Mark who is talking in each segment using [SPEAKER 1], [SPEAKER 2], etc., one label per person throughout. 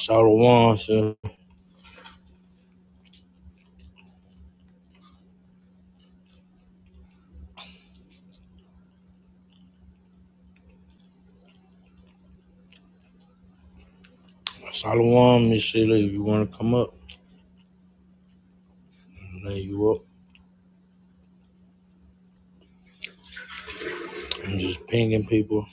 [SPEAKER 1] Shalom, sir. Shalom, Miss Sheila. If you want to come up, I'll lay you up. I'm just pinging people.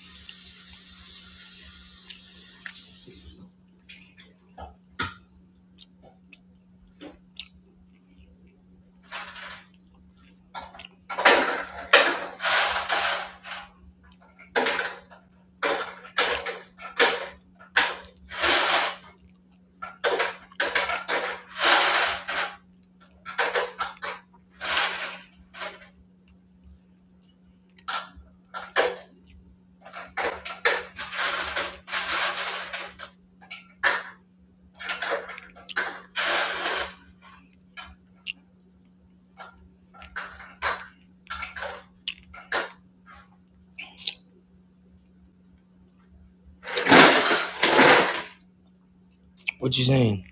[SPEAKER 1] What you saying?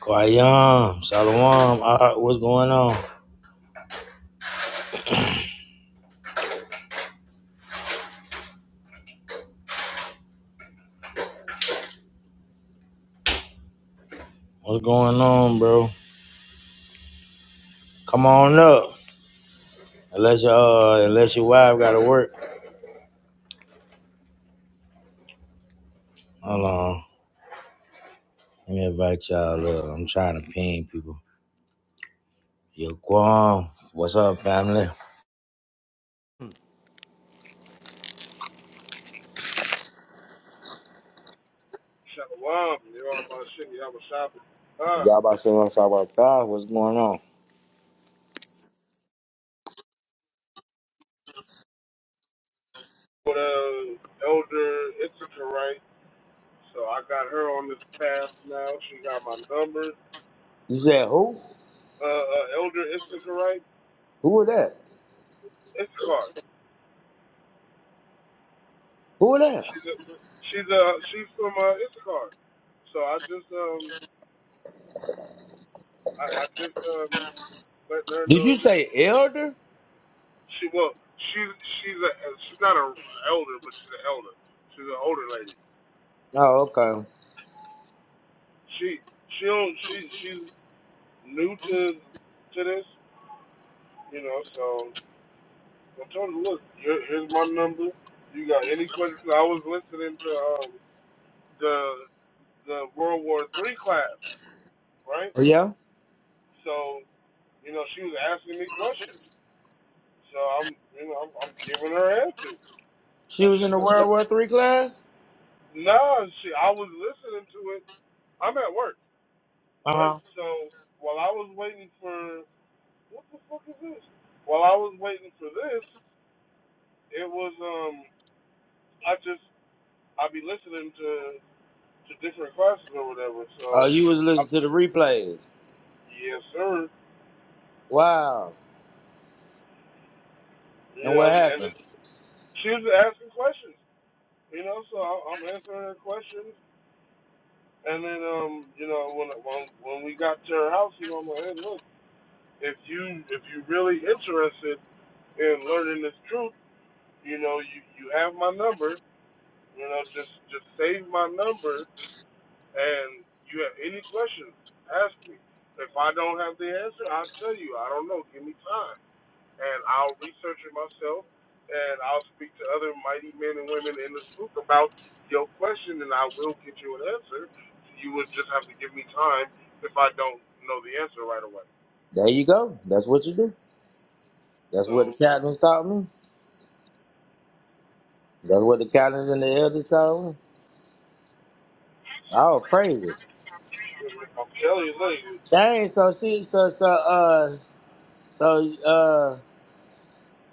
[SPEAKER 1] Kwayam, Shalom. Ah, ah, what's going on? What's going on, bro? Come on up. Unless your uh, unless your wife got to work. Hold on. Let me invite y'all up. I'm trying to ping people. Yo, Kwam. What's up, family?
[SPEAKER 2] Shalom, you know about Shinny Yamashapa. Huh.
[SPEAKER 1] Y'all about to say what's up about God? What's going on?
[SPEAKER 2] With uh, elder Issacharite. So I got her on this path now. She got my number.
[SPEAKER 1] You said who?
[SPEAKER 2] Uh, uh elder Issacharite,
[SPEAKER 1] Who was that?
[SPEAKER 2] Issachar.
[SPEAKER 1] Who was that?
[SPEAKER 2] She's a she's a she's from uh, Issachar. So I just um I, I just um letting her
[SPEAKER 1] Did you
[SPEAKER 2] know who
[SPEAKER 1] say elder?
[SPEAKER 2] she well she's she's a uh, she's not a elder but she's an elder. She's an older lady.
[SPEAKER 1] Oh, okay.
[SPEAKER 2] She she don't she she's new to to this You know, so I told him, look, here, here's my number. You got any questions? I was listening to um, the the World War Three class, right?
[SPEAKER 1] Oh, yeah?
[SPEAKER 2] So you know, she was asking me questions. So I'm, you know, I'm, I'm giving her answers,
[SPEAKER 1] She
[SPEAKER 2] and
[SPEAKER 1] was
[SPEAKER 2] she
[SPEAKER 1] in the
[SPEAKER 2] was like,
[SPEAKER 1] World
[SPEAKER 2] "That's-
[SPEAKER 1] War Three class?
[SPEAKER 2] "Nah, she." I was listening to it. I'm at work,
[SPEAKER 1] Uh
[SPEAKER 2] right?
[SPEAKER 1] huh.
[SPEAKER 2] So while I was waiting for what the fuck is this? While I was waiting for this, it was um, I just I'd be listening to to different classes or whatever.
[SPEAKER 1] Oh,
[SPEAKER 2] So,
[SPEAKER 1] you was
[SPEAKER 2] I,
[SPEAKER 1] listening to the replays.
[SPEAKER 2] yes, sir.
[SPEAKER 1] Wow.
[SPEAKER 2] You
[SPEAKER 1] And
[SPEAKER 2] know,
[SPEAKER 1] what
[SPEAKER 2] and, and
[SPEAKER 1] happened?
[SPEAKER 2] it, she was asking questions. You know, so I, am answering her questions. And then, um, you know, when when when we got to her house, you know, I'm like, hey, look, if you if you really interested in learning this truth, you know, you you have my number. You know, just just save my number, and you have any questions, ask me. If I don't have the answer, I'll tell you. I don't know. Give me time. and I'll research it myself, and I'll speak to other mighty men and women in this book about your question, and I will get you an answer. You would just have to give me time if I don't know the answer right away.
[SPEAKER 1] There you go. That's what you do. That's what the
[SPEAKER 2] So
[SPEAKER 1] captains taught me. That's what the captains and the elders taught me. Oh, praise it.
[SPEAKER 2] I'm telling you, like,
[SPEAKER 1] Dang, so she so so uh so uh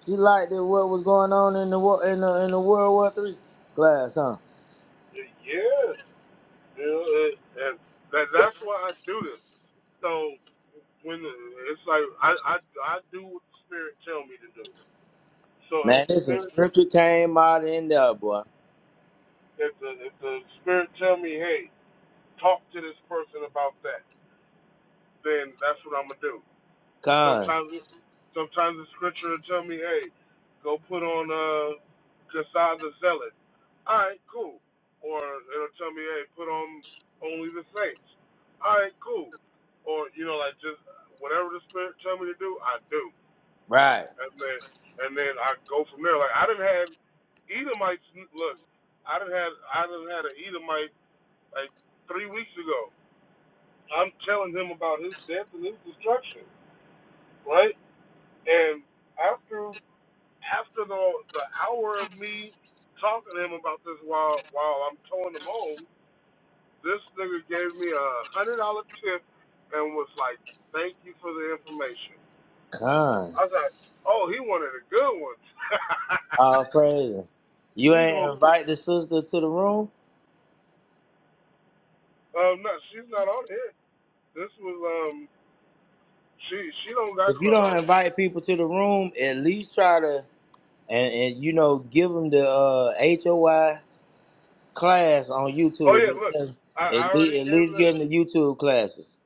[SPEAKER 1] she liked it what was going on in the wo- in the in the World War Three class, huh?
[SPEAKER 2] yeah, you know, it, and that, that's why I do this. So when the- it's like I, I I do what the spirit tell me to do. So if
[SPEAKER 1] Man,
[SPEAKER 2] the
[SPEAKER 1] this some
[SPEAKER 2] spirit
[SPEAKER 1] scripture came out in there, boy.
[SPEAKER 2] if the if the spirit tell me, hey, talk to this person about that then that's what I'm gonna do.
[SPEAKER 1] Con.
[SPEAKER 2] Sometimes, sometimes the scripture will tell me, hey, go put on uh, Kasai the Zealot. All right, cool. Or it'll tell me, hey, put on only the saints. All right, cool. Or you know, like just whatever the spirit tell me to do, I do,
[SPEAKER 1] Right.
[SPEAKER 2] and then and then I go from there. Like I didn't have Edomites. Look, I didn't have I didn't had an Edomite like three weeks ago. I'm telling him about his death and his destruction, right? And after after the the hour of me talking to him about this while while I'm towing him home, this nigga gave me a hundred dollar tip and was like, "Thank you for the information."
[SPEAKER 1] Con.
[SPEAKER 2] I was like, "Oh, he wanted a good one."
[SPEAKER 1] All praise. You
[SPEAKER 2] he
[SPEAKER 1] ain't
[SPEAKER 2] gon'
[SPEAKER 1] invite the sister to the room.
[SPEAKER 2] um no, she's not on here. This was um she she don't got
[SPEAKER 1] If you don't
[SPEAKER 2] clubhouse.
[SPEAKER 1] invite people to the room, at least try to and, and you know give them the uh, HOI class on
[SPEAKER 2] Oh
[SPEAKER 1] YouTube.
[SPEAKER 2] yeah,
[SPEAKER 1] Just
[SPEAKER 2] look,
[SPEAKER 1] tell 'em-
[SPEAKER 2] I, I
[SPEAKER 1] At least,
[SPEAKER 2] already
[SPEAKER 1] at
[SPEAKER 2] gave
[SPEAKER 1] least
[SPEAKER 2] her the
[SPEAKER 1] give them the YouTube classes.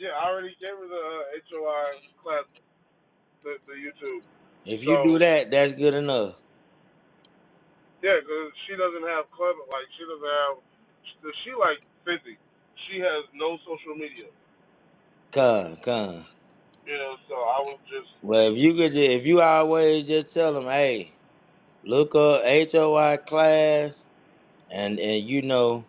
[SPEAKER 2] yeah I already gave her the uh, HOI class the the YouTube.
[SPEAKER 1] If you do
[SPEAKER 2] So
[SPEAKER 1] that, that's good enough.
[SPEAKER 2] Yeah, 'cause she doesn't have club. Like she doesn't have. She, she like fifty. She has no social media.
[SPEAKER 1] Con, con.
[SPEAKER 2] You know, so I was just
[SPEAKER 1] Well, if you could, just, if you always just tell them, hey, look up H O Y class, and and you know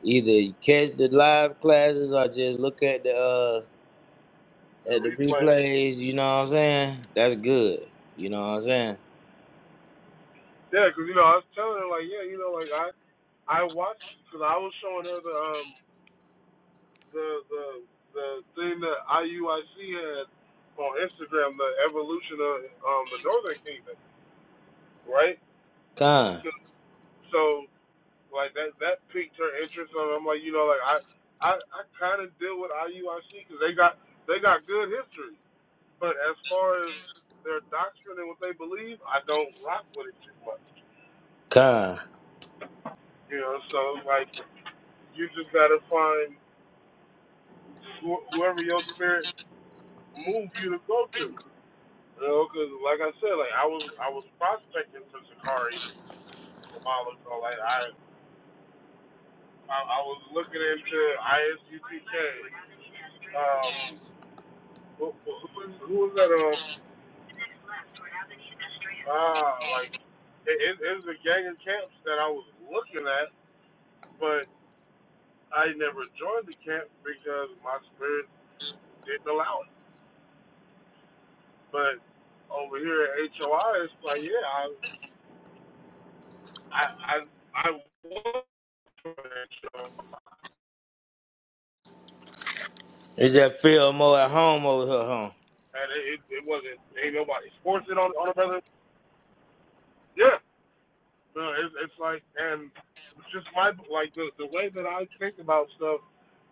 [SPEAKER 1] either catch the live classes or just look at the uh
[SPEAKER 2] the
[SPEAKER 1] at the
[SPEAKER 2] replay.
[SPEAKER 1] replays, you know what I'm saying? That's good. You know what I'm saying?
[SPEAKER 2] Yeah, 'cause you know I was telling her like, yeah, you know, like I I watched because I was showing her the um the the the thing that IUIC had on Instagram, the evolution of um the Northern Kingdom, right?
[SPEAKER 1] Con,
[SPEAKER 2] 'Cause- So like that that piqued her interest. And I'm like, you know, like I I, I kind of deal with IUIC because they got they got good history, but as far as their doctrine and what they believe, I don't rock with it too much.
[SPEAKER 1] con.
[SPEAKER 2] You know, so like you just gotta find wh- whoever your spirit move you to go to. You know, because like I said, like I was I was prospecting for Sakari a while ago. Like I I, I was looking into ISUtk. Um, Who, who, who was that? Um, ah, like it, it, it was a gang of camps that I was looking at, but I never joined the camp because my spirit didn't allow it. But over here at HOI, it's like, yeah, I, I, I, I was for that show,
[SPEAKER 1] Is that feel more at home over here, huh?
[SPEAKER 2] and it, it, it wasn't ain't nobody forcing on on a brother. Yeah, no, it's it's like, and it's just my like the the way that I think about stuff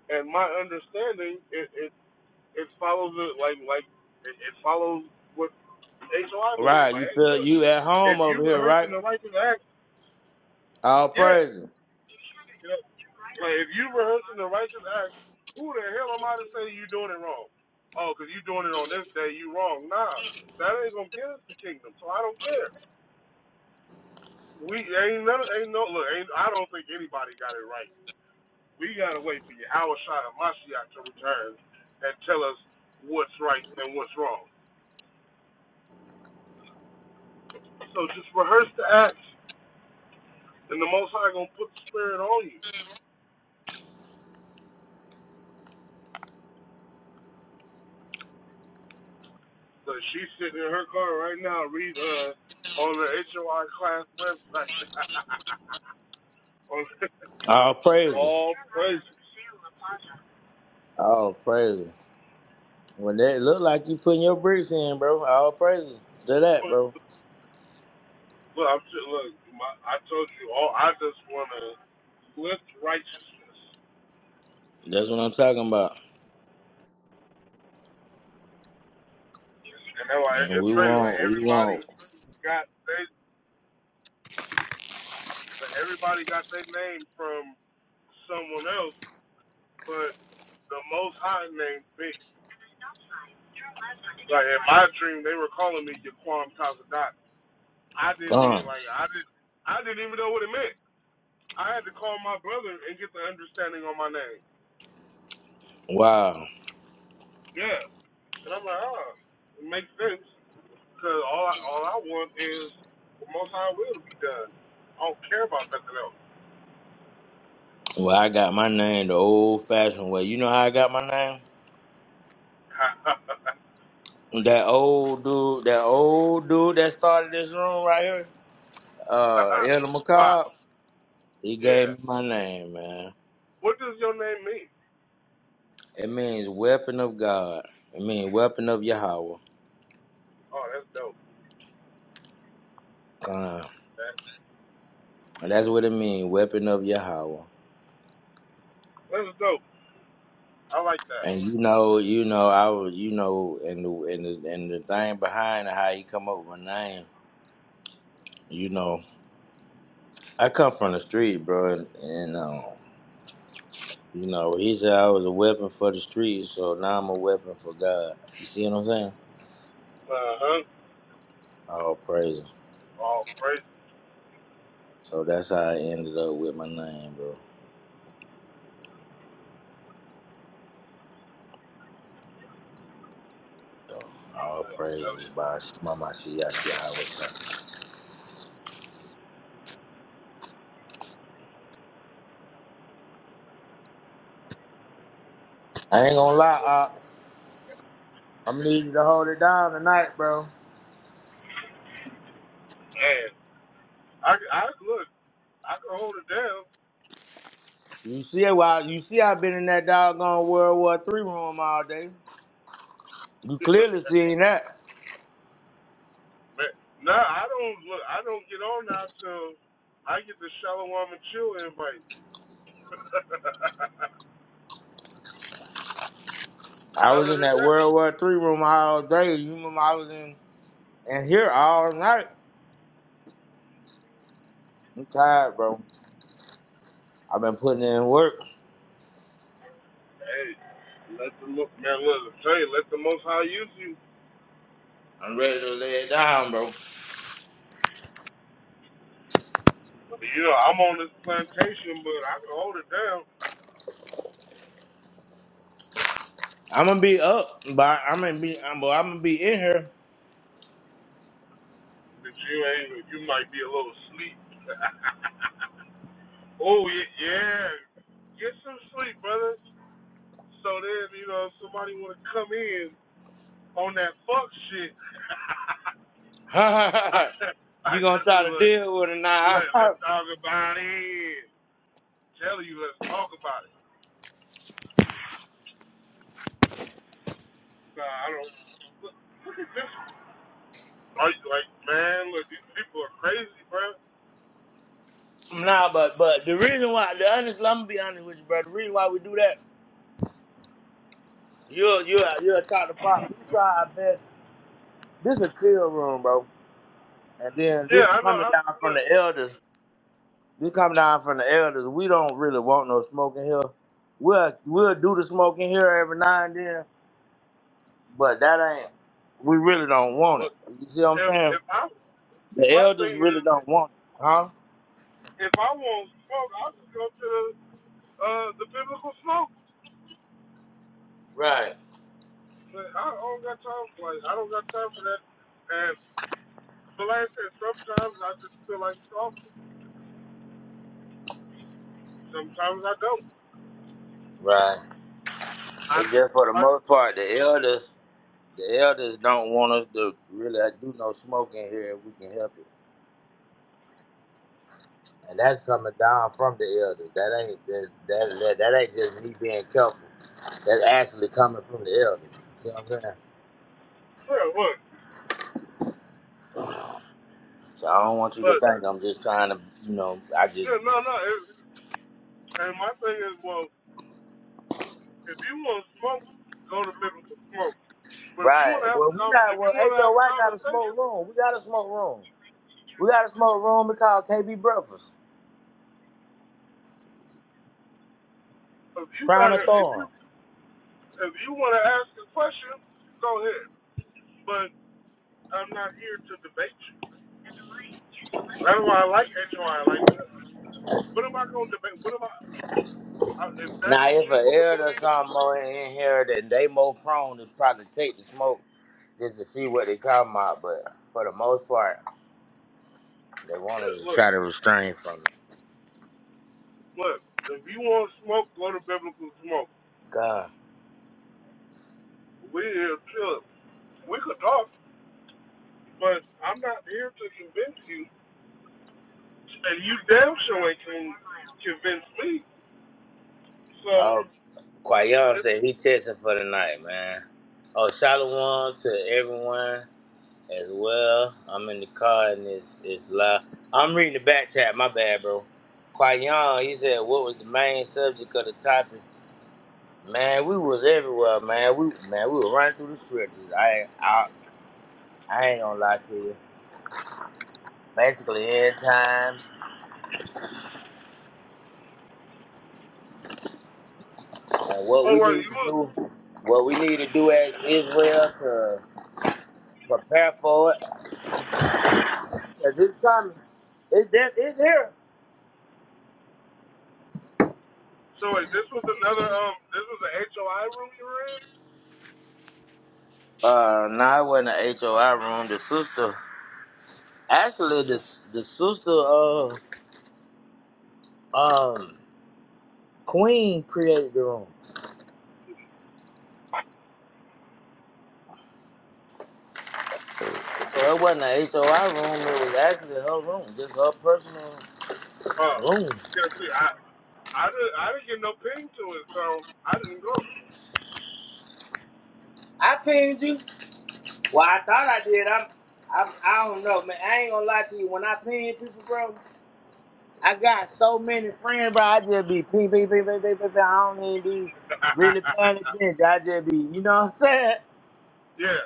[SPEAKER 2] and my understanding is it follows it like like it, it follows what HOI believe.
[SPEAKER 1] Right,
[SPEAKER 2] Like,
[SPEAKER 1] you
[SPEAKER 2] hey,
[SPEAKER 1] feel
[SPEAKER 2] look,
[SPEAKER 1] you at
[SPEAKER 2] if
[SPEAKER 1] home
[SPEAKER 2] you
[SPEAKER 1] over here, right?
[SPEAKER 2] rehearsing the righteous acts,
[SPEAKER 1] All
[SPEAKER 2] yeah,
[SPEAKER 1] praises.
[SPEAKER 2] you know, like if you rehearsing the righteous acts, who the hell am I to say you doing it wrong? Oh, because you doing it on this day, you wrong. Nah, that ain't gonna get us the kingdom. So I don't care. We ain't no, ain't no look. Ain't, I don't think anybody got it right. We gotta wait for Yahweh Shai and Mashiach to return and tell us what's right and what's wrong. So just rehearse the acts And the Most High gonna put the spirit on you. So she's sitting in her car right now, read uh on the HOI class website. on
[SPEAKER 1] All praises.
[SPEAKER 2] all praises.
[SPEAKER 1] All praises. When that look like you putting your bricks in, bro. All praises to that,
[SPEAKER 2] But
[SPEAKER 1] bro.
[SPEAKER 2] look, I'm just, look, my, I told you all. I just wanna lift righteousness,
[SPEAKER 1] That's what I'm talking about.
[SPEAKER 2] and then like
[SPEAKER 1] And
[SPEAKER 2] it's
[SPEAKER 1] we
[SPEAKER 2] crazy. Like
[SPEAKER 1] want, we want.
[SPEAKER 2] everybody got they, like, everybody got their name from someone else, but the Most High named me. Like in my dream, they were calling me Yaquam Tazadat. I didn't
[SPEAKER 1] Come.
[SPEAKER 2] even like I didn't I didn't even know what it meant. I had to call my brother and get the understanding on my name.
[SPEAKER 1] Wow.
[SPEAKER 2] Yeah, and I'm like, oh, it makes sense because all I, all I want is the Most High will to be done. I don't care about nothing else.
[SPEAKER 1] Well, I got my name the old fashioned way. You know how I got my name? That old dude, that old dude that started this room right here, uh, Elder
[SPEAKER 2] but
[SPEAKER 1] McCobb, he gave
[SPEAKER 2] yeah,
[SPEAKER 1] me my name, man.
[SPEAKER 2] what does your name mean?
[SPEAKER 1] It means weapon of God. It means weapon of Yahweh.
[SPEAKER 2] Oh, that's dope.
[SPEAKER 1] Uh,
[SPEAKER 2] That,
[SPEAKER 1] and that's what it means, weapon of Yahweh.
[SPEAKER 2] that's dope. I like that.
[SPEAKER 1] And you know, you know, I was, you know, and the and the, and the thing behind how he come up with my name, you know, I come from the street, bro, and, and um, you know, he said I was a weapon for the street, so now I'm a weapon for God. You see what I'm saying?
[SPEAKER 2] Uh huh.
[SPEAKER 1] All praise.
[SPEAKER 2] Oh, praise.
[SPEAKER 1] So that's how I ended up with my name, bro. So all praises by Mama Shiaki Yahweh. I ain't gonna lie, Op. I'm gonna need you to hold it down tonight, bro.
[SPEAKER 2] Man, I, I look. I can hold it down.
[SPEAKER 1] You see why you see I've been in that doggone World War Three room all day. You clearly seen that.
[SPEAKER 2] Man, no, I don't look. I don't get on now till I get the Shalom and Chill invite.
[SPEAKER 1] I was
[SPEAKER 2] Other
[SPEAKER 1] in
[SPEAKER 2] than
[SPEAKER 1] that
[SPEAKER 2] that,
[SPEAKER 1] World War Three room all day. You remember I was in and here all night. I'm tired, bro. I've been putting in work.
[SPEAKER 2] hey, let the look, man. Look, I tell you, let the Most High use you.
[SPEAKER 1] I'm ready to lay it down, bro.
[SPEAKER 2] You know, I'm on this plantation, but I can hold it down.
[SPEAKER 1] I'm gonna be up, but I'm gonna be, I'm, I'm gonna be in here.
[SPEAKER 2] But you ain't. You might be a little sleep. oh yeah, yeah. Get some sleep, brother. So then, you know, if somebody want to come in on that fuck shit. I,
[SPEAKER 1] you
[SPEAKER 2] I,
[SPEAKER 1] gonna try to
[SPEAKER 2] look,
[SPEAKER 1] deal with it now.
[SPEAKER 2] Let, let's talk about it. Tell you, let's talk about it. Nah, I don't. Look, look at this. Are you like, man? Look, these people are crazy, bro.
[SPEAKER 1] nah, but but the reason why the honest, I'm gonna be honest with you, bro. The reason why we do that, you'll you'll you'll talk to pop. We try our best. This a chill room, bro. And then this
[SPEAKER 2] Yeah, I know.
[SPEAKER 1] coming
[SPEAKER 2] I
[SPEAKER 1] down from
[SPEAKER 2] look,
[SPEAKER 1] the elders. This coming down from the elders. We don't really want no smoking here. We'll we'll do the smoking here every now and then, but that ain't. We really don't want it.
[SPEAKER 2] look.
[SPEAKER 1] You see what I'm
[SPEAKER 2] If
[SPEAKER 1] saying?
[SPEAKER 2] if I
[SPEAKER 1] The
[SPEAKER 2] my
[SPEAKER 1] elders
[SPEAKER 2] thing
[SPEAKER 1] really
[SPEAKER 2] is,
[SPEAKER 1] don't want it, huh?
[SPEAKER 2] if I want smoke, I'll just go to the uh the biblical smoke.
[SPEAKER 1] Right.
[SPEAKER 2] But I don't got time. For, like, I don't got time for that. And but like I said, sometimes I just feel like stalking. Sometimes I don't.
[SPEAKER 1] Right.
[SPEAKER 2] I,
[SPEAKER 1] It's
[SPEAKER 2] just,
[SPEAKER 1] just for the
[SPEAKER 2] I just,
[SPEAKER 1] most part, the elders, the elders don't want us to really do no smoking here if we can help it, and that's coming down from the elders. That ain't just that that, that ain't just me being careful. That's actually coming from the elders. You see what I'm saying?
[SPEAKER 2] yeah, look,
[SPEAKER 1] So I don't want you to
[SPEAKER 2] but
[SPEAKER 1] think I'm just trying to, you know, I just
[SPEAKER 2] yeah, no, no. It, and my thing is, well, If you want to smoke, go to biblical smoke. But if you
[SPEAKER 1] right.
[SPEAKER 2] want to have
[SPEAKER 1] Well,
[SPEAKER 2] a
[SPEAKER 1] we
[SPEAKER 2] conver-
[SPEAKER 1] got
[SPEAKER 2] if you
[SPEAKER 1] well,
[SPEAKER 2] want to have a
[SPEAKER 1] HOY got a
[SPEAKER 2] conversation,
[SPEAKER 1] smoke room. We got a smoke room. We got a smoke room. We call KB Breakfast.
[SPEAKER 2] if you
[SPEAKER 1] Crown
[SPEAKER 2] got
[SPEAKER 1] of
[SPEAKER 2] to if you
[SPEAKER 1] Thorns.
[SPEAKER 2] if you want to ask a question, go ahead. But I'm not here to debate you. That's why I like HY. Like, what am I going to debate? What am I? I if that's
[SPEAKER 1] Now,
[SPEAKER 2] what
[SPEAKER 1] if
[SPEAKER 2] you
[SPEAKER 1] an
[SPEAKER 2] want to
[SPEAKER 1] elder or
[SPEAKER 2] believe,
[SPEAKER 1] something more in here, then they more prone to probably take the smoke just to see what they talking about. But for the most part, they wanted
[SPEAKER 2] look,
[SPEAKER 1] to
[SPEAKER 2] look.
[SPEAKER 1] try to restrain from it.
[SPEAKER 2] look, If you want to smoke, go to biblical smoke.
[SPEAKER 1] God,
[SPEAKER 2] We here chill. We could talk, but I'm not here to convince you, and you damn sure ain't can convince me. So
[SPEAKER 1] oh, Kwayon
[SPEAKER 2] It's,
[SPEAKER 1] said he testing for the night, man. Oh, shalom to everyone as well. I'm in the car and it's it's loud. I'm reading the back chat. My bad, bro. Kwayon, he said, what was the main subject of the topic? Man, we was everywhere, man. We man, we were running through the scriptures. I I I ain't gonna lie to you. Basically, end time and what
[SPEAKER 2] oh
[SPEAKER 1] we
[SPEAKER 2] wait,
[SPEAKER 1] need
[SPEAKER 2] you
[SPEAKER 1] to
[SPEAKER 2] was
[SPEAKER 1] do, what we need to do as Israel to prepare for it, cause it's coming. It's that it's here.
[SPEAKER 2] so wait. This was another um. This was an HOI room you were in.
[SPEAKER 1] Uh, now I went in the
[SPEAKER 2] Uh,
[SPEAKER 1] HOI room. The sister, actually, the the sister of um Queen created the room, so it wasn't a HOI room. It was actually her room, just her personal
[SPEAKER 2] oh,
[SPEAKER 1] room.
[SPEAKER 2] yeah. See, I I didn't I didn't get no ping to it, so I didn't go.
[SPEAKER 1] I pinged you. Well, I thought I did. I'm, I'm, I don't know, man. I ain't gonna lie to you. When I ping people, bro, I got so many friends, bro. I just be ping, ping, ping, ping, ping, ping. ping. I don't even be really paying attention. I just be, you know what I'm saying?
[SPEAKER 2] yeah,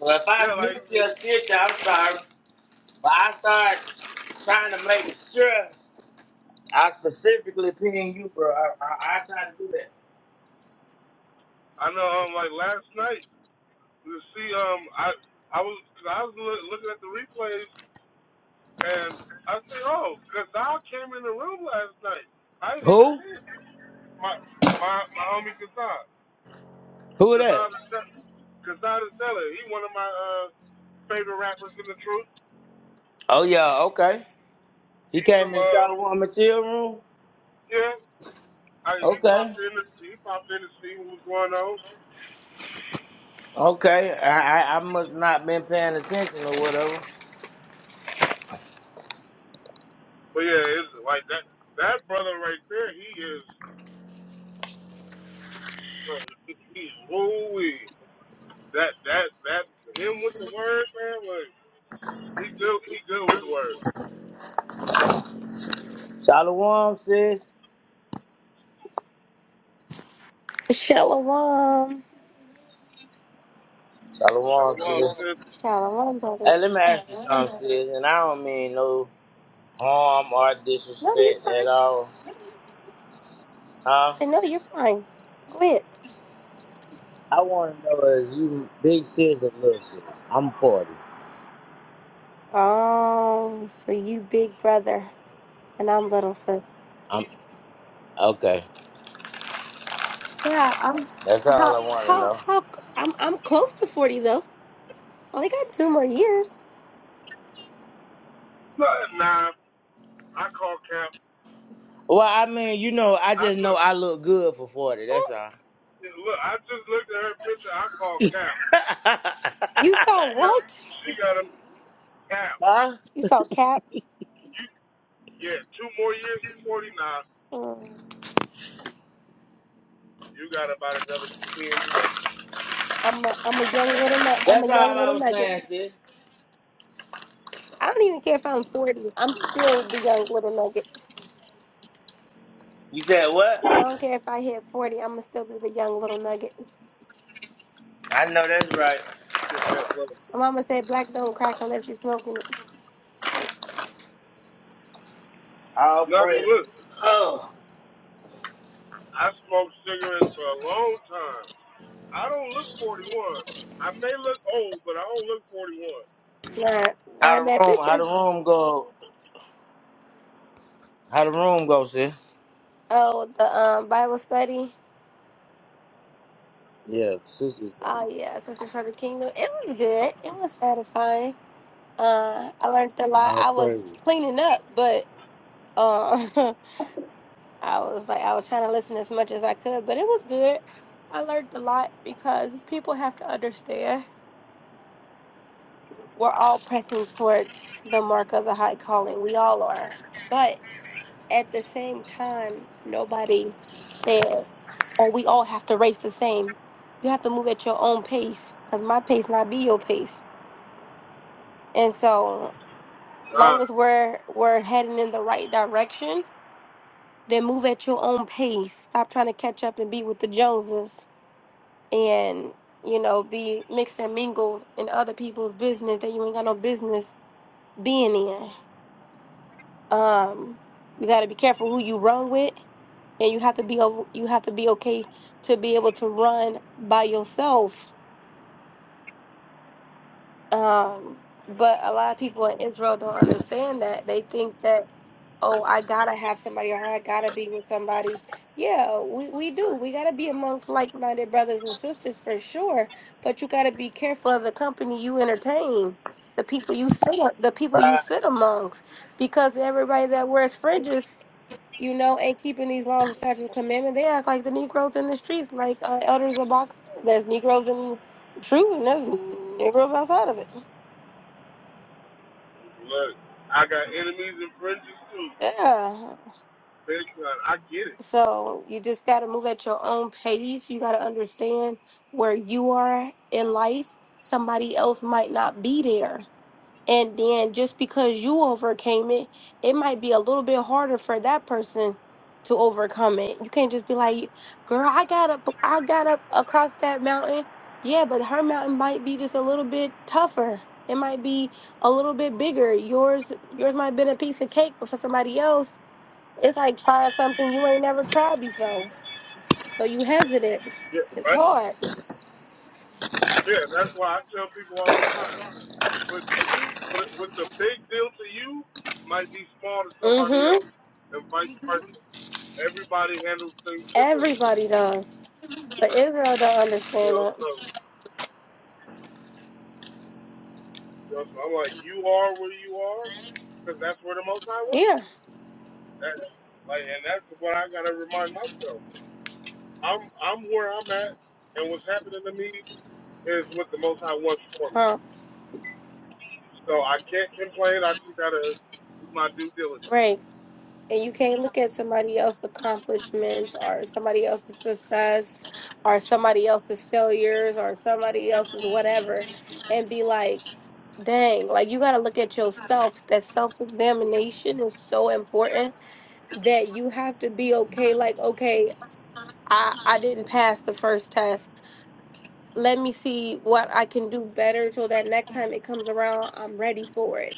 [SPEAKER 1] So if I
[SPEAKER 2] yeah. Like
[SPEAKER 1] miss your shit, I'm sorry. But I start trying to make sure I specifically ping you, bro. I, I, I try to do that.
[SPEAKER 2] I know. Um, like last night, you see, um, I I was cause I was loo- looking at the replays and I see, oh, Gazal came in the room last night. I didn't even
[SPEAKER 1] Who?
[SPEAKER 2] see it. My my my homie Gazal.
[SPEAKER 1] Who that?
[SPEAKER 2] Gazal Gazal He one of my uh. favorite rappers in the truth.
[SPEAKER 1] Oh, yeah, okay. He
[SPEAKER 2] He from
[SPEAKER 1] came in the
[SPEAKER 2] uh
[SPEAKER 1] shower room, my chill room?
[SPEAKER 2] yeah, I, he
[SPEAKER 1] Okay.
[SPEAKER 2] popped in the he popped in to see what was going on.
[SPEAKER 1] Okay, I, I I must not been paying attention or whatever.
[SPEAKER 2] But yeah, it's like that that brother right there, he is uh, he's ooh that that that him with the words, man. Like he good he good with the words.
[SPEAKER 1] Shalom, sis.
[SPEAKER 3] Shalom.
[SPEAKER 1] Shalom,
[SPEAKER 2] Shalom
[SPEAKER 1] sis.
[SPEAKER 2] sis.
[SPEAKER 3] Shalom,
[SPEAKER 1] Hey, let me
[SPEAKER 3] brothers.
[SPEAKER 1] ask you something, sis, and I don't mean no harm or
[SPEAKER 3] No, you're
[SPEAKER 1] disrespect
[SPEAKER 3] fine.
[SPEAKER 1] at all,
[SPEAKER 3] I
[SPEAKER 1] huh?
[SPEAKER 3] said, no, you're fine. Quit.
[SPEAKER 1] I want to know is you big sis or little sis? I'm forty.
[SPEAKER 3] Oh, so you big brother and I'm little sis.
[SPEAKER 1] I'm okay.
[SPEAKER 3] Yeah, I'm
[SPEAKER 1] That's all I
[SPEAKER 3] how
[SPEAKER 1] want to
[SPEAKER 3] how
[SPEAKER 1] know.
[SPEAKER 3] how I'm I'm close to forty though. Only got two more years.
[SPEAKER 2] Nah, nah, I call Cap.
[SPEAKER 1] Well, I mean, you know, I
[SPEAKER 2] I
[SPEAKER 1] just know
[SPEAKER 2] look
[SPEAKER 1] I look good for forty. That's
[SPEAKER 3] Mm.
[SPEAKER 1] all.
[SPEAKER 2] look. I just looked at her picture. I call Cap.
[SPEAKER 3] You saw
[SPEAKER 2] She
[SPEAKER 3] what?
[SPEAKER 2] she got a Cap.
[SPEAKER 1] huh?
[SPEAKER 3] You saw Cap?
[SPEAKER 2] You, yeah, two more years to 49.
[SPEAKER 3] Mm.
[SPEAKER 2] You got about another 10
[SPEAKER 3] I'm a I'm a young little nut. I'm
[SPEAKER 1] That's
[SPEAKER 3] a
[SPEAKER 1] all
[SPEAKER 3] young
[SPEAKER 1] I
[SPEAKER 3] little
[SPEAKER 1] was
[SPEAKER 3] nugget.
[SPEAKER 1] saying, sis.
[SPEAKER 3] I don't even care if I'm forty. I'm still the young little nugget.
[SPEAKER 1] You said what?
[SPEAKER 3] I said I don't care if I hit forty. I'm gonna still be the young little nugget.
[SPEAKER 1] I know that's right.
[SPEAKER 2] to met level.
[SPEAKER 3] My mama said black don't crack unless you smoking it.
[SPEAKER 1] All
[SPEAKER 2] Knock on wood.
[SPEAKER 1] praise. Oh,
[SPEAKER 2] I smoked cigarettes for a long time. I don't look 41. I may look old, but I don't look 41.
[SPEAKER 3] Nah,
[SPEAKER 1] how
[SPEAKER 3] nah,
[SPEAKER 1] the
[SPEAKER 3] that
[SPEAKER 1] room? How the
[SPEAKER 3] picture.
[SPEAKER 1] room go? How the room go, sis?
[SPEAKER 3] Oh, the um Bible study.
[SPEAKER 1] Yeah, sister's room.
[SPEAKER 3] Oh yeah, Sisters for the Kingdom. It was good. It was satisfying. Uh, I learned a lot.
[SPEAKER 1] All
[SPEAKER 3] I was
[SPEAKER 1] praise.
[SPEAKER 3] cleaning up, but uh, I was like I was trying to listen as much as I could, but it was good. I learned a lot because people have to understand we're all pressing towards the mark of the high calling. We all are, but at the same time, nobody said, "Oh, we all have to race the same." You have to move at your own pace, cause my pace not be your pace. And so, long
[SPEAKER 2] Nah,
[SPEAKER 3] as we're we're heading in the right direction, then move at your own pace. Stop trying to catch up and be with the Joneses, and you know, be mixed and mingled in other people's business that you ain't got no business being in. Um, you got to be careful who you run with and you have to be o- you have to be okay to be able to run by yourself. Um, but a lot of people in Israel don't understand that. They think that oh, I gotta have somebody or I gotta be with somebody. Yeah, we, we do. We gotta be amongst like minded brothers and sisters for sure. But you gotta be careful of the company you entertain, the people you sit the people you
[SPEAKER 1] Right.
[SPEAKER 3] sit amongst, because everybody that wears fringes you know, ain't keeping these laws and statute of commandment. They act like the Negroes in the streets, like uh, Elders of Box. There's Negroes in true, and there's Negroes outside of it.
[SPEAKER 2] look. I got enemies and friends too.
[SPEAKER 3] Yeah.
[SPEAKER 2] Big time. I get it.
[SPEAKER 3] So you just gotta move at your own pace. You gotta understand where you are in life. Somebody else might not be there And then just because you overcame it, it might be a little bit harder for that person to overcome it. You can't just be like, "Girl, I got up, I got up across that mountain." Yeah, but her mountain might be just a little bit tougher. It might be a little bit bigger. Yours, yours might have been a piece of cake, but for somebody else, it's like trying something you ain't never tried before. So you hesitant.
[SPEAKER 2] Yeah,
[SPEAKER 3] It's
[SPEAKER 2] right?
[SPEAKER 3] hard.
[SPEAKER 2] yeah, that's why I tell people all the time. What you, what the big deal to you might be small to somebody
[SPEAKER 3] Mm-hmm.
[SPEAKER 2] else, and vice versa. Everybody handles things differently.
[SPEAKER 3] Everybody does, but Israel don't
[SPEAKER 2] You
[SPEAKER 3] understand
[SPEAKER 2] know, so,
[SPEAKER 3] it.
[SPEAKER 2] you know, so I'm like, you are where you are because that's where the Most High wants
[SPEAKER 3] Yeah.
[SPEAKER 2] you. That's like, and that's what I gotta remind myself. I'm I'm where I'm at, and what's happening to me is what the Most High wants for me.
[SPEAKER 3] comp
[SPEAKER 2] So I can't complain. I just gotta do my due diligence.
[SPEAKER 3] right and you can't look at somebody else's accomplishments or somebody else's success or somebody else's failures or somebody else's whatever and be like dang like you got to look at yourself that self-examination is so important that you have to be okay like okay i i didn't pass the first test let me see what i can do better so that next time it comes around i'm ready for it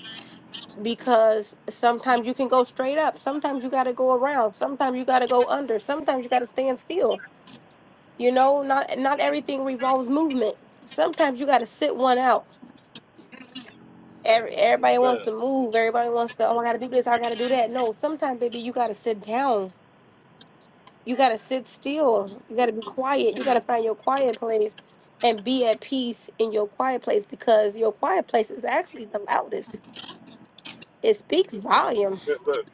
[SPEAKER 3] because sometimes you can go straight up sometimes you got to go around sometimes you got to go under sometimes you got to stand still you know not not everything revolves movement sometimes you got to sit one out Every, everybody wants
[SPEAKER 2] Man,
[SPEAKER 3] to move everybody wants to oh i gotta do this i gotta do that no sometimes baby you gotta sit down you gotta sit still you gotta be quiet you gotta find your quiet place and be at peace in your quiet place because your quiet place is actually the loudest it speaks volume
[SPEAKER 2] man, look,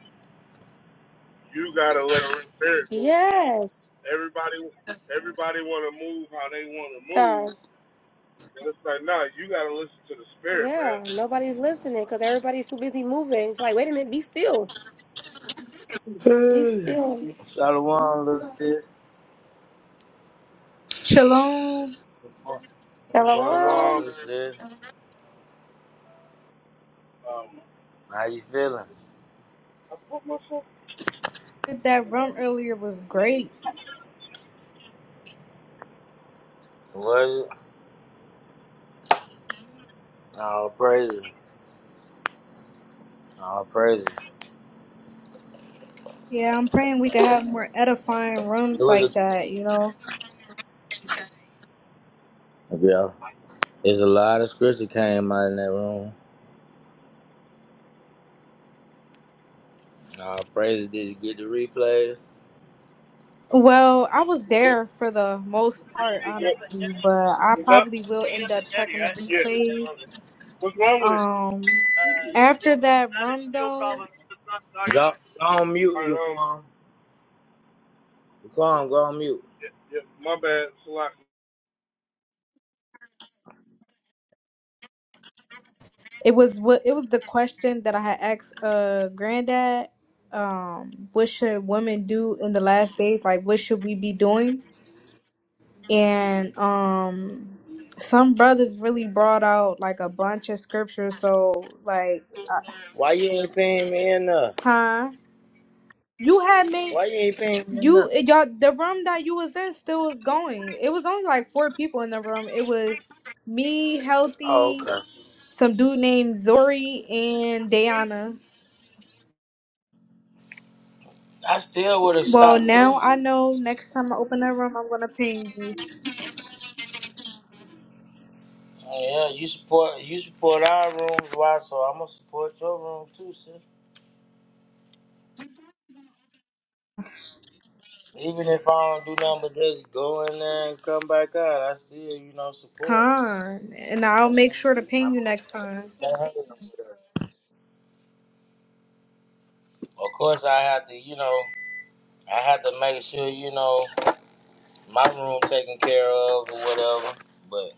[SPEAKER 2] you gotta let the Spirit move you.
[SPEAKER 3] yes
[SPEAKER 2] Everybody, everybody wanna move how they wanna
[SPEAKER 3] God.
[SPEAKER 2] move, and it's like, nah, you gotta listen to the Spirit, man.
[SPEAKER 3] Yeah, nobody's listening because everybody's too busy moving. It's like, wait a minute, be still. Be still.
[SPEAKER 1] Shalom, little sis.
[SPEAKER 4] Shalom.
[SPEAKER 3] I'm
[SPEAKER 1] What's
[SPEAKER 3] like,
[SPEAKER 1] going on,
[SPEAKER 2] Shalom.
[SPEAKER 3] well,
[SPEAKER 1] little sis?
[SPEAKER 2] Um,
[SPEAKER 1] How you feeling?
[SPEAKER 2] I put myself.
[SPEAKER 4] That room earlier was great.
[SPEAKER 1] Was it? All praise. All praise.
[SPEAKER 4] Yeah, I'm praying we could have more edifying
[SPEAKER 1] It
[SPEAKER 4] rooms
[SPEAKER 1] was a
[SPEAKER 4] like that, you know?
[SPEAKER 1] yeah. it's a lot of scripture came out in that room. All praise. Did you get the replays?
[SPEAKER 4] Well, I was there for the most part,
[SPEAKER 2] What's
[SPEAKER 4] honestly, but I
[SPEAKER 2] up?
[SPEAKER 4] probably will
[SPEAKER 2] Picking
[SPEAKER 4] end
[SPEAKER 2] up the
[SPEAKER 4] up
[SPEAKER 2] Chevy,
[SPEAKER 4] checking the
[SPEAKER 2] right? Yeah.
[SPEAKER 4] replays.
[SPEAKER 2] What's wrong with it?
[SPEAKER 4] Um,
[SPEAKER 2] Uh,
[SPEAKER 4] after
[SPEAKER 2] just
[SPEAKER 4] that
[SPEAKER 2] having
[SPEAKER 4] room
[SPEAKER 2] fuel
[SPEAKER 4] though,
[SPEAKER 2] problems. It's not starting.
[SPEAKER 1] Go, go on mute,
[SPEAKER 2] All right,
[SPEAKER 1] you
[SPEAKER 2] um,
[SPEAKER 1] Quan. You
[SPEAKER 2] yeah,
[SPEAKER 1] Quan, go on mute.
[SPEAKER 2] yeah, yeah, my bad, Salaki.
[SPEAKER 4] it was what it was the question that I had asked uh granddad. Um, what should women do in the last days? Like, what should we be doing? and um some brothers really brought out like a bunch of scriptures so like uh,
[SPEAKER 1] Why you ain't paying me enough?
[SPEAKER 4] huh you had me
[SPEAKER 1] Why you ain't paying me enough?
[SPEAKER 4] you eh, y'all the room that you was in still was going it was only like four people in the room it was me
[SPEAKER 1] Oh,
[SPEAKER 4] healthy
[SPEAKER 1] okay.
[SPEAKER 4] some dude named zori and Diana.
[SPEAKER 1] I still would have
[SPEAKER 4] well
[SPEAKER 1] stopped through.
[SPEAKER 4] now i know next time i open that room i'm gonna ping you
[SPEAKER 1] Oh, yeah, you support you support our rooms, why? So I'm gonna support your room too, sis. Even if I don't do nothing but just go in there and come back out, I still you know support.
[SPEAKER 4] Khan. and i'll make sure to
[SPEAKER 1] I'm
[SPEAKER 4] ping you next time
[SPEAKER 1] on of course, I have to, you know, I have to make sure, you know, my room taken care of or whatever. But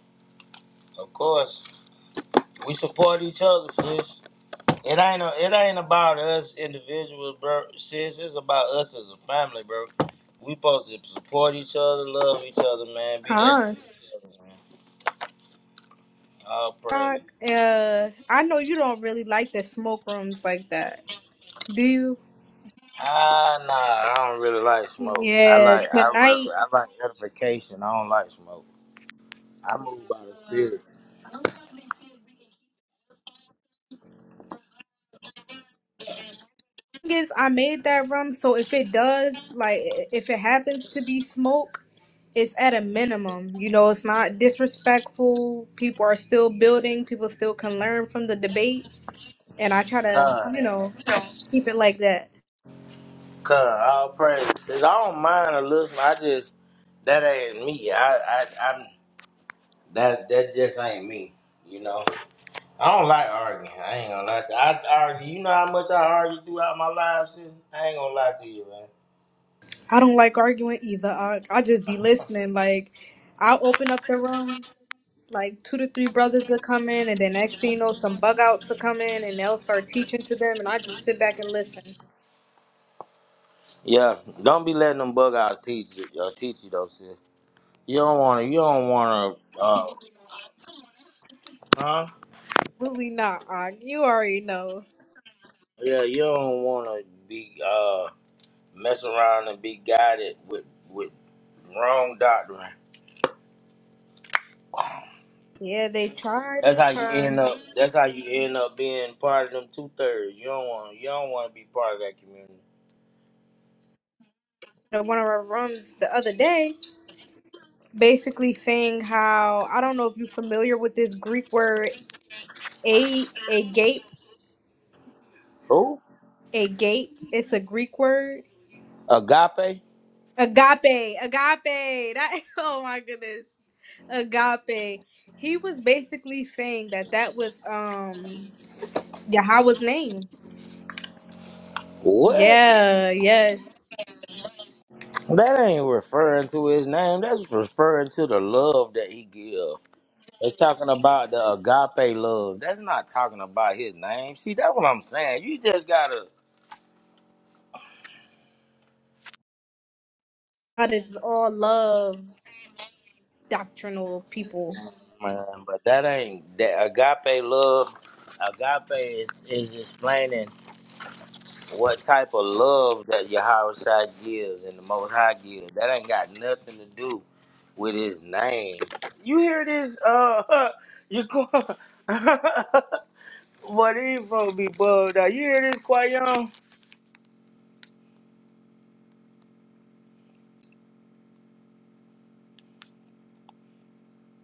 [SPEAKER 1] of course, we support each other, sis. It ain't a, it ain't about us individuals, bro. Sis, it's about us as a family, bro. We supposed to support each other, love each other, man. Be there
[SPEAKER 4] Khan.
[SPEAKER 1] for each other, man. All praise.
[SPEAKER 4] Doc, uh, I know you don't really like the smoke rooms like that, do you?
[SPEAKER 1] Ah, nah, I don't really like smoke. I
[SPEAKER 4] Yeah,
[SPEAKER 1] like, I
[SPEAKER 4] tonight
[SPEAKER 1] really, I like edification. I don't like smoke. I move by the spirit.
[SPEAKER 4] thing is I made that rum, so if it does, like, i- if it happens to be smoke, it's at a minimum. You know, it's not disrespectful. People are still building. People still can learn from the debate, and I try to,
[SPEAKER 1] God,
[SPEAKER 4] you know, keep it like that.
[SPEAKER 1] God, all praise. Sis, I don't mind a little. smoke. I just that ain't me. I, I, I'm that that just ain't me. You know. I don't like arguing. I ain't gonna lie to you. I argue. You know how much I argue throughout my life, sis? I ain't gonna lie to you, man.
[SPEAKER 4] I don't like arguing either. I, I just be listening. Like, I'll open up the room. like two to three brothers will come in, and then next thing you know, some bug outs will come in, and they'll start teaching to them, and I just sit back and listen.
[SPEAKER 1] Yeah, don't be letting them bug outs teach you, uh, teach you though, sis. You don't wanna, you don't wanna, uh, huh?
[SPEAKER 4] Absolutely not, Ankh. You already know.
[SPEAKER 1] Yeah, you don't wanna be, uh, mess around and be guided with, with wrong doctrine.
[SPEAKER 4] Yeah, they try,
[SPEAKER 1] That's
[SPEAKER 4] they
[SPEAKER 1] how you
[SPEAKER 4] try.
[SPEAKER 1] end up, that's how you end up being part of them two thirds. You don't wanna, you don't wanna be part of that community.
[SPEAKER 4] At One of our rooms the other day, basically saying how I don't know if you're familiar with this Greek word a a gape
[SPEAKER 1] Who?
[SPEAKER 4] a gape. It's a Greek word.
[SPEAKER 1] Agape?
[SPEAKER 4] Agape, agape. That oh my goodness, agape. He was basically saying that that was um Yahweh's name.
[SPEAKER 1] What?
[SPEAKER 4] Yeah, yes.
[SPEAKER 1] That ain't referring to his name. That's referring to the love that he give. It's talking about the agape love. That's not talking about his name. See, that's what I'm saying. You just gotta,
[SPEAKER 4] God is all love doctrinal people.
[SPEAKER 1] man. But that ain't that agape love. Agape is, is explaining what type of love that Yahweh Shai gives and the Most High gives. That ain't got nothing to do with his name. You hear this? Uh, you. Boy, these folks be bugged out. You hear this, Quayon?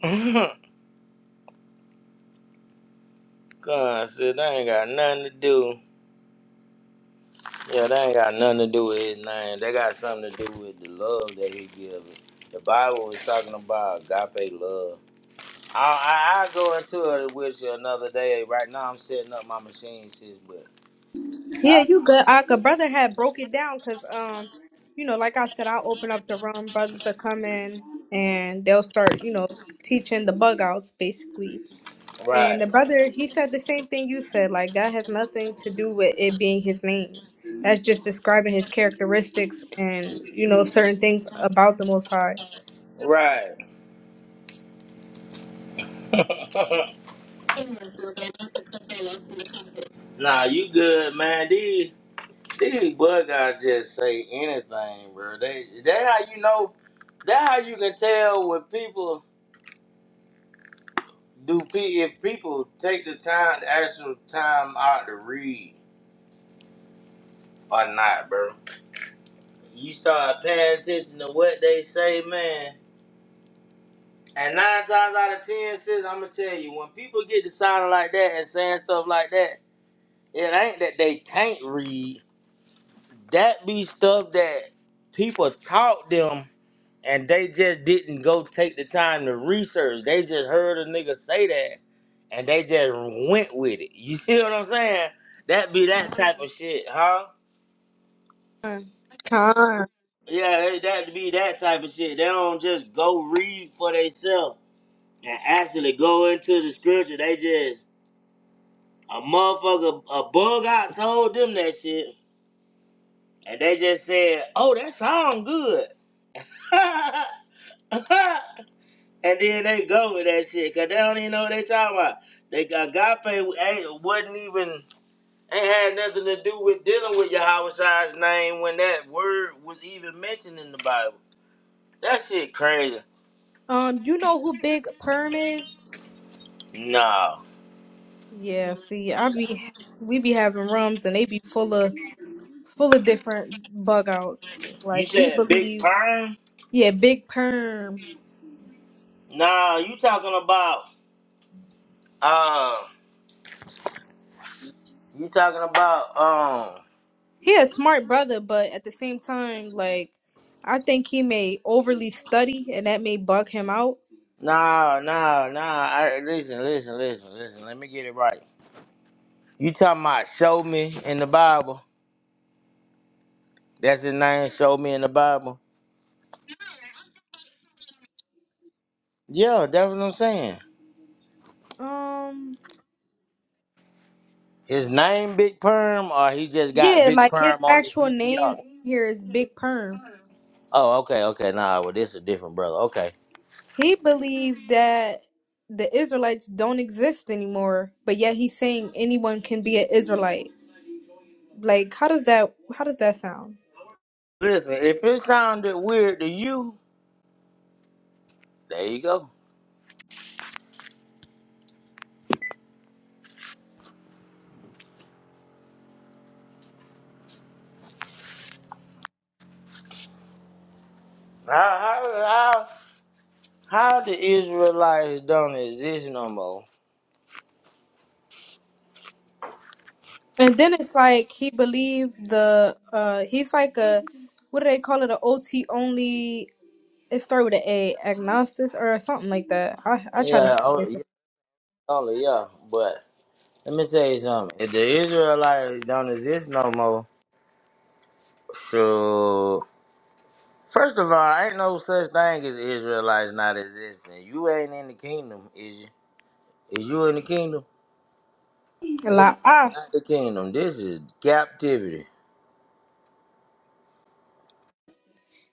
[SPEAKER 1] God, I said, they ain't got nothing to do. Yeah, they ain't got nothing to do with his name. They got something to do with the love that he gives. it. The Bible is talking about agape love. I, I, I go into it with you another day. Right now, I'm setting up my machine, sis, but
[SPEAKER 4] Yeah,
[SPEAKER 1] I
[SPEAKER 4] you good. Aka brother had broke it down because um, you know, like I said, I open up the room, brothers are coming and they'll start, you know, teaching the bug outs basically. And
[SPEAKER 1] Right,
[SPEAKER 4] the brother he said the same thing you said, like that has nothing to do with it being his name. That's just describing his characteristics and, you know, certain things about the most high.
[SPEAKER 1] right. nah, you good, man. These. These blood guys just say anything, bro. They that how you know that how you can tell when people do p if people take the time the actual time out to read or not, bro. You start paying attention to what they say, man. And nine times out of ten, sis, I'ma tell you, when people get to sounding like that and saying stuff like that, it ain't that they can't read. That be stuff that people taught them and they just didn't go take the time to research. They just heard a nigga say that, and they just went with it. You see what I'm saying? That be that type of shit, huh?
[SPEAKER 4] Khan.
[SPEAKER 1] Yeah, they- that be that type of shit. They don't just go read for themselves and actually go into the scripture. They just a motherfucker, a bug out told them that shit, and they just said, "Oh, that sound good." And then they go with that shit because they don't even know what they talking about. They agape ain't wasn't even ain't had nothing to do with dealing with Yahweh Shai's name when that word was even mentioned in the Bible. That shit crazy.
[SPEAKER 4] Um, you know who Big Perm is?
[SPEAKER 1] Nah,
[SPEAKER 4] Yeah, see, I be we be having rums and they be full of full of different bug outs.
[SPEAKER 1] you
[SPEAKER 4] Like he
[SPEAKER 1] said big
[SPEAKER 4] believe,
[SPEAKER 1] perm.
[SPEAKER 4] yeah, Big Perm.
[SPEAKER 1] Nah, you talking about uh, you talking about um.
[SPEAKER 4] He a smart brother, but at the same time, like I think he may overly study and that may bug him out.
[SPEAKER 1] Nah, nah, nah. I, listen, listen, listen, listen. Let me get it right. You talking about show me in the Bible? That's his name. Show me in the Bible. Yeah, that's what I'm saying.
[SPEAKER 4] Um,
[SPEAKER 1] His name Big Perm, or he just got
[SPEAKER 4] yeah,
[SPEAKER 1] Big
[SPEAKER 4] like his
[SPEAKER 1] Perm on his
[SPEAKER 4] actual name
[SPEAKER 1] PTR.
[SPEAKER 4] here is Big Perm.
[SPEAKER 1] Oh, okay, okay. Nah, well, this is a different brother. Okay.
[SPEAKER 4] He believed that the Israelites don't exist anymore, but yet he's saying anyone can be an Israelite. Like, how does that how does that sound?
[SPEAKER 1] Listen, if it sounded weird to you, there you go. How how how, how the Israelites don't exist no more?
[SPEAKER 4] And then it's like he believed the uh he's like a what do they call it? A OT only. It started with an A, agnostic or something like that. I I try to
[SPEAKER 1] Yeah,
[SPEAKER 4] stay away
[SPEAKER 1] oh, yeah,
[SPEAKER 4] from
[SPEAKER 1] only yeah. But let me tell you something. If the Israelites don't exist no more, so first of all, ain't no such thing as Israelites not existing. You ain't in the kingdom, is you? Is you in the kingdom?
[SPEAKER 4] a
[SPEAKER 1] This is
[SPEAKER 4] lot. Ah,
[SPEAKER 1] not the kingdom. This is captivity.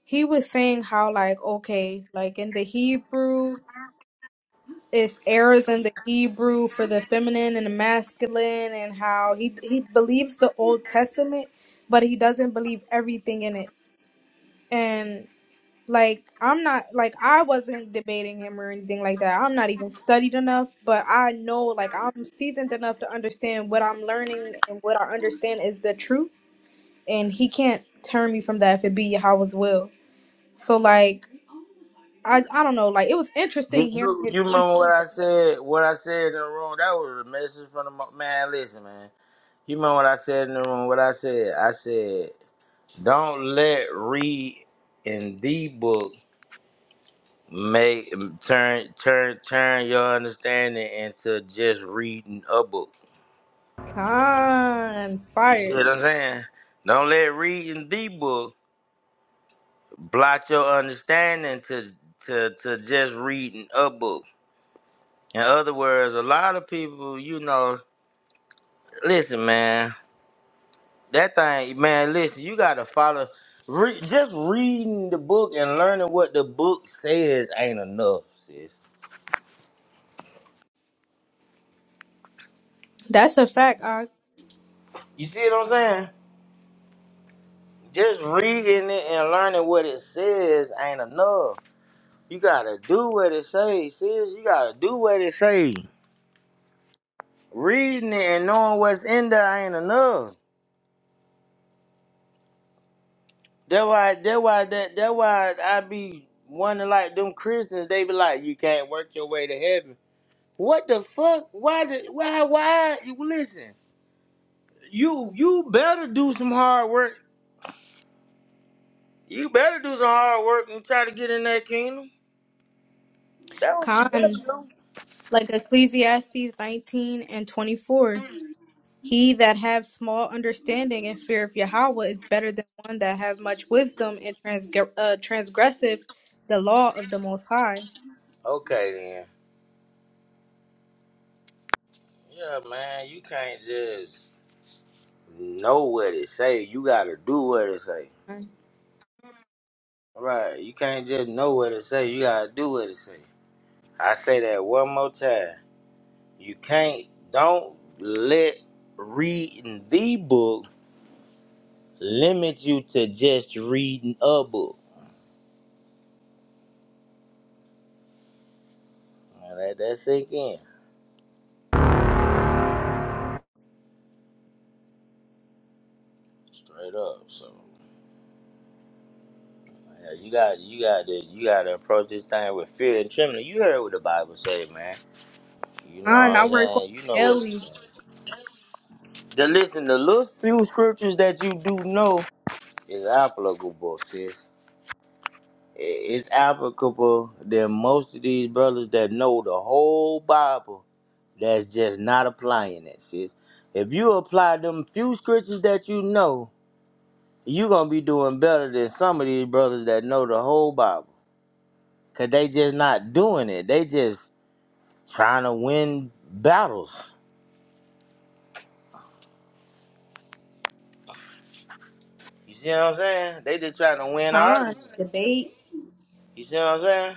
[SPEAKER 4] he was saying how like okay, like in the Hebrew, it's errors in the Hebrew for the feminine and the masculine, and how he he believes the Old Testament, but he doesn't believe everything in it. Like I'm not like I wasn't debating him or anything like that. I'm not even studied enough, but I know like I'm seasoned enough to understand what I'm learning and what I understand is the truth, and he can't turn me from that if it be Yahweh's will. So like I I don't know like it was
[SPEAKER 1] You,
[SPEAKER 4] interesting hearing
[SPEAKER 1] you
[SPEAKER 4] his
[SPEAKER 1] you
[SPEAKER 4] point of
[SPEAKER 1] remember what
[SPEAKER 4] view.
[SPEAKER 1] I
[SPEAKER 4] though.
[SPEAKER 1] said? What I said in the room? That was a message from the mo- man. Listen, man. You remember what I said in the room? What I said? I said, don't let read in the book make turn turn turn your understanding into just reading a book.
[SPEAKER 4] Con
[SPEAKER 1] You see
[SPEAKER 4] fire.
[SPEAKER 1] what I'm saying? Don't let reading the book blot your understanding to to to just reading a book. In other words, a lot of people, you know, listen, man, that thing, man, listen, you got to follow. Re- just reading the book and learning what the book says ain't enough, sis.
[SPEAKER 4] That's a fact. Uh,
[SPEAKER 1] You see what I'm saying? Just reading it and learning what it says ain't enough. You gotta do what it says, sis. You gotta do what it says. Reading it and knowing what's in there ain't enough. That why that why that that why I be wondering like them Christians, they be like, You can't work your way to heaven. What the fuck? Why the why why you listen, you you better do some hard work. You better do some hard work and try to get in that kingdom. That what you better
[SPEAKER 4] con
[SPEAKER 1] do.
[SPEAKER 4] like Ecclesiastes 19 and 24. He that have small understanding and fear of Yahweh is better than one that have much wisdom and transg- uh, transgressive the law of the Most High.
[SPEAKER 1] Okay then. Yeah, man, you can't just know what it say. You gotta do what it say.
[SPEAKER 4] Con,
[SPEAKER 1] Right. You can't just know what it say, you gotta do what it say. I say that one more time. You can't don't let reading the book limit you to just reading a book. Now let that sink in straight up. So yeah, you got you got to you got to approach this thing with fear and trembling. You heard what the Bible say, man. You know what
[SPEAKER 4] I
[SPEAKER 1] I'm
[SPEAKER 4] work on
[SPEAKER 1] saying? You
[SPEAKER 4] it
[SPEAKER 1] know what.
[SPEAKER 4] daily.
[SPEAKER 1] The listen, the little few scriptures that you do know is applicable, sis. It's applicable than most of these brothers that know the whole Bible that's just not applying that shit. If you apply them few scriptures that you know, you're gonna be doing better than some of these brothers that know the whole Bible. Cause they just not doing it. They just trying to win battles. You see what I'm saying? They just trying to win
[SPEAKER 4] Con,
[SPEAKER 1] arguments.
[SPEAKER 4] debate.
[SPEAKER 1] You see what I'm saying?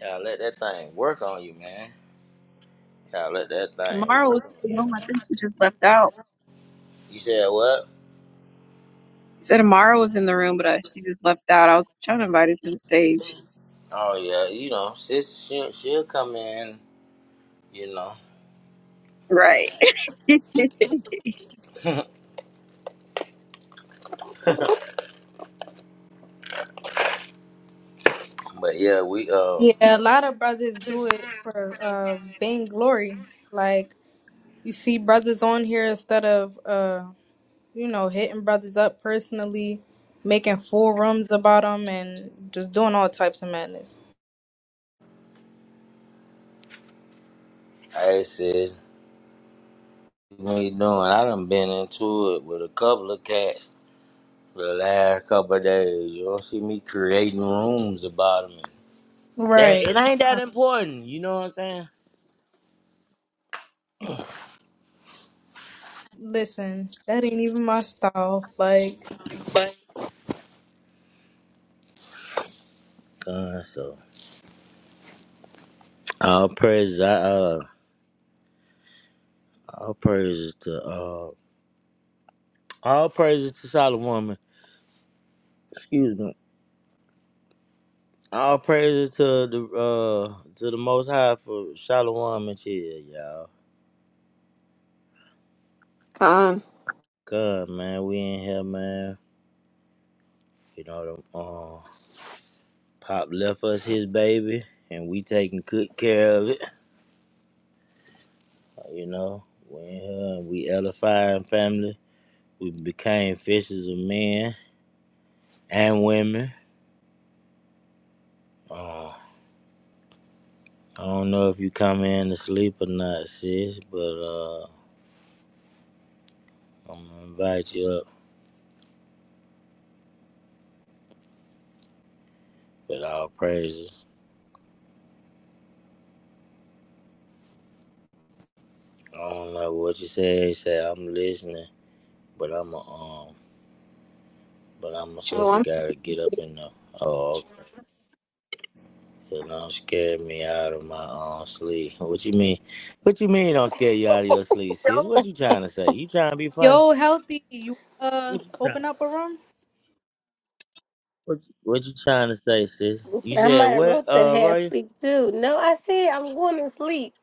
[SPEAKER 1] Y'all let that thing work on you, man. Y'all let that thing
[SPEAKER 5] Amara was
[SPEAKER 1] work on
[SPEAKER 5] in the
[SPEAKER 1] you,
[SPEAKER 5] room. I think she just left
[SPEAKER 1] man.
[SPEAKER 5] out.
[SPEAKER 1] You said what?
[SPEAKER 5] I said Amara was in the room, but uh, she just left out. I was trying to invite her to the stage.
[SPEAKER 1] Oh yeah, you know, sis, she, she'll come in, you know.
[SPEAKER 5] Right.
[SPEAKER 1] but yeah, we uh,
[SPEAKER 4] Yeah, a lot of brothers do it for uh, vainglory. glory. Like, you see brothers on here instead of, uh, you know, hitting brothers up personally, making forums about them, and just doing all types of madness.
[SPEAKER 1] hey sis, what you doing? I done been into it with a couple of cats for the last couple of days. You'll see me creating rooms about them. That
[SPEAKER 4] Right.
[SPEAKER 1] it ain't that important, you know what I'm saying?
[SPEAKER 4] Listen, that ain't even my style. Like,
[SPEAKER 1] God, so all praises, I, uh, all praises to uh, all praises to Solid Woman. Excuse me. All praises to the uh to the Most High for Shalom and chill, y'all.
[SPEAKER 5] Come,
[SPEAKER 1] God, man, we in here, man. You know, the, uh, Pop left us his baby, and we taking good care of it. You know, we in here, and we edifying family. We became fishers of men and women. Uh, I don't know if you come in to sleep or not, sis, but uh, I'm gonna invite you up. But all praises. I don't know what you say. Say I'm listening. But I'm a um, but I'm a
[SPEAKER 5] Joe.
[SPEAKER 1] sister gotta get up in the oh, you don't scare me out of my own sleep. What you mean? What you mean? Don't scare you out of your sleep, sis? What you trying to say? You trying to be funny?
[SPEAKER 4] yo, healthy, you uh
[SPEAKER 1] What you,
[SPEAKER 4] open up a room?
[SPEAKER 1] what, you- what you trying to say, sis? You
[SPEAKER 3] I
[SPEAKER 1] said
[SPEAKER 3] might have
[SPEAKER 1] what,
[SPEAKER 3] wrote that
[SPEAKER 1] uh,
[SPEAKER 3] half
[SPEAKER 1] Roy?
[SPEAKER 3] sleep too. No, I said I'm going to sleep.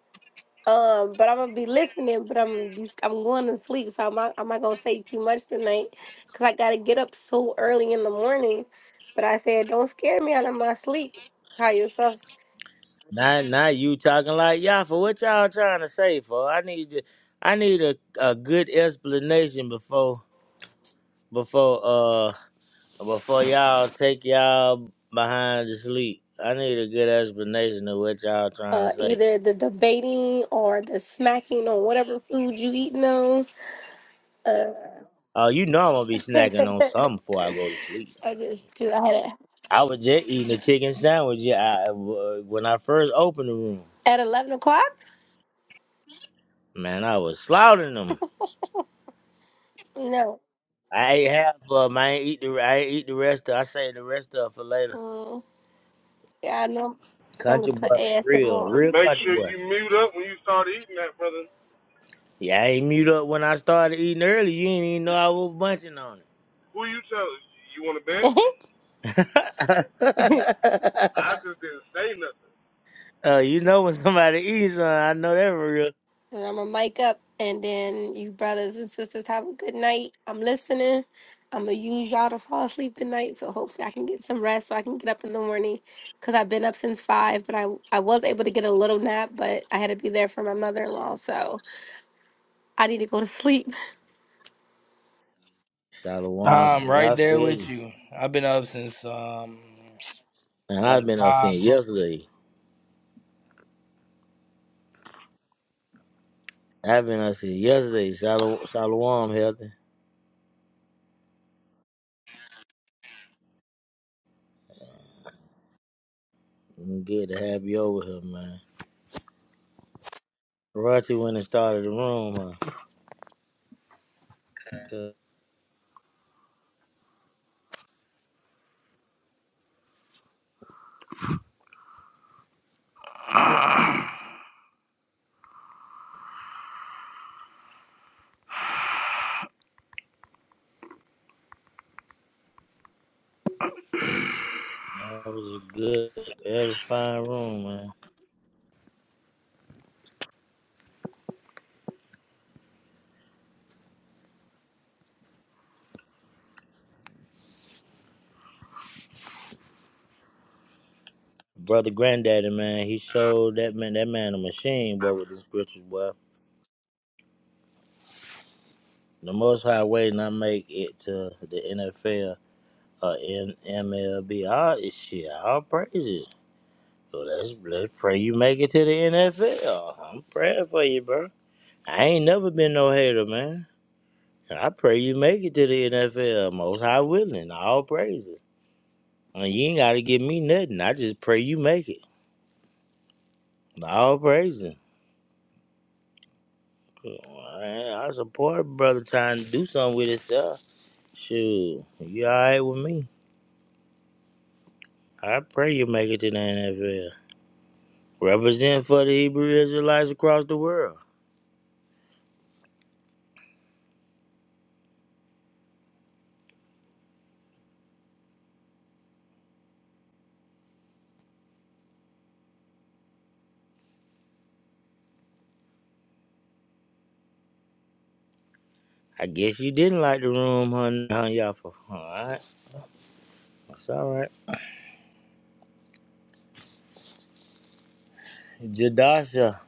[SPEAKER 3] Um, but I'm gonna be listening, but I'm gonna be I'm going to sleep, so I'm not I'm not gonna say too much tonight because I gotta get up so early in the morning. But I said, don't scare me out of my sleep. Call yourself
[SPEAKER 1] Not not you talking like y'all for what y'all trying to say for? I need to, I need a a good explanation before before uh. Before y'all take y'all behind to sleep, I need a good explanation of what y'all trying to
[SPEAKER 3] uh
[SPEAKER 1] say.
[SPEAKER 3] either the debating or the smacking on whatever food you eating on.
[SPEAKER 1] Oh, you know I'm gonna be snacking on
[SPEAKER 3] Uh,
[SPEAKER 1] something before I go to sleep.
[SPEAKER 3] I just do. I had it
[SPEAKER 1] I was just eating a chicken sandwich yeah, I, uh, when I first opened the room.
[SPEAKER 3] at eleven o'clock.
[SPEAKER 1] Man, I was slaughtering them.
[SPEAKER 3] No.
[SPEAKER 1] I ate half of them. I ain't eat the. I ain't eat the rest of. I saved the rest of it for later.
[SPEAKER 3] Mm, yeah, I know. I'm gonna
[SPEAKER 1] Country boy,
[SPEAKER 3] put
[SPEAKER 1] for real,
[SPEAKER 2] So
[SPEAKER 3] ASMR,
[SPEAKER 1] real
[SPEAKER 2] make
[SPEAKER 1] country
[SPEAKER 2] sure
[SPEAKER 1] boy.
[SPEAKER 2] you mute up when you start eating that, brother.
[SPEAKER 1] Yeah, I ain't mute up when I started eating early. You didn't even know I was bunching on
[SPEAKER 2] Who you telling? You want to bet?
[SPEAKER 3] and I'm
[SPEAKER 1] it.
[SPEAKER 2] I just didn't say nothing.
[SPEAKER 1] Uh, you know when somebody eats, uh, I know that for real.
[SPEAKER 3] gonna mic up, and then you brothers and sisters have a good night. I'm listening. I'm gonna use y'all to fall asleep tonight, so hopefully I can get some rest, so I can get up in the morning. Cause I've been up since five, but I I was able to get a little nap, but I had to be there for my mother in law, so I need to go to sleep.
[SPEAKER 1] Shalawan
[SPEAKER 6] I'm
[SPEAKER 1] says,
[SPEAKER 6] right
[SPEAKER 1] I
[SPEAKER 6] there
[SPEAKER 1] feel
[SPEAKER 6] with
[SPEAKER 1] you.
[SPEAKER 6] you. I've been up since um
[SPEAKER 1] And I've
[SPEAKER 6] like
[SPEAKER 1] been up since
[SPEAKER 6] five something.
[SPEAKER 1] yesterday. I've been up since yesterday. Shalom, shalom healthy. Mm, Good to have you over here, man. Right you went and started the room, huh? 'Cause That was a good, edifying room, man. Brother Granddaddy, man, he showed that man that man a machine, boy, with the scriptures, boy. The most high way not make it to the NFL or MLB. All this shit, all praises. So let's let's pray you make it to the NFL. I'm praying for you, bro. I ain't never been no hater, man. And I pray you make it to the NFL. Most high willing. All praises. And you ain't gotta give me nothing. I just pray you make it. All praises. I I support brother trying to do something with himself. Shoot, you alright with me? I pray you make it to the NFL. Represent for the Hebrew Israelites across the world. I guess you didn't like the room, hun, hun Yaffa. It's all right. Jadasha,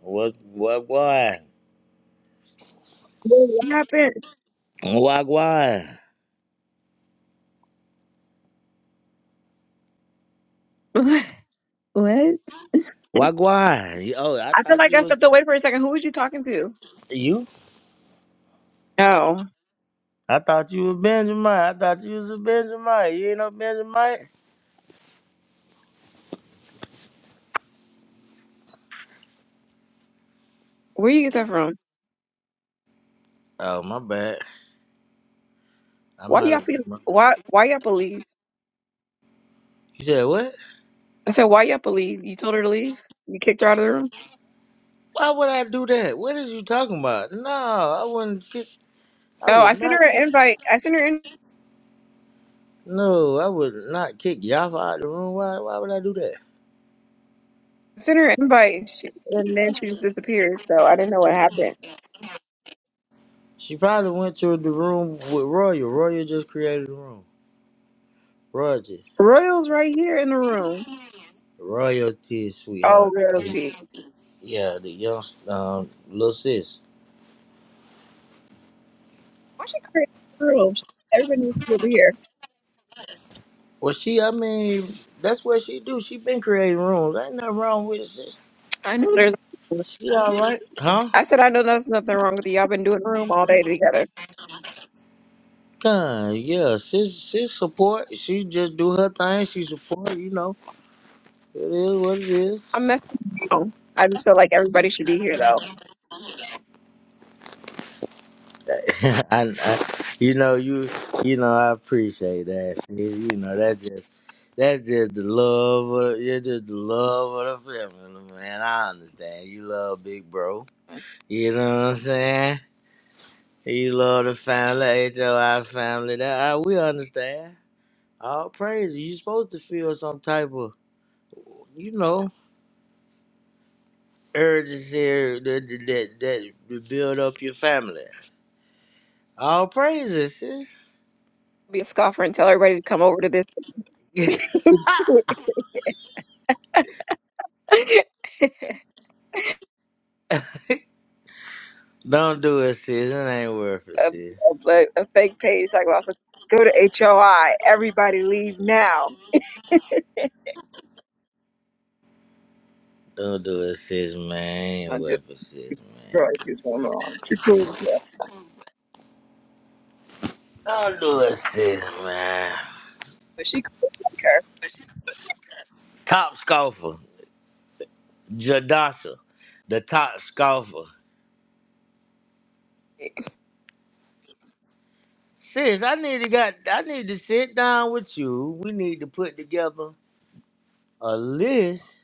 [SPEAKER 1] what, what, why?
[SPEAKER 5] Wait, What happened?
[SPEAKER 1] Wagwan.
[SPEAKER 5] What?
[SPEAKER 1] Wagwan. Oh, I
[SPEAKER 5] I feel
[SPEAKER 1] thought
[SPEAKER 5] like
[SPEAKER 1] you
[SPEAKER 5] I
[SPEAKER 1] was
[SPEAKER 5] stepped away for a second. Who was you talking to?
[SPEAKER 1] you.
[SPEAKER 5] Oh,
[SPEAKER 1] I thought you was Benjamin. I thought you was a Benjamin. You ain't no Benjamin.
[SPEAKER 5] Where you get that from?
[SPEAKER 1] Oh, my bad. I
[SPEAKER 5] Why
[SPEAKER 1] might
[SPEAKER 5] y'all
[SPEAKER 1] have.
[SPEAKER 5] be,
[SPEAKER 1] You
[SPEAKER 5] why why y'all believe?
[SPEAKER 1] said what?
[SPEAKER 5] I said why y'all believe? You told her to leave? You kicked her out of the room?
[SPEAKER 1] Why would I do that? What is you talking about? No, I wouldn't kick. I
[SPEAKER 5] Oh, I
[SPEAKER 1] would
[SPEAKER 5] sent
[SPEAKER 1] not
[SPEAKER 5] her an
[SPEAKER 1] kick.
[SPEAKER 5] invite. I sent her in
[SPEAKER 1] No, I would not kick Yafa out of the room. Why? Why would I do that?
[SPEAKER 5] sent her an invite and she- and then she just disappeared, so I didn't know what happened.
[SPEAKER 1] She probably went to the room with Royal. Royal just created the room. Royal.
[SPEAKER 5] Royal's right here in the room.
[SPEAKER 1] Royalties,
[SPEAKER 5] Oh,
[SPEAKER 1] sweetheart.
[SPEAKER 5] realty.
[SPEAKER 1] Yeah, the young um, little sis.
[SPEAKER 5] Why she create a room? Everybody needs to be over here.
[SPEAKER 1] Well, she, I mean, that's what she do. She been creating rooms. Ain't nothing wrong with it, sis.
[SPEAKER 5] I know there's.
[SPEAKER 1] She all right, huh?
[SPEAKER 5] I said I know there's nothing wrong with you. Y'all been doing a room all day together.
[SPEAKER 1] God, yeah, sis, sis support. She just do her thing. She support. You know, it is what it is.
[SPEAKER 5] I'm messing around. I just feel like everybody should be here though.
[SPEAKER 1] and uh, you know you you know I appreciate that. You you know that's just that's just the love of you're just the love of the feminine man. I understand you love Big Bro. You know what I'm saying? You love the family, H O I family. That I, we understand. All praise. You supposed to feel some type of you know urgency that that that, that to build up your family. All praises.
[SPEAKER 5] Be a scoffer and tell everybody to come over to this
[SPEAKER 1] sis.
[SPEAKER 5] a,
[SPEAKER 1] Don't do it, sis. It ain't worth it, sis.
[SPEAKER 5] a, a fake page. Like, well, I said, go to HOI. Everybody leave now.
[SPEAKER 1] Don't do it, sis, man. It ain't worth it, sis, man.
[SPEAKER 5] Girl, I see going on. She cool, yeah.
[SPEAKER 1] Don't do it, sis, man.
[SPEAKER 5] But she could like her.
[SPEAKER 1] Top scoffer, Jadasha, the top scoffer. Sis, I need to got. I need to sit down with you. We need to put together a list,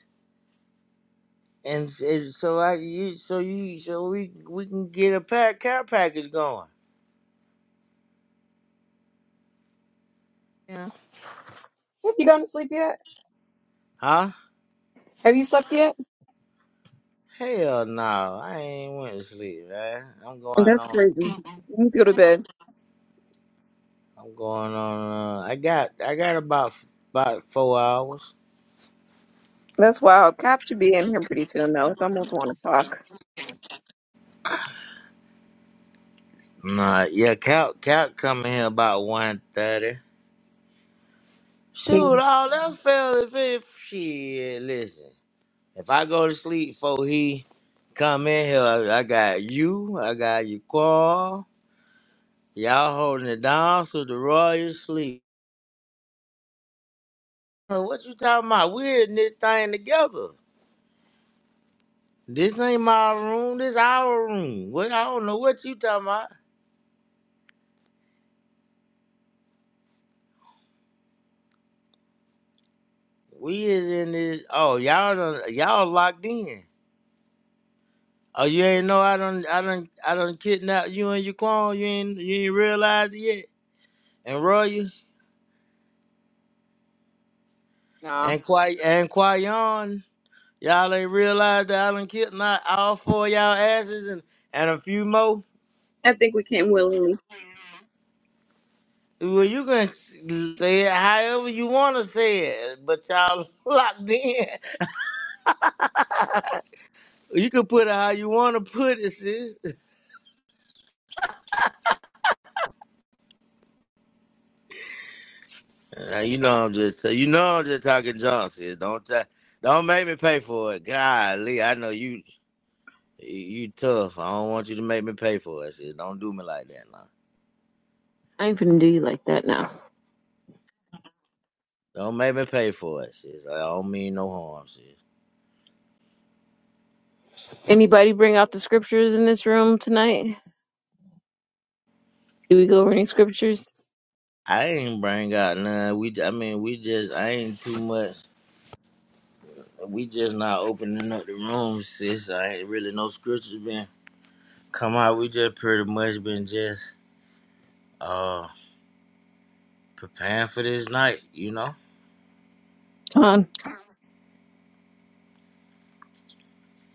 [SPEAKER 1] and, and so I, you, so you, so we, we can get a pack care package going,
[SPEAKER 5] Yeah. Have you gone to sleep yet?
[SPEAKER 1] huh?
[SPEAKER 5] Have you slept yet?
[SPEAKER 1] Hell no, I ain't went to sleep, man. I'm going
[SPEAKER 5] That's
[SPEAKER 1] on.
[SPEAKER 5] crazy. You need to go to bed.
[SPEAKER 1] I'm going on. Uh, I got I got about about four hours.
[SPEAKER 5] That's wild. Cops should be in here pretty soon though. It's almost one o'clock.
[SPEAKER 1] Nah, yeah, Cal Cal coming here about one thirty.
[SPEAKER 5] Yeah.
[SPEAKER 1] Shoot, all that fell if if shit. Listen, if I go to sleep before he come in here, I, I got you. I got you, Qual. Y'all holding it down so the royal sleep. Uh, What you talking about? We're in this thing together. This ain't my room. This our room. What I don't know what you talking about. We is in this. Oh, y'all done, y'all locked in. Oh, you ain't know I done, I done, I done kidnapped you and Jaquan. You ain't, you ain't realize it yet. And Roy
[SPEAKER 5] Nah.
[SPEAKER 1] and Quay and Quayon, y'all ain't realized that I done kidnapped all four of y'all asses and and a few more.
[SPEAKER 5] I think we came willingly.
[SPEAKER 1] Well, you can say it however you want to say it, but y'all locked in. You can put it how you want to put it, sis. Uh, you know I'm just you know I'm just talking junk, sis. Don't ta- don't make me pay for it. Golly, I know you you tough. I don't want you to make me pay for it, sis. Don't do me like that now.
[SPEAKER 5] I ain't finna do you like that now.
[SPEAKER 1] Don't make me pay for it, sis. I don't mean no harm, sis.
[SPEAKER 5] Anybody bring out the scriptures in this room tonight? Do we go over any scriptures?
[SPEAKER 1] I ain't bring out none. We I mean we just I ain't too much. We just not opening up the room, sis. I ain't really no scriptures been come out. We just pretty much been just uh preparing for this night, you know.
[SPEAKER 5] John?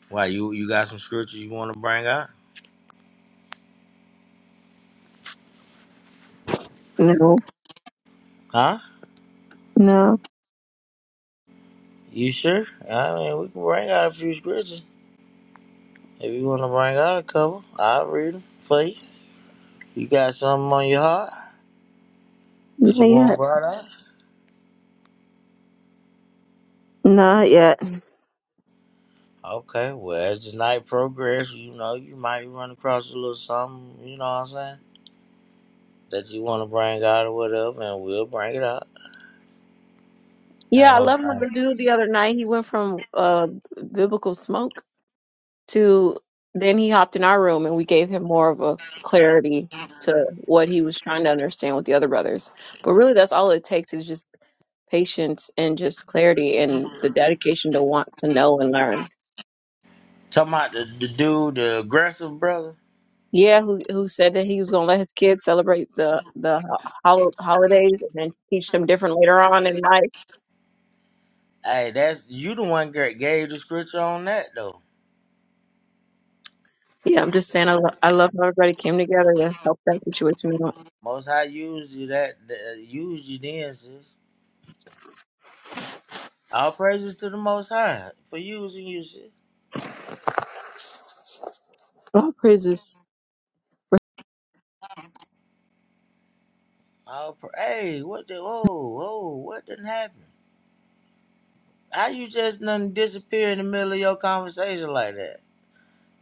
[SPEAKER 1] Why you you got some scriptures you want to bring out?
[SPEAKER 5] No.
[SPEAKER 1] Huh?
[SPEAKER 5] No.
[SPEAKER 1] You sure? I mean, we can bring out a few scriptures. If you want to bring out a couple, I'll read them for you. You got something on your heart that
[SPEAKER 5] Not
[SPEAKER 1] you want
[SPEAKER 5] yet.
[SPEAKER 1] brought out?
[SPEAKER 5] Not yet.
[SPEAKER 1] Okay, well, as the night progresses, you know, you might run across a little something, you know what I'm saying? That you want to bring out or whatever, and we'll bring it out.
[SPEAKER 5] Yeah,
[SPEAKER 1] Ain't
[SPEAKER 5] I
[SPEAKER 1] no
[SPEAKER 5] love how
[SPEAKER 1] thing.
[SPEAKER 5] the dude the other night he went from uh biblical smoke. to then he hopped in our room and we gave him more of a clarity to what he was trying to understand with the other brothers. But really that's all it takes is just patience and just clarity and the dedication to want to know and learn.
[SPEAKER 1] Talking about the, the dude, the aggressive brother.
[SPEAKER 5] Yeah, who who said that he was going to let his kids celebrate the the hol- holidays and then teach them different later on in life?
[SPEAKER 1] Hey, that's you the one that gave the scripture on that, though.
[SPEAKER 5] Yeah, I'm just saying I, lo- I love how everybody came together to help that situation out.
[SPEAKER 1] Most High used you that, that used you then, sis. All praises to the Most High for using you. shit.
[SPEAKER 5] Oh, praises.
[SPEAKER 1] All pra- hey, what the? Whoa, whoa, what didn't happen? How you just done disappear in the middle of your conversation like that?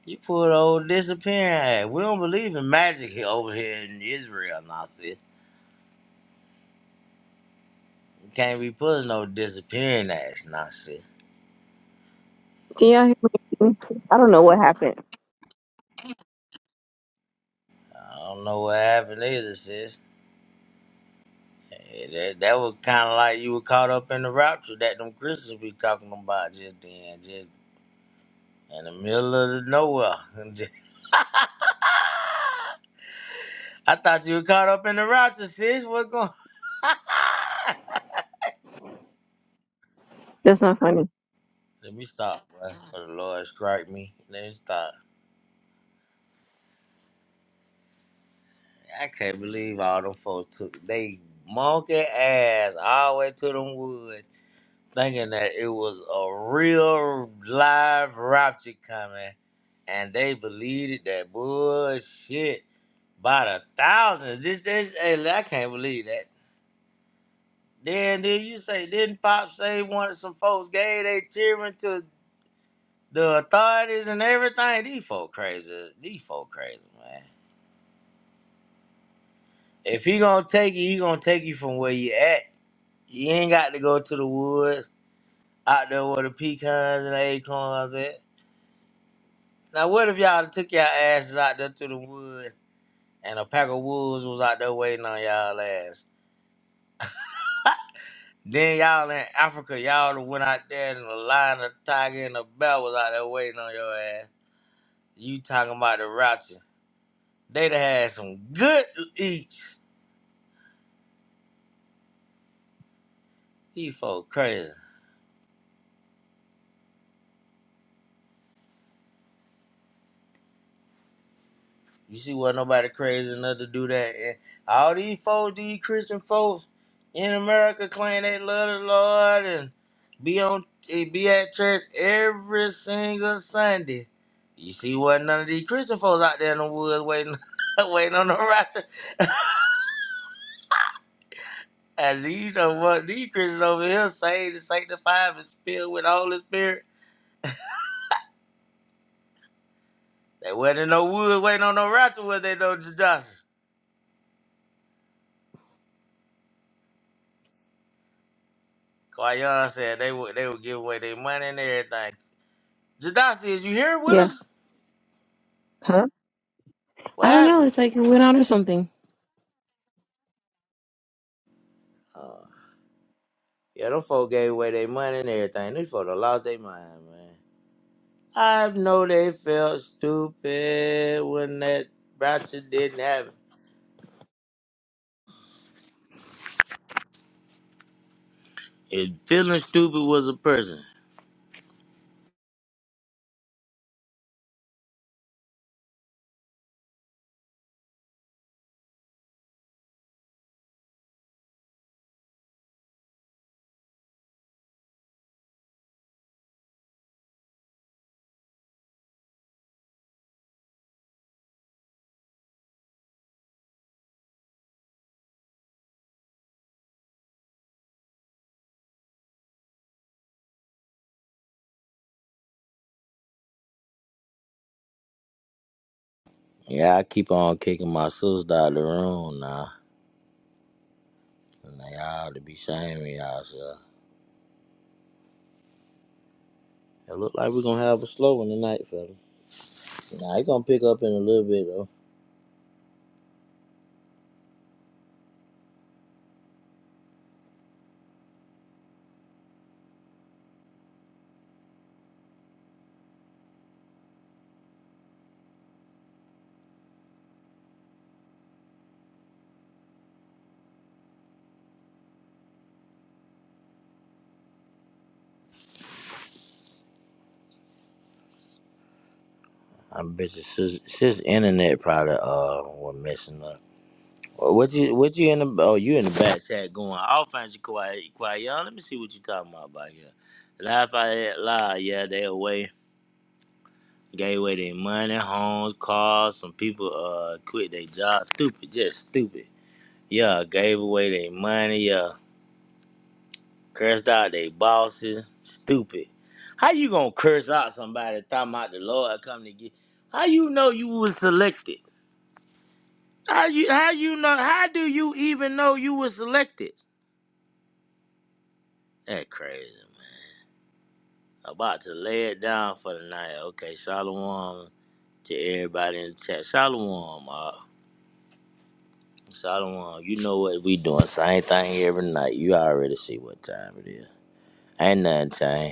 [SPEAKER 1] You pulled the old disappearing act. We don't believe in magic here over here in Israel, now shit. You can't be pulling no disappearing acts, now shit.
[SPEAKER 5] Can y'all hear me? I don't know what happened.
[SPEAKER 1] I don't know what happened either, sis. Hey, that, that was kind of like you were caught up in the rapture that them Christians be talking about just then. just. in the middle of the nowhere. I thought you were caught up in the Rochester. sis. What's going?
[SPEAKER 5] That's not funny.
[SPEAKER 1] Let me stop, bro. For the Lord strike me. Let me stop. I can't believe all them folks took they monkey ass all the way to them woods, thinking that it was a real live rapture coming, and they believed it. That bullshit by the thousands. This, this, hey, I can't believe that. Then then you say, didn't Pop say wanted some folks gay? They cheering to the authorities and everything. These folk crazy. These folk crazy, man. If he gonna take you, he gonna take you from where you at. You ain't got to go to the woods out there where the pecans and acorns at. Now what if y'all took y'all asses out there to the woods and a pack of wolves was out there waiting on y'all ass? Then y'all in Africa, y'all done went out there and a lion, the tiger, and a bear was out there waiting on your ass. You talking about the Rocha. They done had some good eats. These folks crazy. You see what nobody crazy enough to do that. And all these folks, these Christian folks in America claim they love the Lord and be on eh, be at church every single Sunday. You see what none of these Christian folks out there in the woods waiting waiting on the rapture. And these don't want these Christians over here saved and sanctified and filled with the Holy Spirit. They wasn't in no woods waiting on no ratchet, was they though, Jadasi? Kwayon said they would they would give away their money and everything. Jadasi, is you here with
[SPEAKER 5] Yeah.
[SPEAKER 1] us?
[SPEAKER 5] Huh?
[SPEAKER 1] What
[SPEAKER 5] I don't know.
[SPEAKER 1] happened?
[SPEAKER 5] It's like it went out or something.
[SPEAKER 1] Oh yeah, them folk gave away their money and everything. These folk done lost their mind, man. I know they felt stupid when that ratchet didn't happen. And feeling stupid was a person. Yeah, I keep on kicking my sister out of the room now. And they all to be shaming y'all, so. It look like we're gonna have a slow one tonight, fella. Nah, it's gonna pick up in a little bit though. I bet you his sis internet probably uh was messing up. Wha- What you what you in the oh you in the back chat going? I'll find you quiet quiet y'all. Let me see what you talking about back here. Life I had lie, yeah, they away. Gave away their money, homes, cars. Some people uh quit their jobs. Stupid, just stupid. Yeah, gave away their money. Yeah. Cursed out they bosses, stupid. How you gonna curse out somebody talking about the Lord come to get? How you know you was selected? How you how you know? How do you even know you was selected? That crazy man. About to lay it down for the night. Okay, shalom to everybody in the chat. Shalom, uh, shalom. You know what we doing? Same thing every night. You already see what time it is. Ain't nothing changed.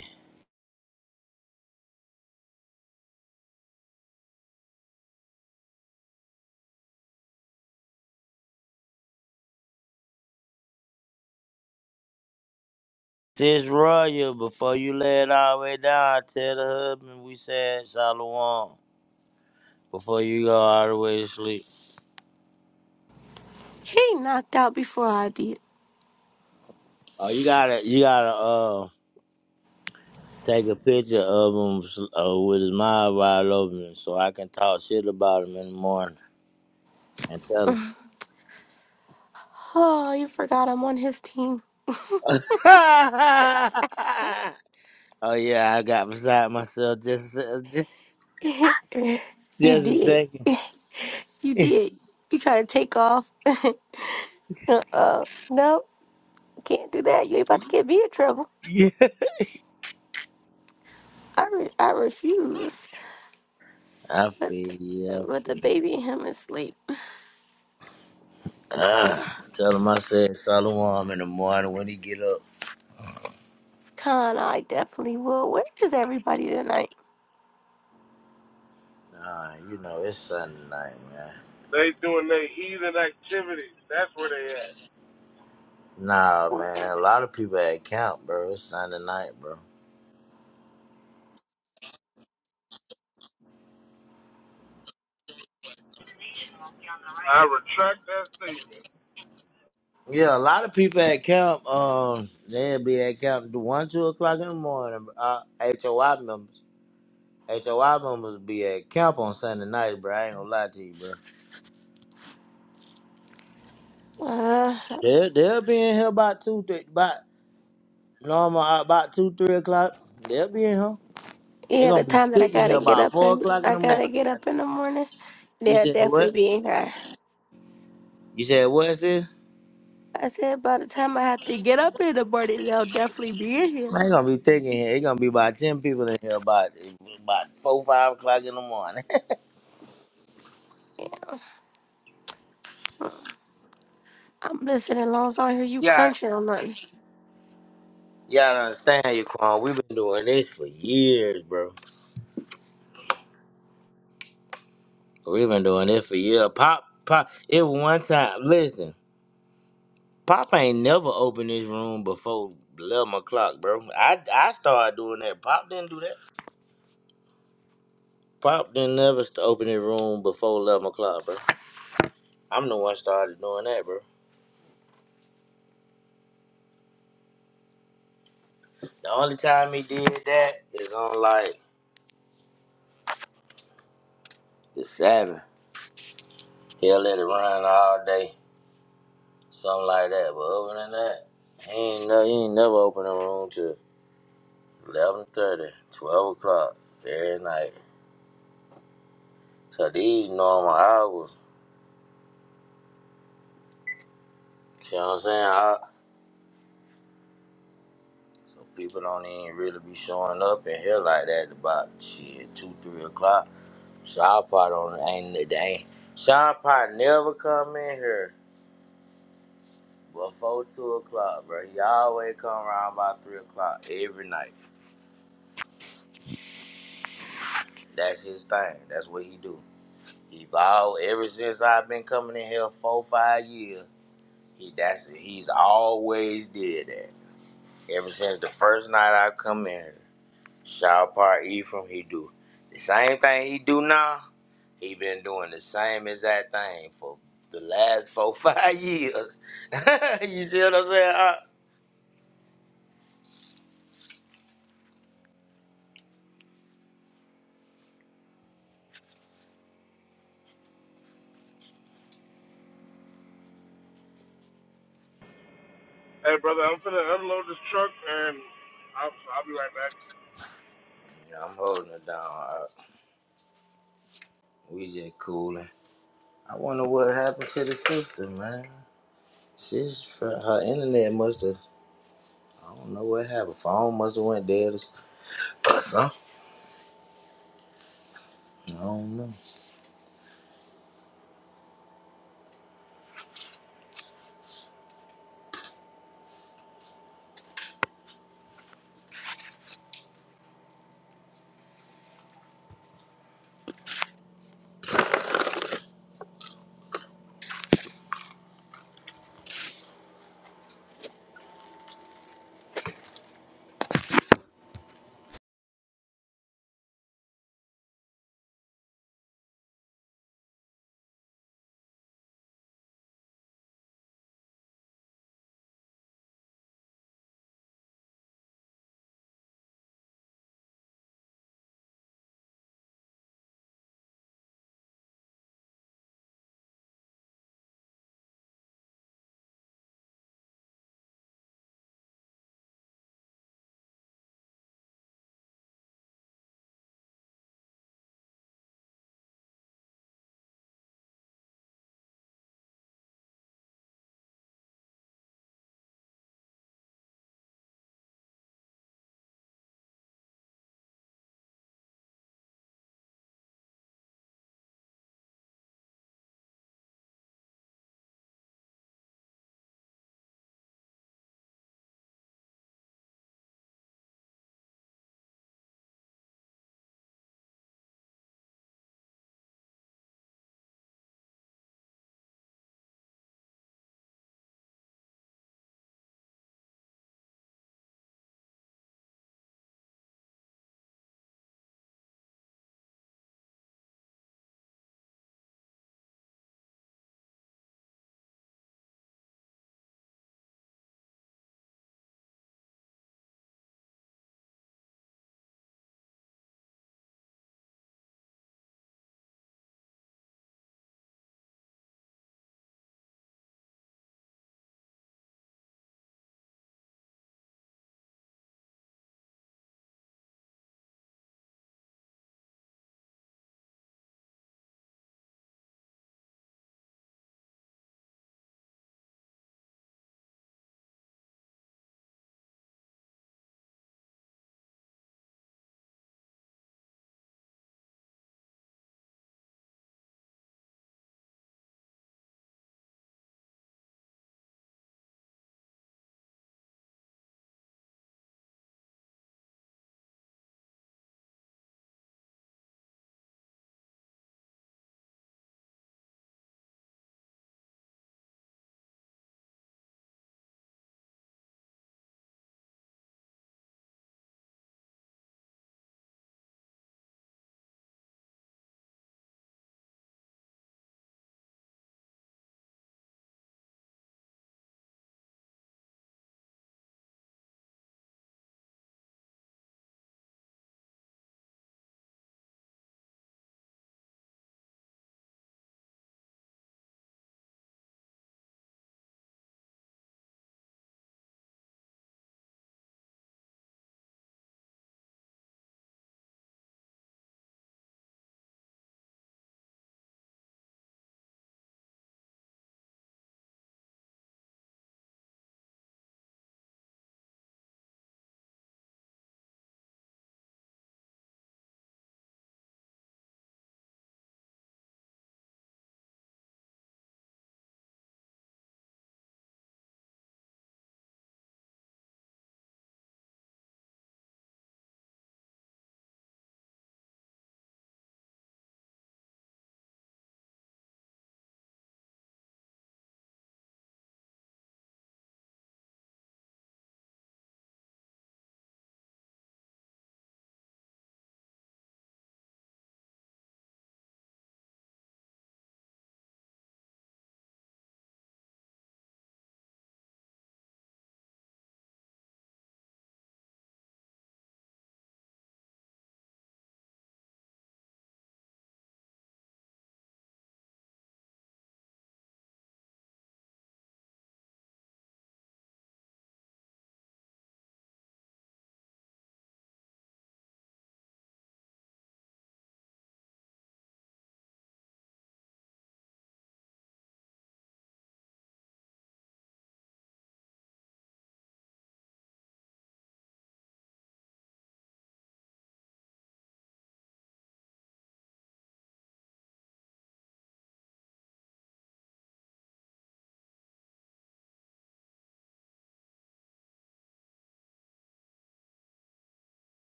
[SPEAKER 1] This royal, before you lay it all the way down, tell the husband we said shalom before you go all the way to sleep.
[SPEAKER 3] He knocked out before I did.
[SPEAKER 1] Oh, you gotta, you gotta uh take a picture of him s- uh, with his mouth wide open, so I can talk shit about him in the morning and tell him.
[SPEAKER 3] Oh, you forgot I'm on his team.
[SPEAKER 1] oh yeah, I got beside myself just, a- just,
[SPEAKER 3] You
[SPEAKER 1] just a
[SPEAKER 3] did.
[SPEAKER 1] second.
[SPEAKER 3] You did. You try to take off. uh-uh. No, can't do that. You ain't
[SPEAKER 1] I feel
[SPEAKER 3] about to get me in trouble.
[SPEAKER 1] you.
[SPEAKER 3] I re- I refuse.
[SPEAKER 1] I
[SPEAKER 3] But
[SPEAKER 1] feel
[SPEAKER 3] the,
[SPEAKER 1] you.
[SPEAKER 3] but the baby and him is asleep.
[SPEAKER 1] Ah, tell him I said shalom in the morning when he get up.
[SPEAKER 3] Con, I definitely will. Where is everybody tonight?
[SPEAKER 1] Nah, you know, it's Sunday night, man.
[SPEAKER 2] They doing their heathen activities. That's where they at.
[SPEAKER 1] Nah, man, a lot of people at camp, bro. It's Sunday night, bro.
[SPEAKER 2] I retract that statement.
[SPEAKER 1] Yeah, a lot of people at camp, um, they'll be at camp to 1, 2 o'clock in the morning. Uh, HOI members. HOI members be at camp on Sunday night, bro. I ain't gonna lie to you, bro.
[SPEAKER 3] Uh,
[SPEAKER 1] They'll, they'll be in here about 2, 3, about, normal, uh, about 2, 3 o'clock. They'll be in here. they
[SPEAKER 3] yeah,
[SPEAKER 1] gonna
[SPEAKER 3] the
[SPEAKER 1] be
[SPEAKER 3] time that I
[SPEAKER 1] thick in here
[SPEAKER 3] gotta get
[SPEAKER 1] about
[SPEAKER 3] up
[SPEAKER 1] 4
[SPEAKER 3] and
[SPEAKER 1] o'clock in
[SPEAKER 3] I
[SPEAKER 1] the
[SPEAKER 3] gotta
[SPEAKER 1] morning.
[SPEAKER 3] get up in the morning,
[SPEAKER 1] You
[SPEAKER 3] they'll
[SPEAKER 1] said
[SPEAKER 3] definitely
[SPEAKER 1] what?
[SPEAKER 3] be in here.
[SPEAKER 1] You said what, sis?
[SPEAKER 3] I said by the time I have to get up in the morning, they'll definitely be in here.
[SPEAKER 1] I ain't gonna be thick in here. It's gonna be about ten people in here about about four, five o'clock in the morning.
[SPEAKER 3] Yeah. I'm listening as long as I don't hear you
[SPEAKER 1] yeah,
[SPEAKER 3] crunching on nothing.
[SPEAKER 1] y'all don't understand you, Quan. We've been doing this for years, bro. We've been doing this for years. Pop, pop. It was one time. Listen, Pop ain't never opened this room before eleven o'clock, bro. I I started doing that. Pop didn't do that. Pop didn't never st- open the room before eleven o'clock, bro. I'm the one started doing that, bro. The only time he did that is on like the Sabbath. He'll let it run all day, something like that. But other than that, he ain't, no, he ain't never open a room till eleven thirty, twelve o'clock every night. So these normal hours, you know what I'm saying? I, so people don't even really be showing up in here like that about shit, 2, 3 o'clock. Sean Pot on ain't, they ain't. Sean Pot never come in here before 2 o'clock, bro. He always come around about 3 o'clock every night. That's his thing. That's what he do. Evolve ever since I've been coming in here four five years. He that's he's always did that. Ever since the first night I come in here, Shaw Park Ephraim, he do the same thing he do now. He been doing the same exact thing for the last four five years. you see what I'm saying? Uh,
[SPEAKER 2] Hey, brother, I'm finna unload this truck and I'll, I'll be right back.
[SPEAKER 1] yeah, I'm holding it down. Uh, we just cooling. I wonder what happened to the sister, man. She's her internet must have. I don't know what happened. Phone must have went dead. Huh? I don't know. Yeah.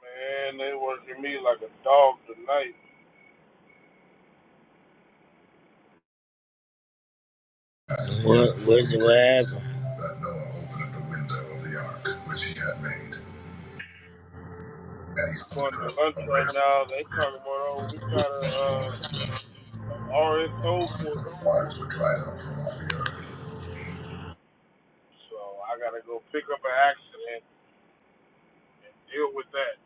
[SPEAKER 2] Man, they working me like a dog tonight.
[SPEAKER 1] What, what, is it, what happened? But Noah opened the window of the ark which he had made, and he saw the
[SPEAKER 2] Going to
[SPEAKER 1] curse
[SPEAKER 2] lunch
[SPEAKER 1] of rain
[SPEAKER 2] right now. They talking about, oh, we
[SPEAKER 1] which
[SPEAKER 2] gotta,
[SPEAKER 1] went
[SPEAKER 2] uh,
[SPEAKER 1] forth
[SPEAKER 2] or it's so
[SPEAKER 1] until
[SPEAKER 2] forth.
[SPEAKER 1] the waters were dried up from off the earth.
[SPEAKER 2] So I gotta go pick up an accident and deal with that.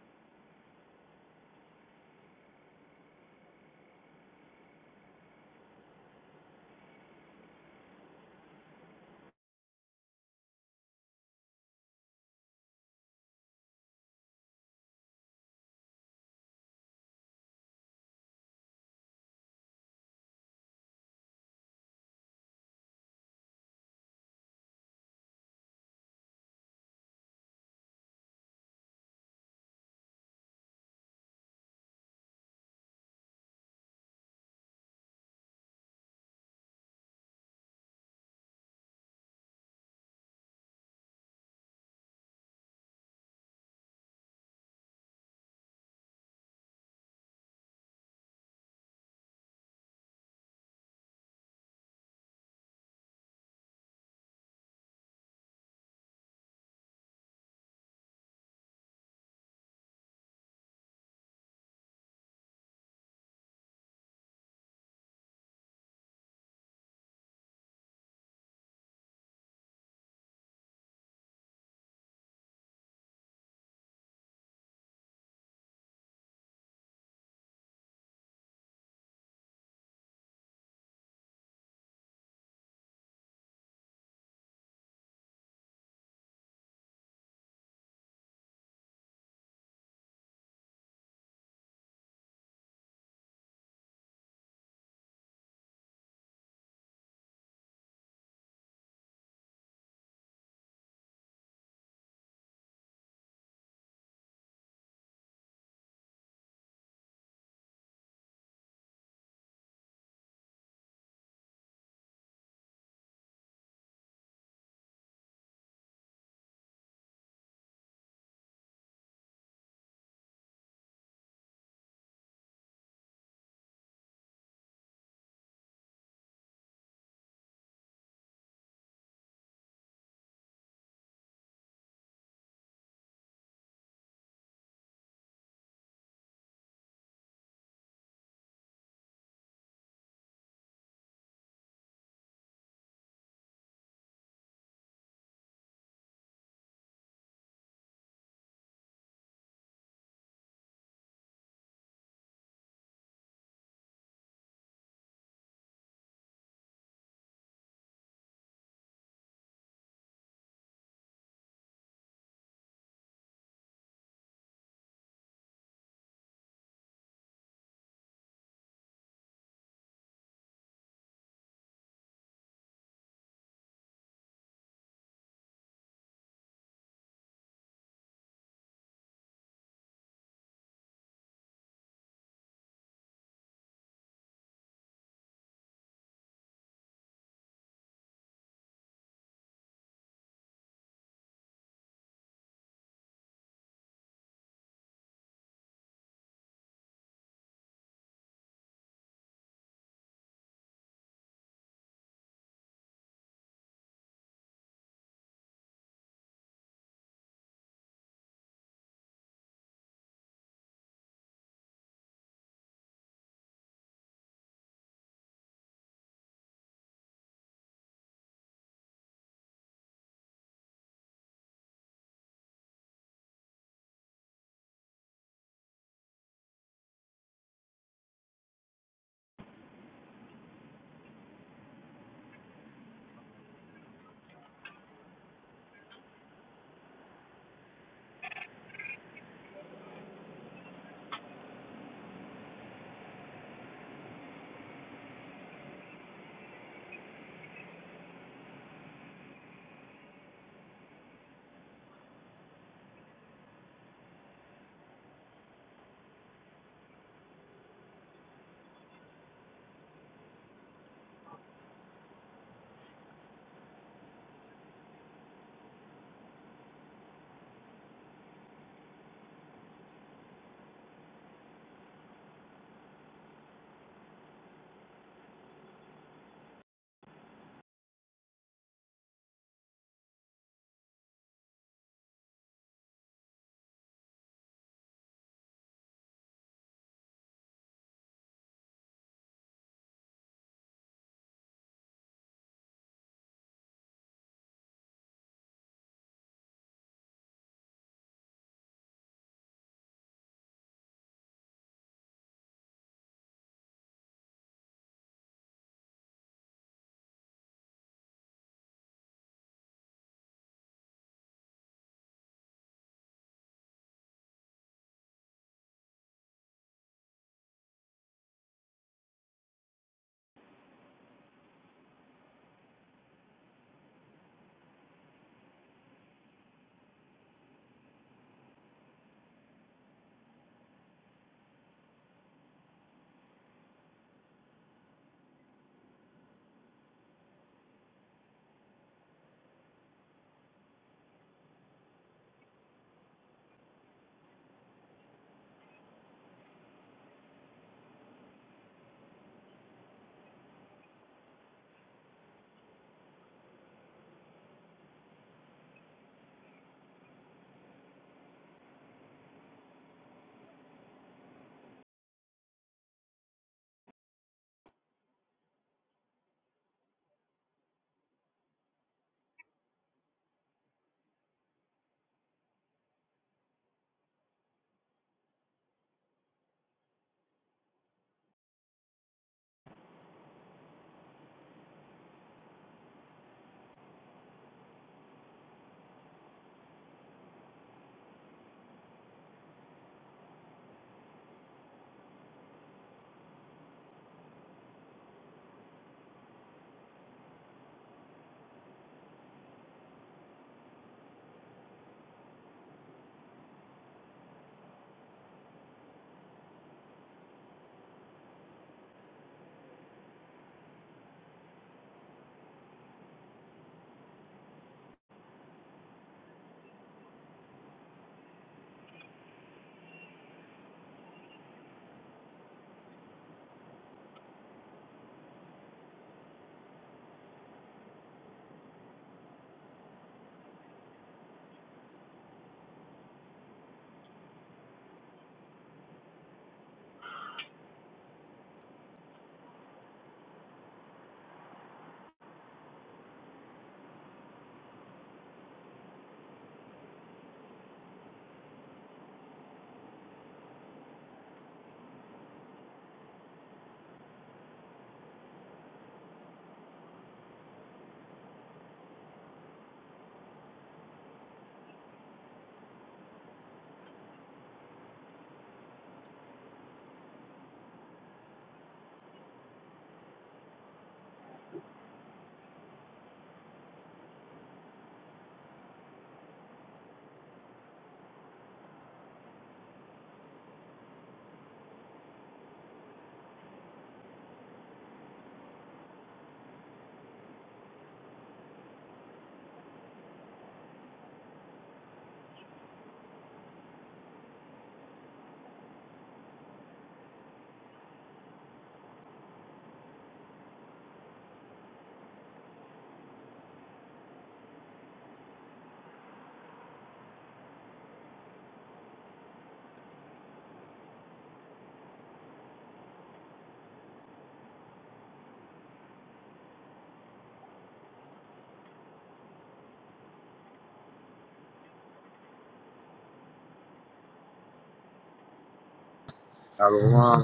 [SPEAKER 1] I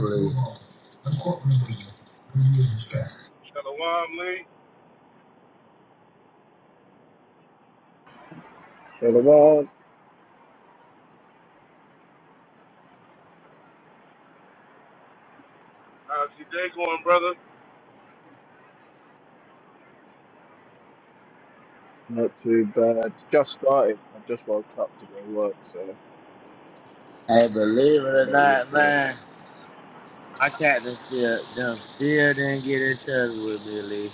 [SPEAKER 1] believe.
[SPEAKER 2] Shalom Lee,
[SPEAKER 7] For the world,
[SPEAKER 2] how's your day going, brother?
[SPEAKER 7] not too bad. Just started. I've just woke up to go work, so
[SPEAKER 1] Hey, believe it
[SPEAKER 7] how
[SPEAKER 1] or
[SPEAKER 7] about
[SPEAKER 1] not,
[SPEAKER 7] yourself?
[SPEAKER 1] man, my captain still them still didn't get in touch with me, Lee.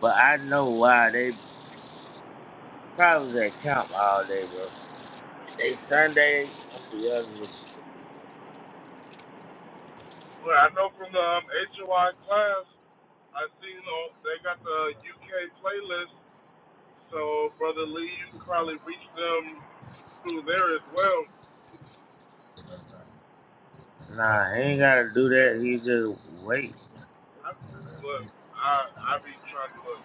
[SPEAKER 1] But I know why. They probably was at camp all day, bro. They Sunday, I'm gonna be honest with you.
[SPEAKER 2] Well, I know from the um, HOI class, I seen on they got the UK playlist. So brother Lee, you can probably reach them through there as well.
[SPEAKER 1] Nah, he ain't gotta do
[SPEAKER 2] Yeah,
[SPEAKER 1] that. He just wait.
[SPEAKER 2] I, look, I I be trying to look.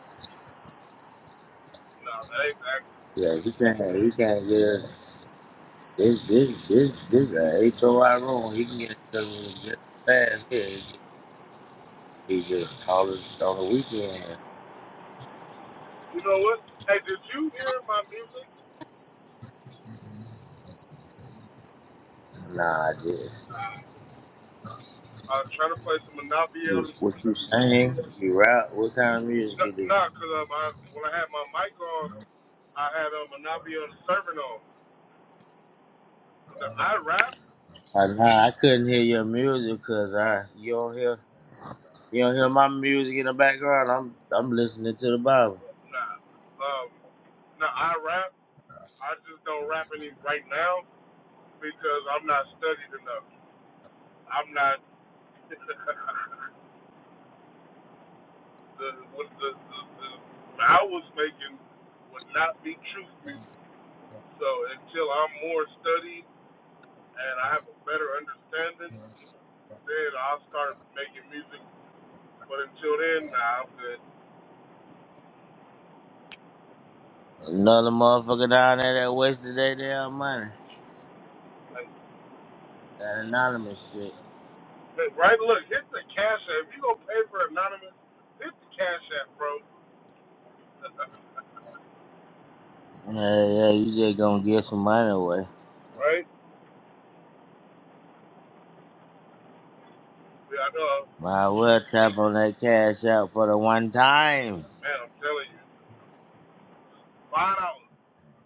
[SPEAKER 2] No, that ain't that.
[SPEAKER 1] Yeah, he can't. He can't get a, this. This this this A H O I room. He can get into it just as fast here. He just, he just call us on the weekend.
[SPEAKER 2] You know what? Hey, did you hear my music?
[SPEAKER 1] Nah, just
[SPEAKER 2] I was trying to play some Monopoly.
[SPEAKER 1] you- what you sing, you rap. What kind of music
[SPEAKER 2] Not,
[SPEAKER 1] you do?
[SPEAKER 2] nah, cause um, I, when I had my mic on. I had a Monopoly on the servant on. Now, I rap.
[SPEAKER 1] Uh, nah, I couldn't hear your music because I you don't hear you don't hear my music in the background. I'm I'm listening to the Bible.
[SPEAKER 2] Nah. Um, now, I rap. I just don't rap any right now because I'm not studied enough. I'm not. the, what the, the, the, what I was making would not be truth music. So until I'm more studied and I have a better understanding, then I'll start making music. But until then, nah, I'm good.
[SPEAKER 1] Another motherfucker down there that wasted their damn money. That anonymous shit.
[SPEAKER 2] Right? Look, hit the cash app. If you gonna pay for anonymous, hit the cash app, bro.
[SPEAKER 1] Yeah, yeah, you just gonna get some money away.
[SPEAKER 2] Right? Yeah, I know.
[SPEAKER 1] Might well tap on that cash out for the one time.
[SPEAKER 2] Man, I'm telling you, five dollars,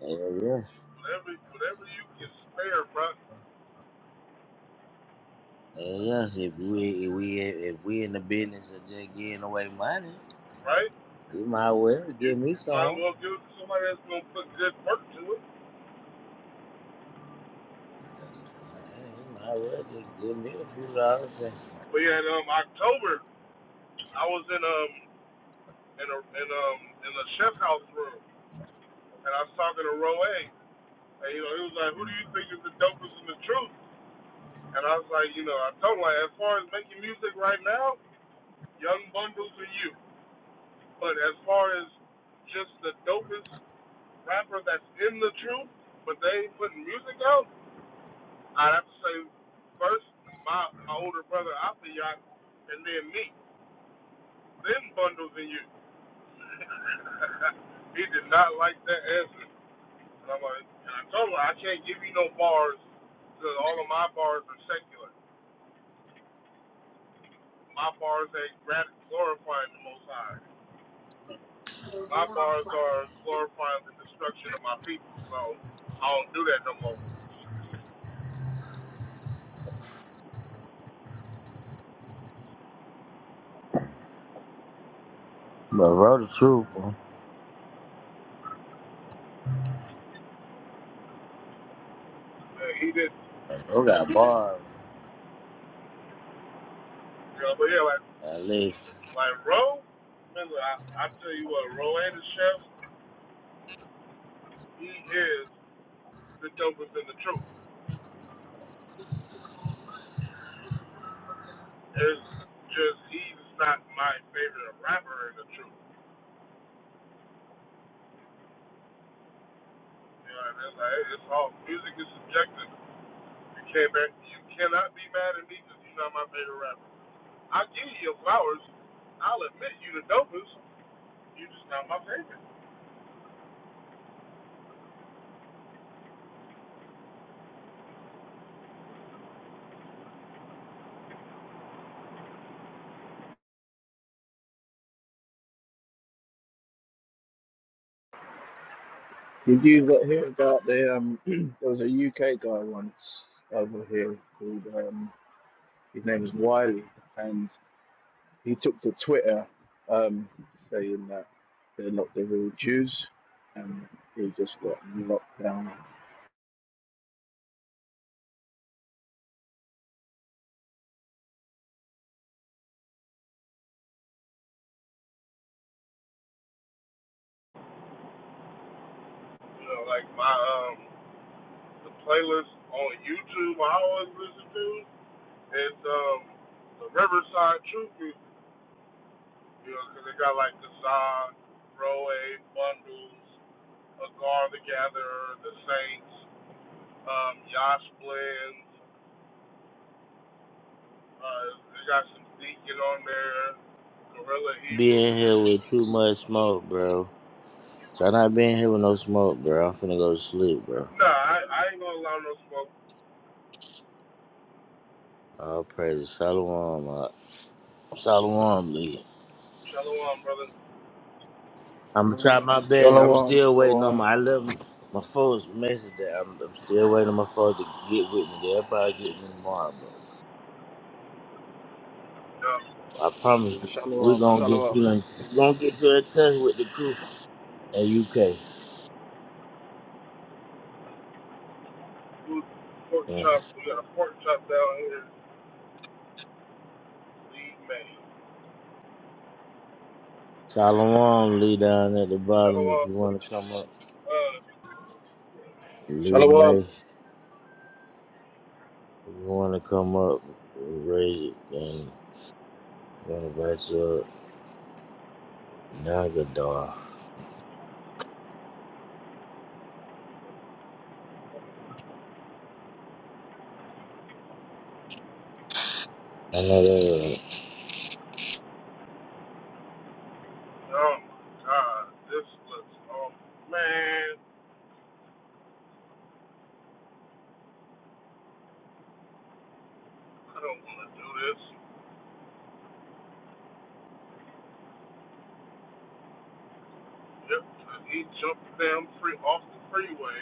[SPEAKER 1] Yeah, yeah.
[SPEAKER 2] whatever, whatever you can spare, bro.
[SPEAKER 1] Yeah, yes, if we if we if we in the business of just giving away money,
[SPEAKER 2] Right?
[SPEAKER 1] you might well
[SPEAKER 2] You,
[SPEAKER 1] give me
[SPEAKER 2] you might as
[SPEAKER 1] some.
[SPEAKER 2] well give it to somebody that's gonna put good work to it.
[SPEAKER 1] Yeah, you might well just give me a few dollars. And...
[SPEAKER 2] But yeah, in, um, October, I was in um in a in um in a chef house room, and I was talking to Roe A. And you know, he was like, "Who do you think is the dopest in the truth?" And I was like, you know, I told him like, as far as making music right now, Young Bundles and you. But as far as just the dopest rapper that's in the truth, but they ain't putting music out, I'd have to say first my my older brother Afiyat, and then me, then Bundles and you. he did not like that answer. And I'm like, and I told him I can't give you no bars because all of my bars are secular. My bars ain't glorifying the Most High. My bars are glorifying the destruction of my people. So I don't do that no more.
[SPEAKER 1] But roll the truth, bro.
[SPEAKER 2] And he did
[SPEAKER 1] I got bars.
[SPEAKER 2] You know, but yeah, like
[SPEAKER 1] At least
[SPEAKER 2] like Roe, man, I, I tell you what, Roe and the chef, he is the dopest in the truth. It's just he's not my favorite rapper in the truth. You know, what I mean? like, it's all music is subjective. You can't back, you cannot be mad at me because you're not my favorite rapper. I'll give you your flowers. I'll admit you the dopest. You're just not my favorite.
[SPEAKER 7] Did you lo- hear about the um there was a UK guy once over here called um his name was Wiley and he took to Twitter um saying that they're not the real Jews and he just got locked down.
[SPEAKER 2] You know, like my um the playlist on YouTube I always listen to. It's um the Riverside True Group, you know, 'cause they got like the Sod, Roe, Bundles, Agar the Gatherer, the Saints, um, Yash Blends. Uh, they got some Deacon on there, Gorilla Hebrew.
[SPEAKER 1] being here with too much smoke, bro. So I not being here with no smoke, bro. I'm finna go to sleep, bro.
[SPEAKER 2] Nah, I, I ain't gonna allow no smoke.
[SPEAKER 1] All praises. Shalom. Uh, Shalom, Lee.
[SPEAKER 2] Shalom, brother.
[SPEAKER 1] I'm going to try my best. I'm
[SPEAKER 7] Shalom,
[SPEAKER 1] still waiting on
[SPEAKER 7] shalom,
[SPEAKER 1] my. I left my phone's message that I'm, I'm still waiting on my phone to get with me. They'll probably get me tomorrow, bro.
[SPEAKER 2] Uh,
[SPEAKER 1] I promise you, we're
[SPEAKER 7] shalom,
[SPEAKER 1] gonna get
[SPEAKER 7] shalom,
[SPEAKER 1] you in. We're gonna get you in touch with the crew in UK.
[SPEAKER 2] food, pork
[SPEAKER 1] Yeah.
[SPEAKER 2] chop. We got a pork chop down here. Leave me.
[SPEAKER 1] Shalom, Lee down at the bottom. If
[SPEAKER 2] Shalom.
[SPEAKER 1] you wanna come up,
[SPEAKER 2] Uh,
[SPEAKER 1] Lee
[SPEAKER 7] shalom.
[SPEAKER 1] May. If you wanna come up, raise it. Then I'm gonna invite you up. Nagadar. I know that.
[SPEAKER 2] oh my God, this looks oh man. I don't want to do this. Yep. he jumped down free off the freeway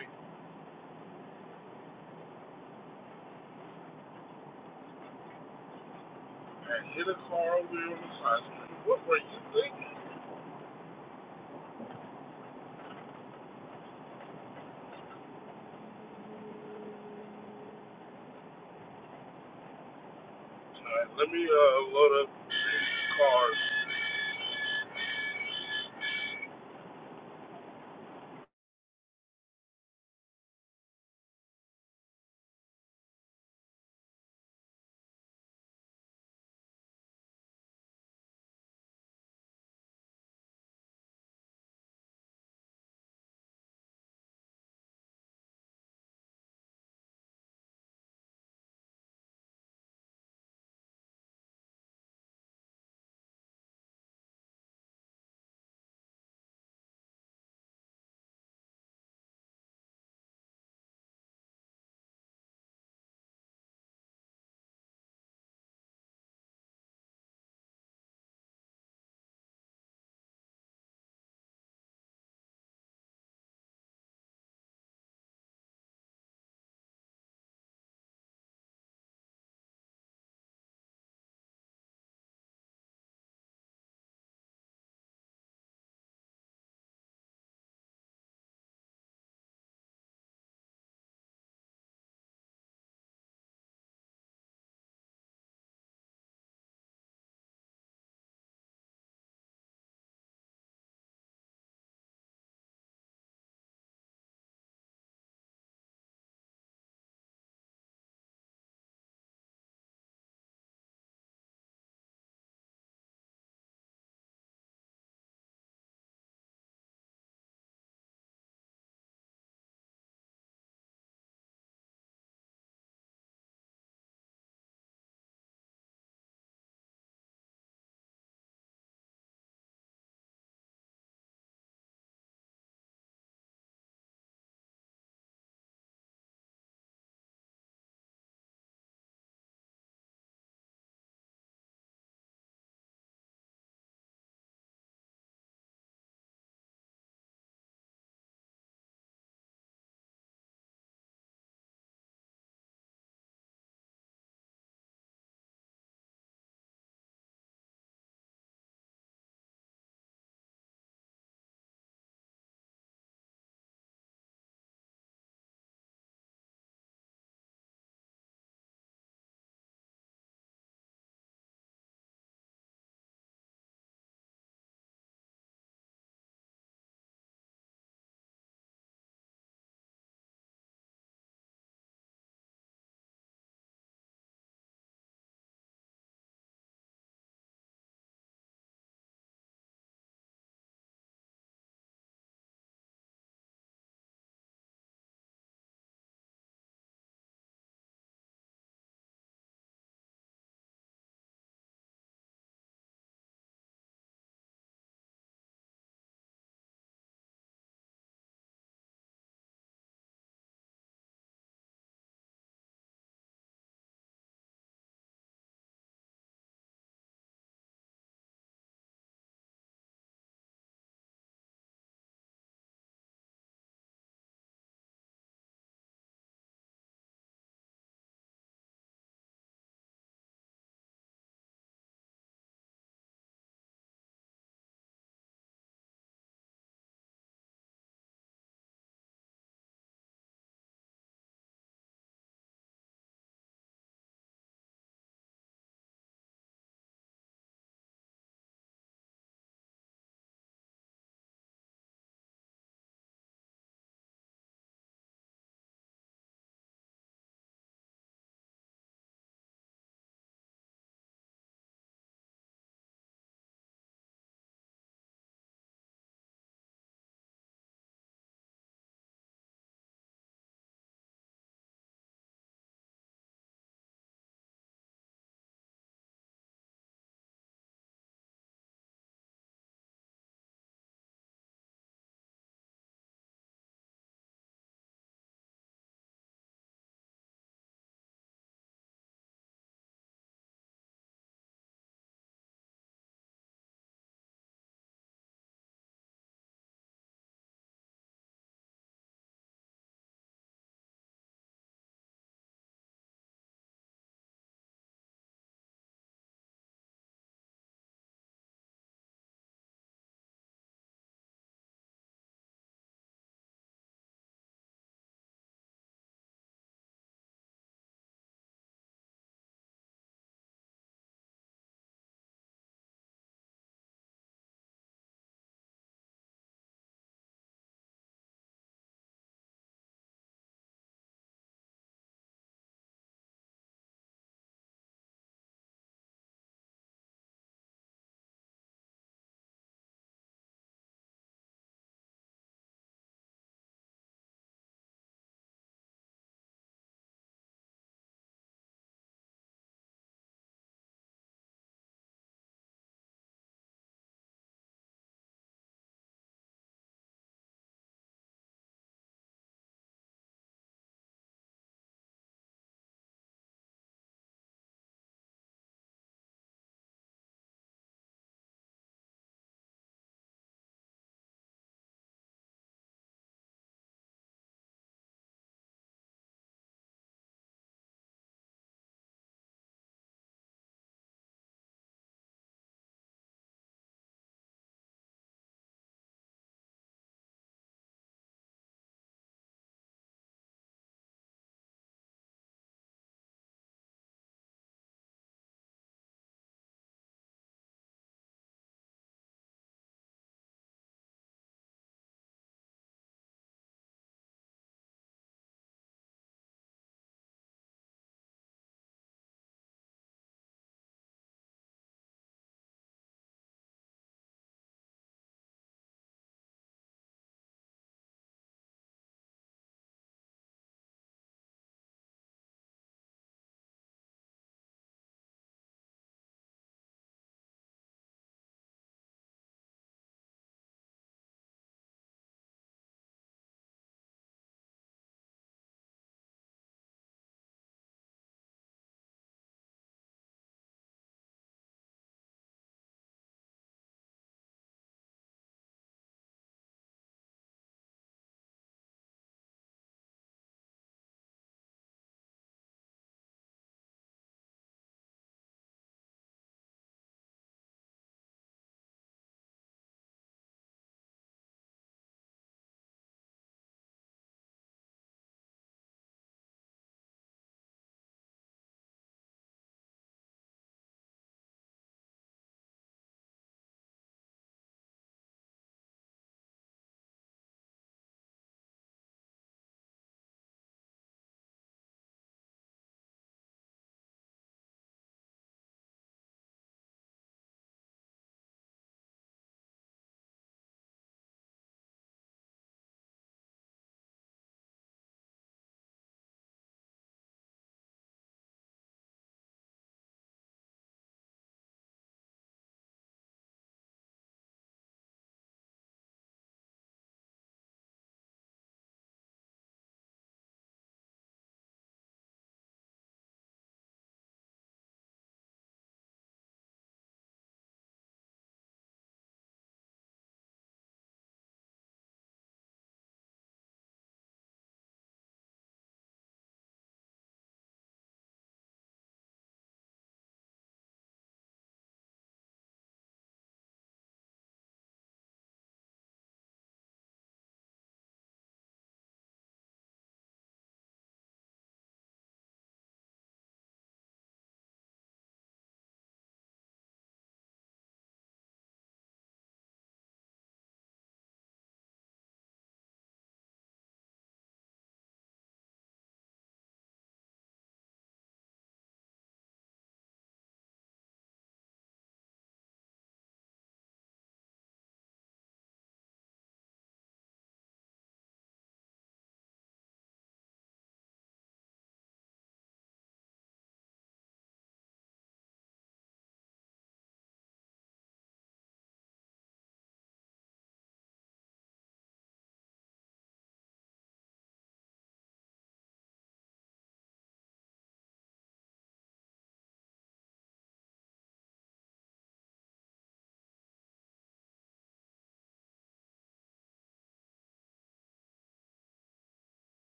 [SPEAKER 2] and hit a car over here on the side street. What were you thinking? All right, let me uh, load up the cars.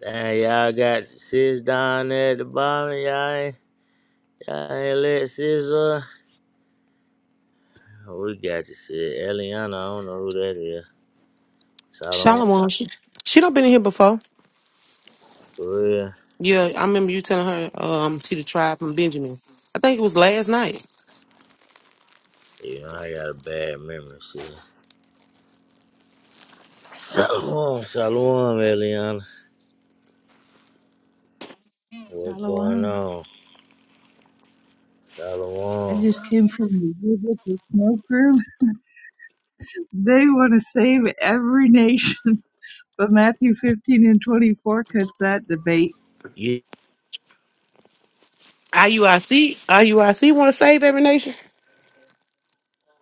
[SPEAKER 1] Damn, y'all got sis down there at the bottom, y'all. ain't Alexis, we got you, shit. Eliana, I don't know who that is. Shalom,
[SPEAKER 8] Shalom, she she done been in here before.
[SPEAKER 1] for real.
[SPEAKER 8] Yeah, I remember you telling her um she the tribe from Benjamin. I think it was last night.
[SPEAKER 1] You know, I got a bad memory, shit. Shalom, shalom, Eliana. What's going
[SPEAKER 9] Shalom.
[SPEAKER 1] on?
[SPEAKER 9] I
[SPEAKER 1] Shalom.
[SPEAKER 9] just came from the Egypt, smoke room. They want to save every nation, but Matthew 15 and 24 cuts that debate.
[SPEAKER 1] You,
[SPEAKER 8] I U I C. I U I C. want to save every nation.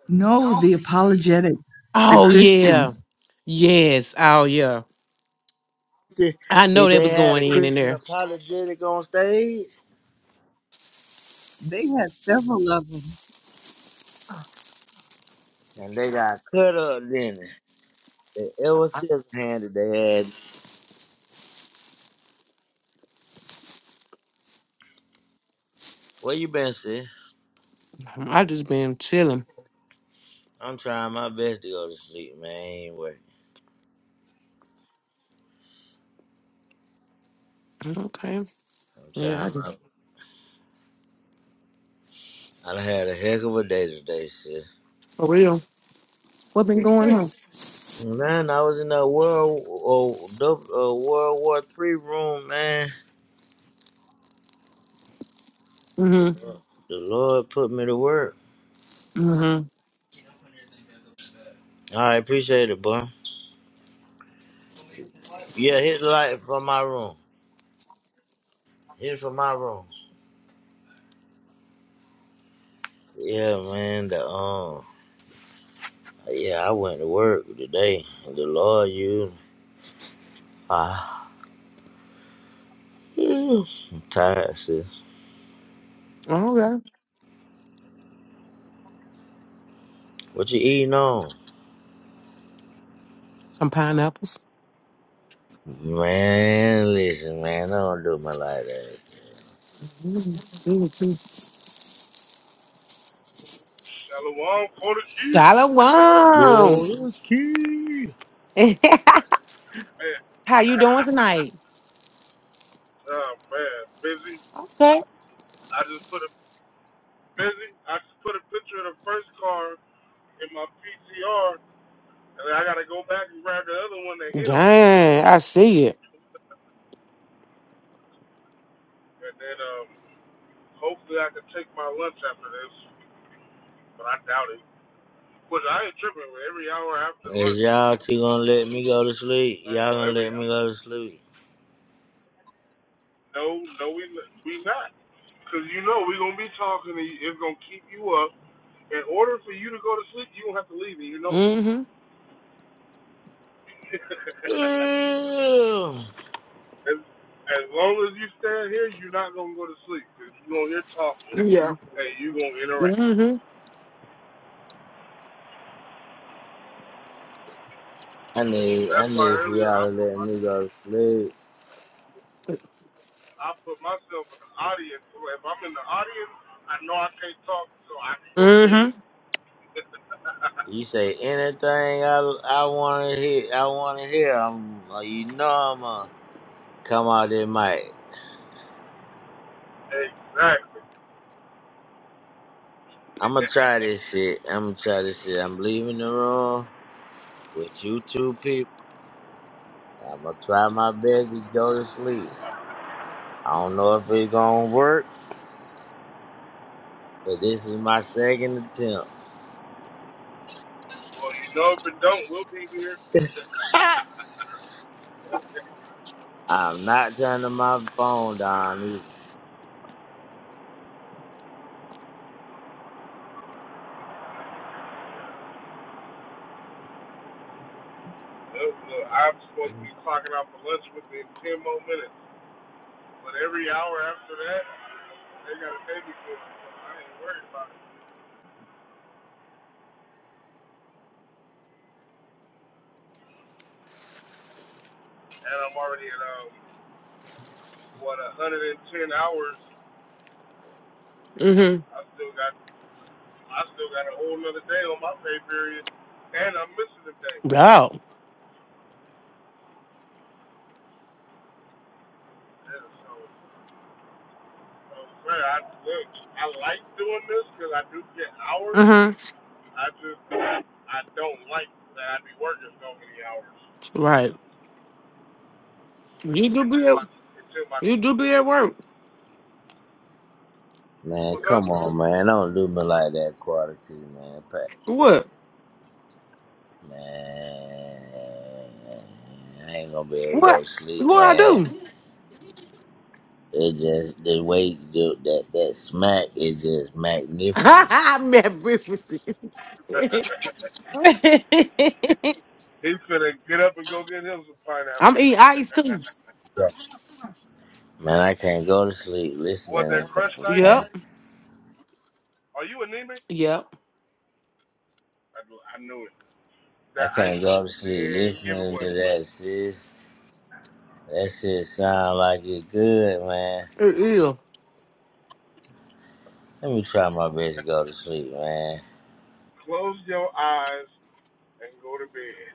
[SPEAKER 9] No, the apologetics, the
[SPEAKER 8] Oh yeah.
[SPEAKER 9] Christians,
[SPEAKER 8] Yes. Oh yeah.
[SPEAKER 1] see,
[SPEAKER 8] I
[SPEAKER 1] he,
[SPEAKER 8] know that
[SPEAKER 1] they
[SPEAKER 8] was
[SPEAKER 1] had
[SPEAKER 8] going
[SPEAKER 1] a
[SPEAKER 8] in in
[SPEAKER 1] Christian
[SPEAKER 8] there.
[SPEAKER 1] apologetic on stage,
[SPEAKER 9] they had several of them.
[SPEAKER 1] and they got cut up, didn't they? They ever since handed they had. Where you been, sis?
[SPEAKER 8] I just been chilling.
[SPEAKER 1] I'm trying my best to go to sleep, man. I ain't working.
[SPEAKER 8] Okay.
[SPEAKER 1] I'm
[SPEAKER 8] Yeah,
[SPEAKER 1] trying
[SPEAKER 8] I just,
[SPEAKER 1] my I done had a heck of a day today, sis.
[SPEAKER 8] for real. What been going on?
[SPEAKER 1] Man, I was in that world, oh, dub- uh, World War Three room, man. The
[SPEAKER 8] Mm-hmm.
[SPEAKER 1] Lord put me to work.
[SPEAKER 8] Mm-hmm.
[SPEAKER 1] I appreciate it, boy. Yeah, hit light from my room. Hit from my room. Yeah, man. The um, yeah, I went to work today. and The Lord, you, ah, I'm tired, sis.
[SPEAKER 8] Okay.
[SPEAKER 1] What you eating on?
[SPEAKER 8] Some pineapples.
[SPEAKER 1] Man, listen, man, I don't do me like that.
[SPEAKER 2] Shalom for the
[SPEAKER 8] Shalom.
[SPEAKER 2] key. Man.
[SPEAKER 8] How you doing tonight?
[SPEAKER 2] oh, man. Busy.
[SPEAKER 8] Okay.
[SPEAKER 2] I just put a busy. I just put a picture of the first car in my PTR, and then I gotta go back and grab the other one that hit him.
[SPEAKER 8] Dang, I see it.
[SPEAKER 2] And then um, hopefully I can take my lunch after this, but I doubt it. But I ain't tripping. with Every hour after
[SPEAKER 1] Is
[SPEAKER 2] lunch,
[SPEAKER 1] y'all two gonna let me go to sleep?
[SPEAKER 2] uh,
[SPEAKER 1] Y'all
[SPEAKER 2] well,
[SPEAKER 1] gonna
[SPEAKER 2] every
[SPEAKER 1] let me go to sleep?
[SPEAKER 2] no, no, we we not, because you know we gonna be talking. And it's gonna keep you up. In order for you to go to sleep, you don't have to leave, and you know
[SPEAKER 8] Mm-hmm.
[SPEAKER 2] it.
[SPEAKER 1] I
[SPEAKER 2] as, as long as you stand here, you're not gonna go to sleep, because you gonna hear talking,
[SPEAKER 8] Yeah.
[SPEAKER 2] and you gonna interact.
[SPEAKER 8] Mm-hmm.
[SPEAKER 1] need, I
[SPEAKER 2] That's why
[SPEAKER 1] need for
[SPEAKER 2] earlier
[SPEAKER 1] y'all
[SPEAKER 2] I
[SPEAKER 1] to
[SPEAKER 2] put
[SPEAKER 1] let
[SPEAKER 2] my,
[SPEAKER 1] me go to sleep.
[SPEAKER 2] I put myself in the audience. So if I'm in the audience, I know I can't talk, so I can go to bed.
[SPEAKER 8] Mm-hmm.
[SPEAKER 1] You say anything I, I want to hear, I want to hear. I'm, uh, you know, I'm gonna come out there, Mike.
[SPEAKER 2] exactly.
[SPEAKER 1] I'm gonna try this shit. I'm gonna try this shit. I'm leaving the room with you two people. I'm gonna try my best to go to sleep. I don't know if it's gonna work, but this is my second attempt.
[SPEAKER 2] Well, you know, if it don't, we'll be here.
[SPEAKER 1] I'm not turning my phone down. either.
[SPEAKER 2] Look, look, I'm supposed to be clocking out for lunch within 10 more minutes. But every hour after that, they got a babysitter, so I ain't worried about it. And I'm already at, um, what, 110 hours.
[SPEAKER 8] Mm-hmm.
[SPEAKER 2] I still got I still got a whole another day on my pay period, and I'm missing a day.
[SPEAKER 8] Yeah.
[SPEAKER 2] Yeah, so, so man, I, look, I like doing this because I do get hours.
[SPEAKER 8] Mm-hmm.
[SPEAKER 2] I just, I don't like that I be working so many hours
[SPEAKER 8] Right. You do be at,
[SPEAKER 2] until my,
[SPEAKER 8] you do be at work.
[SPEAKER 1] Man,
[SPEAKER 2] what's up?
[SPEAKER 1] come on, man. Don't do me like that, quarter key, man. Pat.
[SPEAKER 8] What?
[SPEAKER 1] Man, I ain't gonna be able to go
[SPEAKER 8] What?
[SPEAKER 1] to sleep,
[SPEAKER 8] What I
[SPEAKER 1] man.
[SPEAKER 8] do?
[SPEAKER 1] It just, the way the, that, that smack is just magniferous.
[SPEAKER 8] I'm at breakfast.
[SPEAKER 2] He's finna get up and go get him some
[SPEAKER 8] I'm
[SPEAKER 2] pineapples.
[SPEAKER 8] eating ice too.
[SPEAKER 1] Man, I can't go to sleep listening
[SPEAKER 2] what that
[SPEAKER 1] to that,
[SPEAKER 2] crushed ice?
[SPEAKER 1] man.
[SPEAKER 8] Yep.
[SPEAKER 2] Are you anemic?
[SPEAKER 8] Yep.
[SPEAKER 2] I, kn- I knew it.
[SPEAKER 1] I
[SPEAKER 2] That ice
[SPEAKER 1] can't
[SPEAKER 2] is
[SPEAKER 1] go to sleep
[SPEAKER 2] dead
[SPEAKER 1] listening to
[SPEAKER 2] giveaway.
[SPEAKER 1] that, sis. That shit sound like it good, man.
[SPEAKER 8] It is.
[SPEAKER 1] Let me try my best to go to sleep, man.
[SPEAKER 2] Close your eyes and go to bed.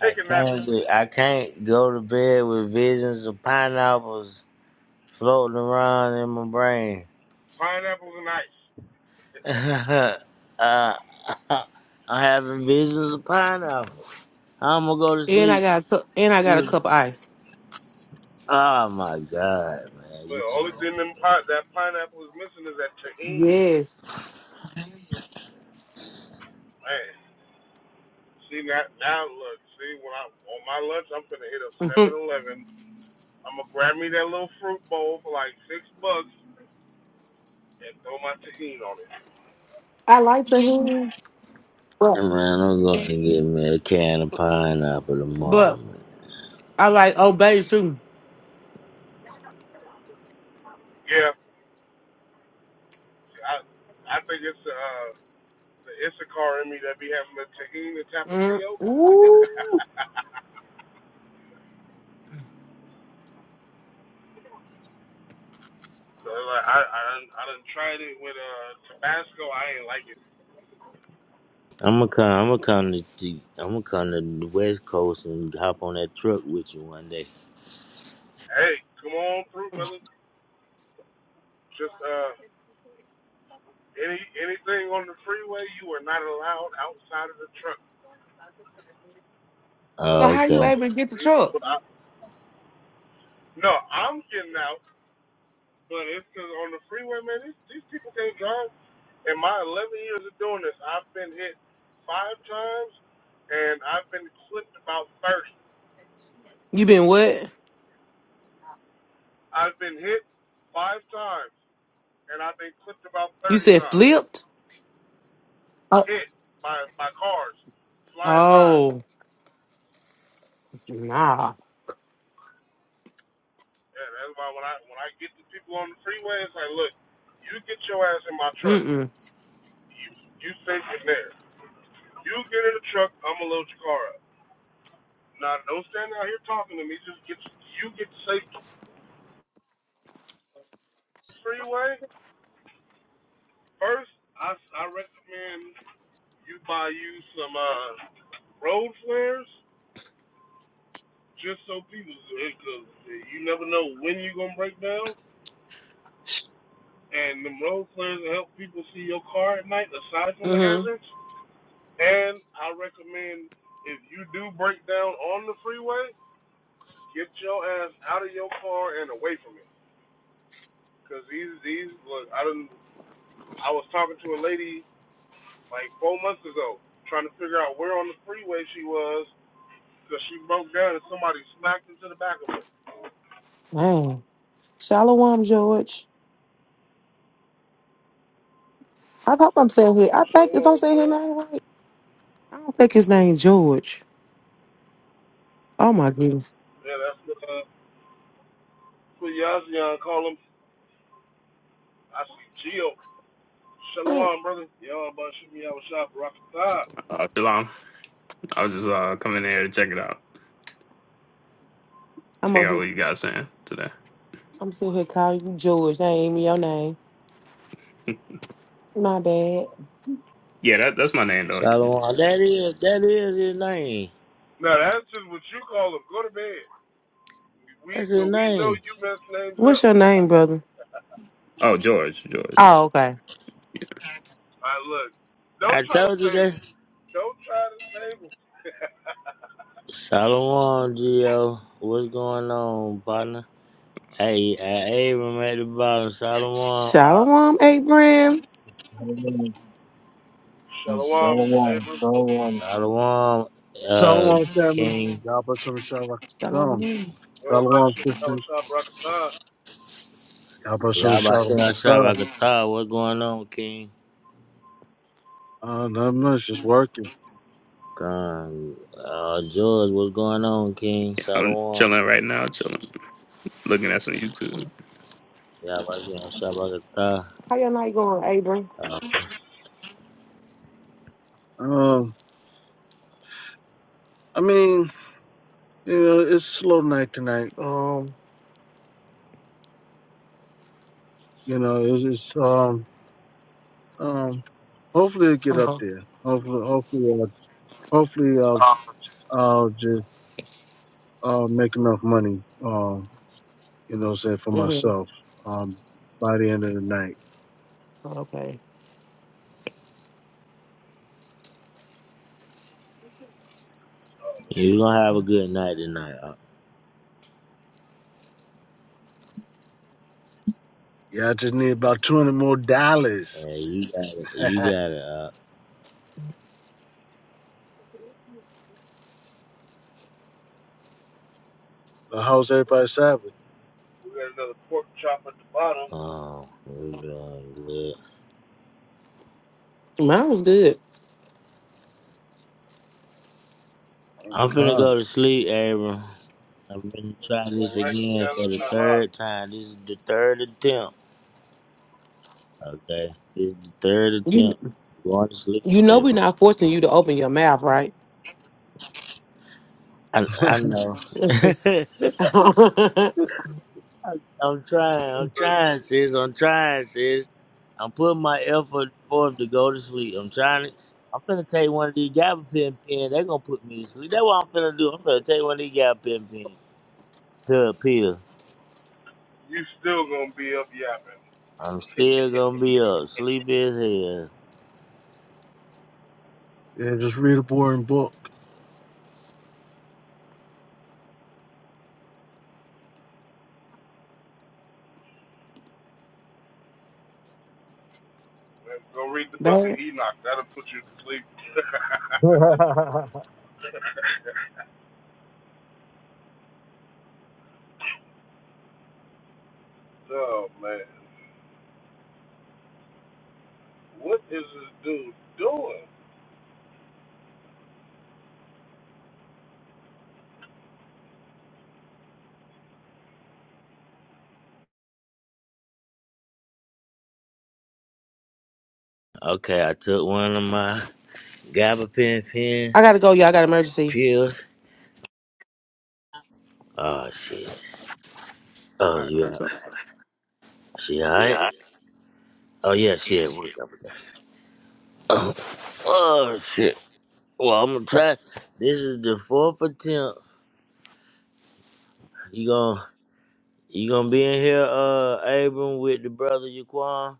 [SPEAKER 1] I
[SPEAKER 2] Take a nap at
[SPEAKER 1] can't
[SPEAKER 2] least.
[SPEAKER 1] be, I can't go to bed with visions of pineapples floating around in my brain.
[SPEAKER 2] Pineapples and ice.
[SPEAKER 1] uh, I'm having visions of pineapples. How I'm gonna go to
[SPEAKER 8] And I
[SPEAKER 1] sleep
[SPEAKER 8] got a, and I got a
[SPEAKER 1] with.
[SPEAKER 8] cup of ice.
[SPEAKER 1] Oh my god, man,
[SPEAKER 2] But
[SPEAKER 1] you
[SPEAKER 2] the
[SPEAKER 1] tell
[SPEAKER 2] only
[SPEAKER 1] me.
[SPEAKER 2] thing them pi- that pineapple is missing is that tahini.
[SPEAKER 8] Yes.
[SPEAKER 2] Man, see that now look. See when I on my lunch, I'm finna hit up 711 I'm gonna grab me that little fruit bowl for like six bucks and throw my tahini on it.
[SPEAKER 8] I like to hear, but
[SPEAKER 1] Man, I'm going to get me a can of pineapple tomorrow,
[SPEAKER 8] but
[SPEAKER 1] man.
[SPEAKER 8] I like obey too.
[SPEAKER 2] Yeah, I I think it's uh the Issachar in me that be having the tahini
[SPEAKER 8] Mm.
[SPEAKER 2] tapatio.
[SPEAKER 8] Ooh.
[SPEAKER 2] so like I I done, I done tried it with uh Tabasco. I ain't like it.
[SPEAKER 1] I'm gonna come. I'm gonna come to. The, I'm gonna come to the West Coast and hop on that truck with you one day.
[SPEAKER 2] Hey, come on through, brother. Just uh any anything on the freeway, you are not allowed outside of the truck.
[SPEAKER 8] So
[SPEAKER 1] Oh,
[SPEAKER 2] These,
[SPEAKER 8] how you
[SPEAKER 1] okay.
[SPEAKER 8] able to get the
[SPEAKER 2] these,
[SPEAKER 8] truck?
[SPEAKER 2] I, no, I'm getting out. But it's because on the freeway, man, these, these people can't drive. In my 11 years of doing this, I've been hit five times, and I've been clipped about 30.
[SPEAKER 8] You been what?
[SPEAKER 2] I've been hit five times, and I've been clipped about
[SPEAKER 8] You
[SPEAKER 2] 30
[SPEAKER 8] said
[SPEAKER 2] times.
[SPEAKER 8] flipped? Oh,
[SPEAKER 2] Hit by by cars flying by.
[SPEAKER 8] oh nah.
[SPEAKER 2] Yeah, that's why when I when I get the people on the freeway, it's like, look, you get your ass in my truck.
[SPEAKER 8] Mm-mm.
[SPEAKER 2] You stay in there. You get in the truck. I'm gonna load your car up. Now don't stand out here talking to me. Just get you get safe freeway. First, I, I recommend you buy you some uh, road flares just so people, because you never know when you're going to break down. And them road flares will help people see your car at night aside from the
[SPEAKER 8] Mm
[SPEAKER 2] hazards. And I recommend if you do break down on the freeway, get your ass out of your car and away from it. Because these, these, look, I didn't, I was talking to a lady like four months ago trying to figure out where on the freeway she was Because she broke down and somebody smacked into the back of her.
[SPEAKER 8] hmm Man. Shalom, George. I hope I'm saying here. I
[SPEAKER 2] Shut
[SPEAKER 8] think if I'm
[SPEAKER 2] up,
[SPEAKER 8] saying his
[SPEAKER 2] Jordan.
[SPEAKER 8] name right, I don't think his name George. Oh my goodness.
[SPEAKER 2] Yeah, that's what, uh, what Yazian call him. I see Gio.
[SPEAKER 8] Mm.
[SPEAKER 2] Shalom, brother. Yeah, I'm about to shoot me out of shot, rock the
[SPEAKER 10] Uh, Shalom. I was just uh coming here to check it out.
[SPEAKER 8] I'm
[SPEAKER 10] Check
[SPEAKER 8] over
[SPEAKER 10] out
[SPEAKER 8] here.
[SPEAKER 10] what you guys saying today.
[SPEAKER 8] I'm sitting here calling you George. That ain't even your name. My bad.
[SPEAKER 10] Yeah, that, that's my name though.
[SPEAKER 1] Shalom. That is that is his name.
[SPEAKER 2] Now, that's just what you call him. Go to bed. We,
[SPEAKER 1] That's
[SPEAKER 2] But
[SPEAKER 1] his
[SPEAKER 2] we know
[SPEAKER 1] name.
[SPEAKER 2] you mess names
[SPEAKER 8] What's
[SPEAKER 2] up.
[SPEAKER 8] your name, brother?
[SPEAKER 10] Oh, George. George.
[SPEAKER 8] Oh, okay.
[SPEAKER 2] All right, look. Don't
[SPEAKER 1] I
[SPEAKER 2] try to
[SPEAKER 1] told you
[SPEAKER 2] save
[SPEAKER 1] that.
[SPEAKER 2] him. Don't try to save him.
[SPEAKER 1] Solomon Gio, what's going on, partner? Hey, uh, Abram at the bottom. Solomon, uh,
[SPEAKER 8] Shalom, Abram.
[SPEAKER 11] And
[SPEAKER 2] Shalom,
[SPEAKER 11] Shalom,
[SPEAKER 2] Abram.
[SPEAKER 11] Shalom,
[SPEAKER 1] Solomon, uh,
[SPEAKER 11] Shalom, family.
[SPEAKER 1] King.
[SPEAKER 11] Y'all put some shalom. Come,
[SPEAKER 8] Shalom.
[SPEAKER 2] Yeah, i about to
[SPEAKER 11] Shalom,
[SPEAKER 2] shoot me out
[SPEAKER 11] sister.
[SPEAKER 2] of shot, rock the
[SPEAKER 11] Y'all put some
[SPEAKER 1] Y'all about to
[SPEAKER 11] shalom.
[SPEAKER 1] us up. I
[SPEAKER 11] Come.
[SPEAKER 1] could talk. What's going on, King?
[SPEAKER 11] Uh, not much. Just working.
[SPEAKER 1] Um, uh, George, what's going on, King?
[SPEAKER 10] I'm
[SPEAKER 1] Solomon.
[SPEAKER 10] chilling right now. Chilling, looking at some YouTube.
[SPEAKER 1] Y'all about to get us up. I could talk.
[SPEAKER 8] How your night going, Abram?
[SPEAKER 1] Uh,
[SPEAKER 11] Um, I mean, you know, it's a slow night tonight.
[SPEAKER 8] Um.
[SPEAKER 11] You know, it's, it's um, um. Hopefully, it get up
[SPEAKER 8] Uh-huh.
[SPEAKER 11] there. Hopefully, hopefully, uh, hopefully, I'll, I'll just uh make enough money. Um, you know, say for
[SPEAKER 8] hmm
[SPEAKER 11] myself. Um, by the end of the night.
[SPEAKER 8] Okay.
[SPEAKER 1] you gonna have a good night tonight. Uh,
[SPEAKER 11] Yeah, I just need about two hundred more dollars.
[SPEAKER 1] hey, you got it. You got it.
[SPEAKER 11] Now, how's everybody's Sabbath?
[SPEAKER 2] We got another pork chop at the bottom.
[SPEAKER 1] Uh, um, we're doing good.
[SPEAKER 8] Mine was good.
[SPEAKER 1] I'm finna go
[SPEAKER 11] Con.
[SPEAKER 1] to sleep, Abram. I've been trying this
[SPEAKER 2] All right,
[SPEAKER 1] again for
[SPEAKER 2] gathering the
[SPEAKER 1] the
[SPEAKER 2] Nahas.
[SPEAKER 1] third time. This is the third attempt. Okay, this is the third
[SPEAKER 8] You
[SPEAKER 1] attempt. I'm going to sleep,
[SPEAKER 8] you know we're
[SPEAKER 1] Abram.
[SPEAKER 8] not forcing you to open your mouth, right?
[SPEAKER 1] I, I know.
[SPEAKER 8] Bad.
[SPEAKER 1] I'm trying. I'm
[SPEAKER 2] Hey,
[SPEAKER 1] trying, sis. I'm trying, sis. I'm putting my effort forth to go to sleep. I'm trying to. I'm finna take one of these gabapentin pins. They're gonna put me to sleep. That's what I'm finna do. I'm finna take one of these gabapentin pins. Pill, pill.
[SPEAKER 2] You still gonna be up yapping.
[SPEAKER 1] I'm still gonna be up, sleepy as hell.
[SPEAKER 11] Yeah, just read a boring book.
[SPEAKER 2] Go read the book of Enoch. That'll put you to sleep.
[SPEAKER 11] yeah,
[SPEAKER 2] oh man, what is this dude doing?
[SPEAKER 1] Okay, I took one of my gabapentin pen
[SPEAKER 8] I gotta go, y'all. I got an emergency.
[SPEAKER 1] pills. Oh shit. Oh
[SPEAKER 10] All right.
[SPEAKER 1] yeah.
[SPEAKER 10] Peace out.
[SPEAKER 1] She alright?
[SPEAKER 10] Yeah.
[SPEAKER 1] Oh yeah, she
[SPEAKER 10] Yes.
[SPEAKER 1] at work. Oh, oh shit. Well, I'm gonna
[SPEAKER 10] Yeah.
[SPEAKER 1] try. This is the fourth attempt. You gonna you gonna be in here, uh, Abram, with the brother Yaquan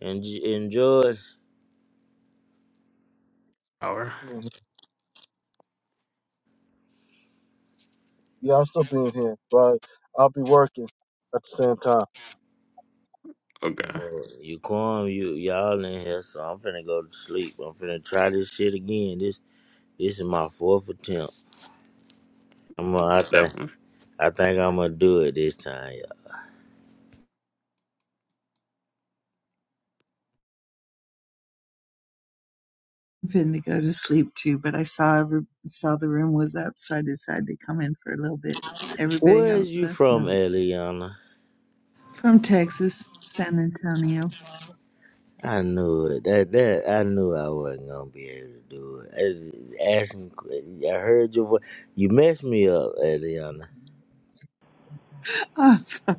[SPEAKER 1] and J- and George.
[SPEAKER 10] Power.
[SPEAKER 11] I'll still be in here, but I'll be working at the same time.
[SPEAKER 10] Okay.
[SPEAKER 1] Well, Yaquan, you y'all in here, so I'm finna go to sleep. I'm finna try this shit again. This this is my fourth attempt. I'm out there.
[SPEAKER 10] That one.
[SPEAKER 1] I think I'm gonna do it this time, y'all.
[SPEAKER 9] I'm finna go to sleep too, but I saw every, saw the room was up, so I decided to come in for a little bit. Everybody
[SPEAKER 1] Where
[SPEAKER 9] have a
[SPEAKER 1] is you
[SPEAKER 9] blessed
[SPEAKER 1] from,
[SPEAKER 9] night.
[SPEAKER 1] Eliana?
[SPEAKER 9] From Texas, San Antonio.
[SPEAKER 1] I knew it. That that I knew I wasn't gonna be able to do it. I- Asking, I heard your voice. You messed me up, Eliana.
[SPEAKER 9] Oh, sorry.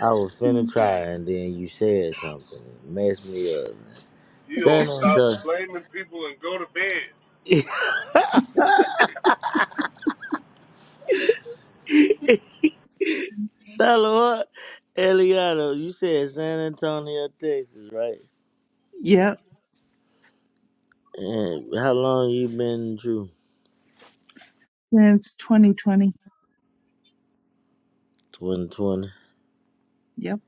[SPEAKER 1] I was finna try, and then you said something and messed me up. Man.
[SPEAKER 2] You
[SPEAKER 1] San
[SPEAKER 2] don't stop
[SPEAKER 1] Antonio.
[SPEAKER 2] blaming people and go to bed.
[SPEAKER 1] Salud, Eliana. You said San Antonio, Texas, right?
[SPEAKER 9] Yep,
[SPEAKER 1] And how long you been in True?
[SPEAKER 9] since 2020.
[SPEAKER 1] 2020.
[SPEAKER 9] Yep.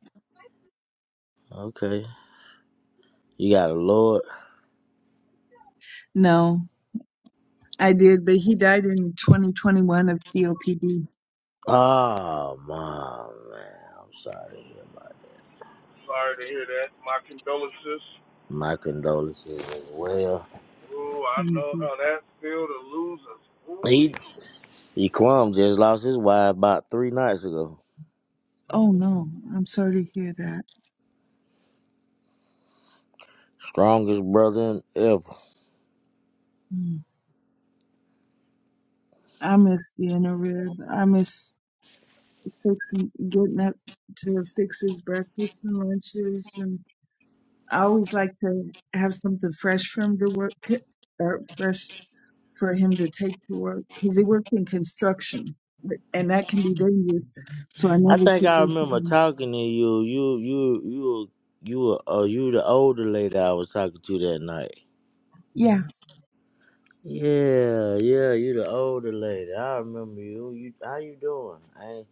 [SPEAKER 1] Okay. You got a Lord.
[SPEAKER 9] No. I did, but he died in 2021 of COPD.
[SPEAKER 1] Oh, my man. I'm sorry to hear about
[SPEAKER 2] Sorry to hear that. My condolences.
[SPEAKER 1] that. My condolences as well.
[SPEAKER 2] Oh, I
[SPEAKER 9] hmm
[SPEAKER 2] know how that feel to lose a ooh.
[SPEAKER 1] He, he Kwam just lost his wife about three nights ago.
[SPEAKER 9] Oh no, I'm sorry to hear that.
[SPEAKER 1] Strongest brother ever.
[SPEAKER 9] Mm. I miss being a rib. I miss fixing, getting up to fix his breakfast and lunches, and I always like to have something fresh for him to work, or fresh for him to take to work, because he worked in construction, and that can be dangerous. So I
[SPEAKER 1] I
[SPEAKER 9] never
[SPEAKER 1] think
[SPEAKER 9] took
[SPEAKER 1] I
[SPEAKER 9] this. with
[SPEAKER 1] remember
[SPEAKER 9] me.
[SPEAKER 1] talking to you. You, you, you, you, were- uh, you the older lady I was talking to that night.
[SPEAKER 9] Yeah,
[SPEAKER 1] Yeah, yeah, you the older lady. I remember you. You, how you doing? I, ain't-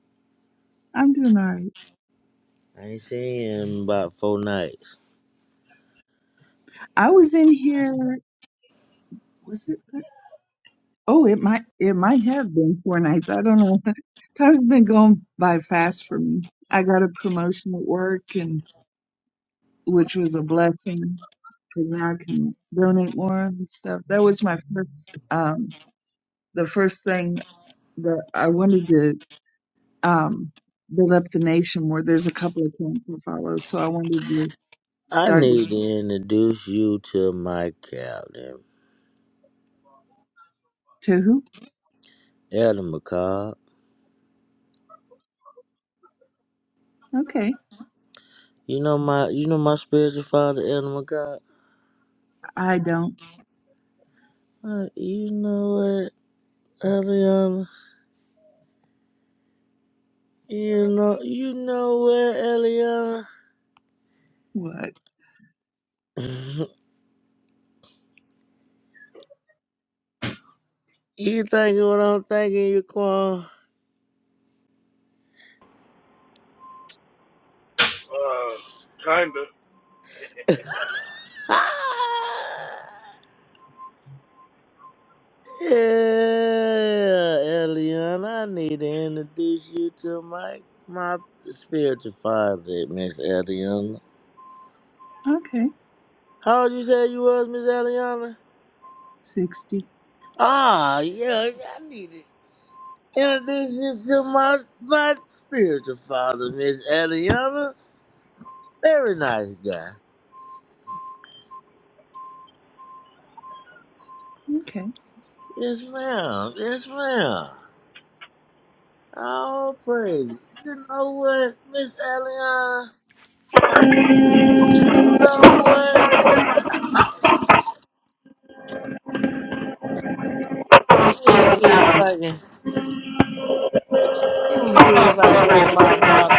[SPEAKER 9] I'm doing all right.
[SPEAKER 1] I ain't seen you in about four nights.
[SPEAKER 9] I was in here. Was it? Oh, it might it might have been four nights. I don't know. Time's been going by fast for me. I got a promotion at work and which was a blessing because now I can donate more and stuff. That was my first um the first thing that I wanted to um build up the nation where there's a couple of camps to follow. So I wanted to
[SPEAKER 1] I
[SPEAKER 9] start to,
[SPEAKER 1] need to introduce you to my captain,
[SPEAKER 9] to who?
[SPEAKER 1] Elder McCobb.
[SPEAKER 9] Okay.
[SPEAKER 1] You know my, you know my spiritual father, Elder McCobb.
[SPEAKER 9] I don't
[SPEAKER 1] Uh, you know what, Eliana? You know, you know what,
[SPEAKER 9] what?
[SPEAKER 1] Eliana? you thinking what I'm thinking, you Quan?
[SPEAKER 2] Uh, kinda.
[SPEAKER 1] yeah, Eliana. I need to introduce you to my my spiritual father, Miss Eliana.
[SPEAKER 9] Okay.
[SPEAKER 1] How old you say you was, Miss Eliana?
[SPEAKER 9] Sixty.
[SPEAKER 1] Ah, yeah, I need to introduce you to my my spiritual father, Miss Adriana. Very nice guy.
[SPEAKER 9] Okay.
[SPEAKER 1] Yes, ma'am. Yes, ma'am. All praise. You know what, Miss Adriana. You know what? Let me see if I can. Let me see if I can get my pop.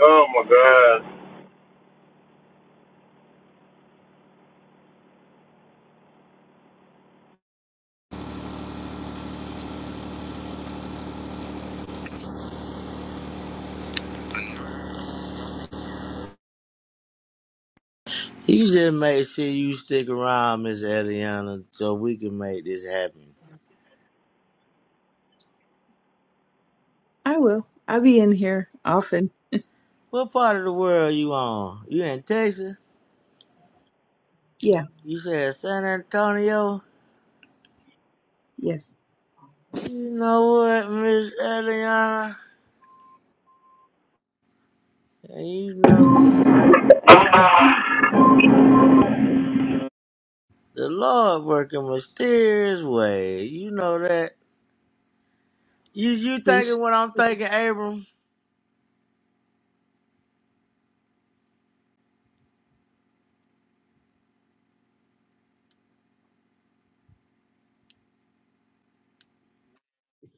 [SPEAKER 2] Oh my god.
[SPEAKER 1] You just make sure you stick around, Miss Adriana, so we can make this happen.
[SPEAKER 9] I will. I'll be in here often.
[SPEAKER 1] What part of the world you on? You in Texas? You said San Antonio?
[SPEAKER 9] Yes,
[SPEAKER 1] You know what, Miss Eliana? And you know the Lord working mysterious way. You know that. You you
[SPEAKER 9] Heesh.
[SPEAKER 1] thinking what I'm thinking, Abram?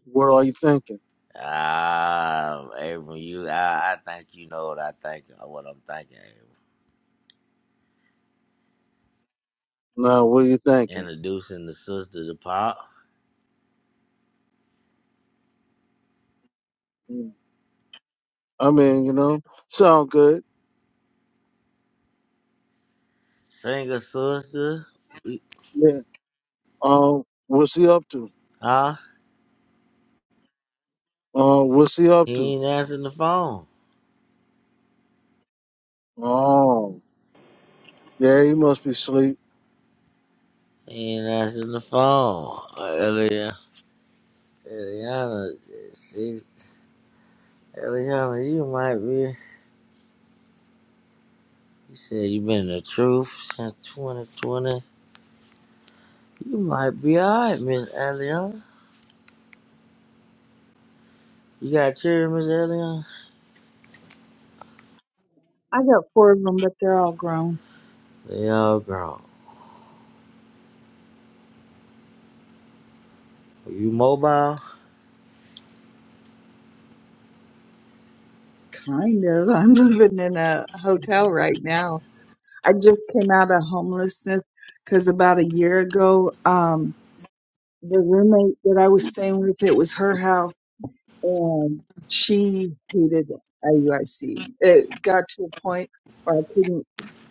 [SPEAKER 11] What are you thinking?
[SPEAKER 1] Ah, Abram, you I, I think you know what I think uh, what I'm thinking, Abram.
[SPEAKER 11] No, what are you thinking?
[SPEAKER 1] Introducing the sister to Pop.
[SPEAKER 11] Mm. I mean, you know, sound good.
[SPEAKER 1] Singer sister. We-
[SPEAKER 11] Yeah. Um, what's he up to?
[SPEAKER 1] Huh?
[SPEAKER 11] Uh, what's he up
[SPEAKER 1] He
[SPEAKER 11] to?
[SPEAKER 1] ain't answering the phone.
[SPEAKER 11] Oh, yeah, he must be asleep.
[SPEAKER 1] He ain't answering the phone. Eliana, Eliana, Eliana, you might be. You said you've been in the truth since 2020. You might be alright, Miss Eliana. You got children, Miss Eliana?
[SPEAKER 9] I got four of them, but they're all grown.
[SPEAKER 1] They all grown. Are you mobile?
[SPEAKER 9] Kind of. I'm living in a hotel right now. I just came out of homelessness because about a year ago, um, the roommate that I was staying with, it was her house, and she hated IUIC. It got to a point where I couldn't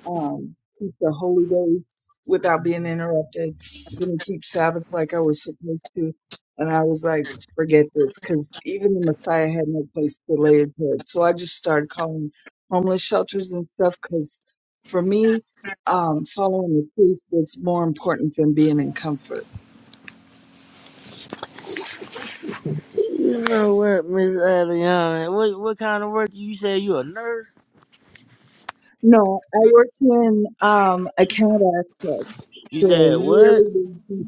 [SPEAKER 9] um, keep the holy days without being interrupted. Didn't keep Sabbath like I was supposed to. And I was like, forget this, because even the Messiah had no place to lay his head. So I just started calling homeless shelters and stuff, because for me, um, following the truth was more important than being in comfort.
[SPEAKER 1] You know what, Miss Eliana? What what kind of work? You said you a nurse?
[SPEAKER 9] No, I work in um, account access
[SPEAKER 1] You
[SPEAKER 9] for a
[SPEAKER 1] said what?
[SPEAKER 9] really big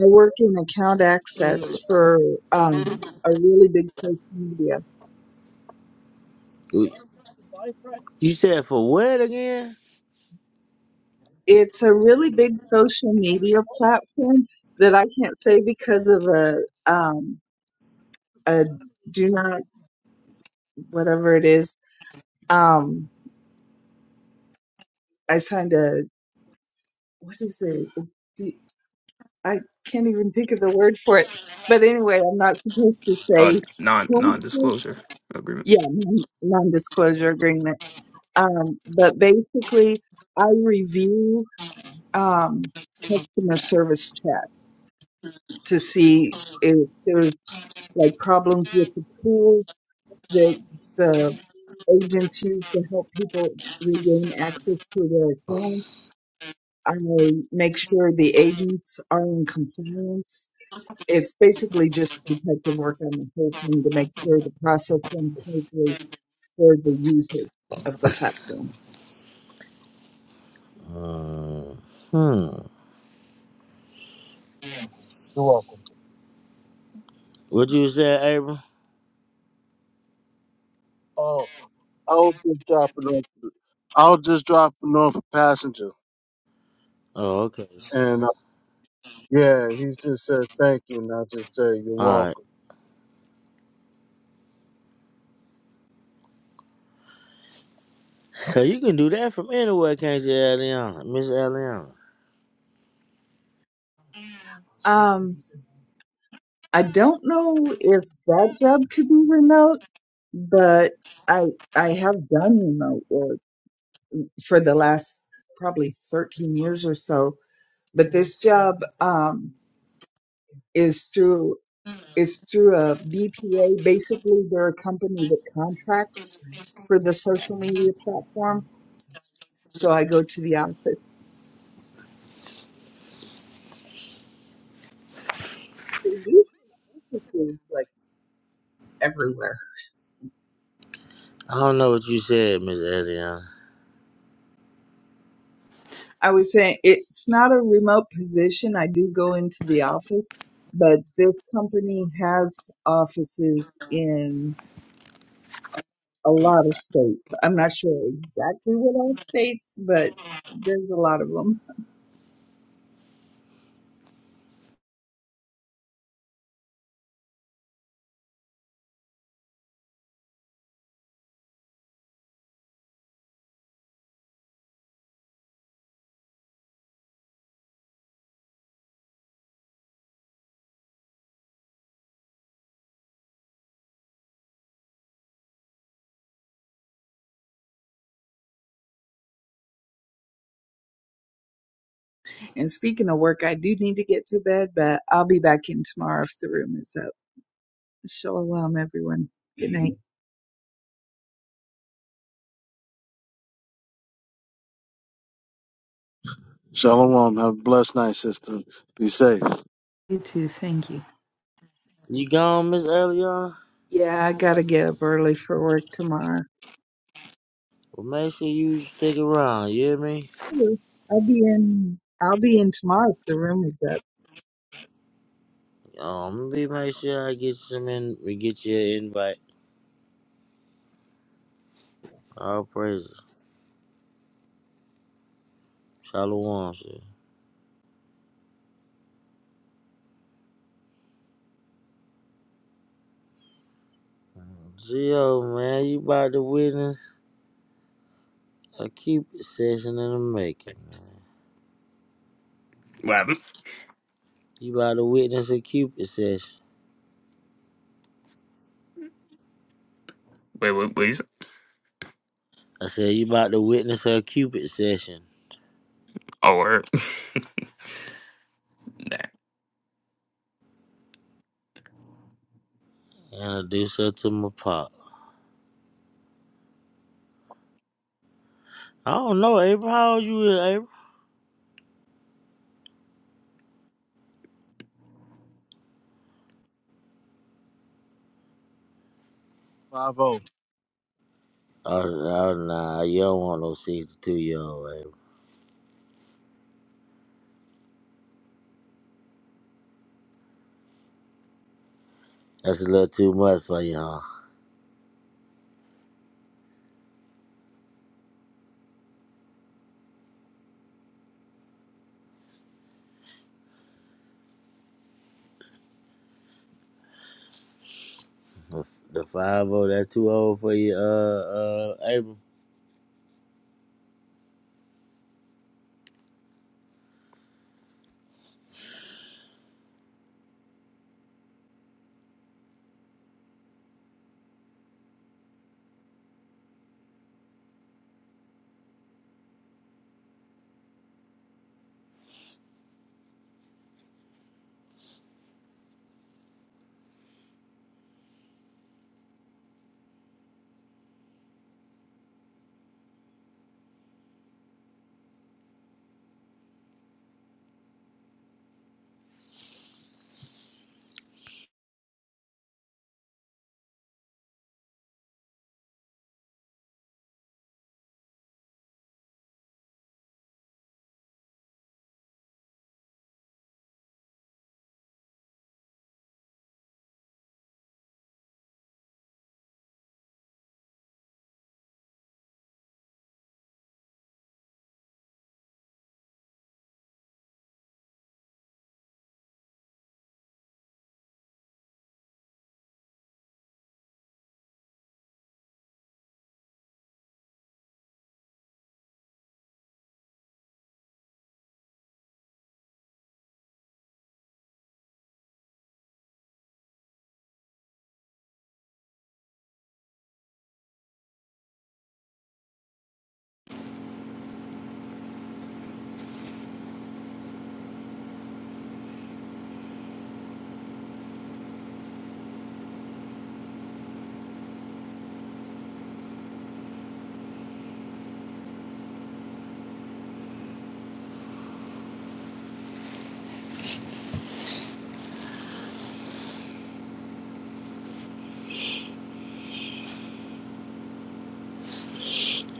[SPEAKER 9] I work in account access for um, a really big social media.
[SPEAKER 1] You said for what again?
[SPEAKER 9] It's a really big social media platform that I can't say because of a um, a do not whatever it is. Um, I signed a what is it? It's I can't even think of the word for it. But anyway, I'm not supposed to
[SPEAKER 10] Uh,
[SPEAKER 9] say.
[SPEAKER 10] non non disclosure agreement.
[SPEAKER 9] Yeah, non- non-disclosure agreement. Um, but basically, I review um, customer service chat to see if there's like problems with the tools that the agents use to help people regain access to their accounts. I make sure the agents are in compliance. It's basically just detective work on the whole thing to make sure the process runs smoothly for the user of the platform.
[SPEAKER 1] Uh, hmm.
[SPEAKER 11] You're welcome.
[SPEAKER 1] What you said, Abram?
[SPEAKER 11] Oh, I was just dropping off. I was just dropping off a passenger,
[SPEAKER 1] Oh, okay.
[SPEAKER 11] and Yeah, he just said thank you, and I just said you're
[SPEAKER 1] All right.
[SPEAKER 11] welcome.
[SPEAKER 1] 'Cause you can do that from anywhere, can't you, Eliana? Miss Eliana.
[SPEAKER 9] Um, I don't know if that job could be remote but I I have done remote work for the last probably 13 years or so. But this job um, is through is through a BPA. Basically, they're a company that contracts for the social media platform. So I go to the office. They do offices, like everywhere.
[SPEAKER 1] I don't know what you said, Miss Eliana.
[SPEAKER 9] I was saying it's not a remote position. I do go into the office, but this company has offices in a lot of states. I'm not sure exactly what all states, but there's a lot of them. And speaking of work, I do need to get to bed, but I'll be back in tomorrow if the room is up. Shalom, everyone. Good night.
[SPEAKER 11] Shalom. Have a blessed night, sister. Be safe.
[SPEAKER 9] You too. Thank you.
[SPEAKER 1] You gone, Miss Eliana?
[SPEAKER 9] Yeah, I gotta get up early for work tomorrow.
[SPEAKER 1] Well, make sure you stick around. You hear me?
[SPEAKER 9] I'll be in. I'll be in tomorrow if the room is up.
[SPEAKER 1] Um, be make sure I get some in. We get you an invite. All praises. Shalom, sir. Gio, man, you about to witness a cupid session in the making, man.
[SPEAKER 10] What happened?
[SPEAKER 1] You about to witness a cupid session.
[SPEAKER 10] Wait, what? Please.
[SPEAKER 1] I said you about to witness a cupid session.
[SPEAKER 10] Oh, word.
[SPEAKER 1] Introduce her to my pop. I don't know, April. How old you is,
[SPEAKER 11] Five zero.
[SPEAKER 1] Oh, oh nah, you don't want no 62 year old, baby. That's a little too much for you, huh? The, the 5 oh, that's too old for you, uh, uh, Abram.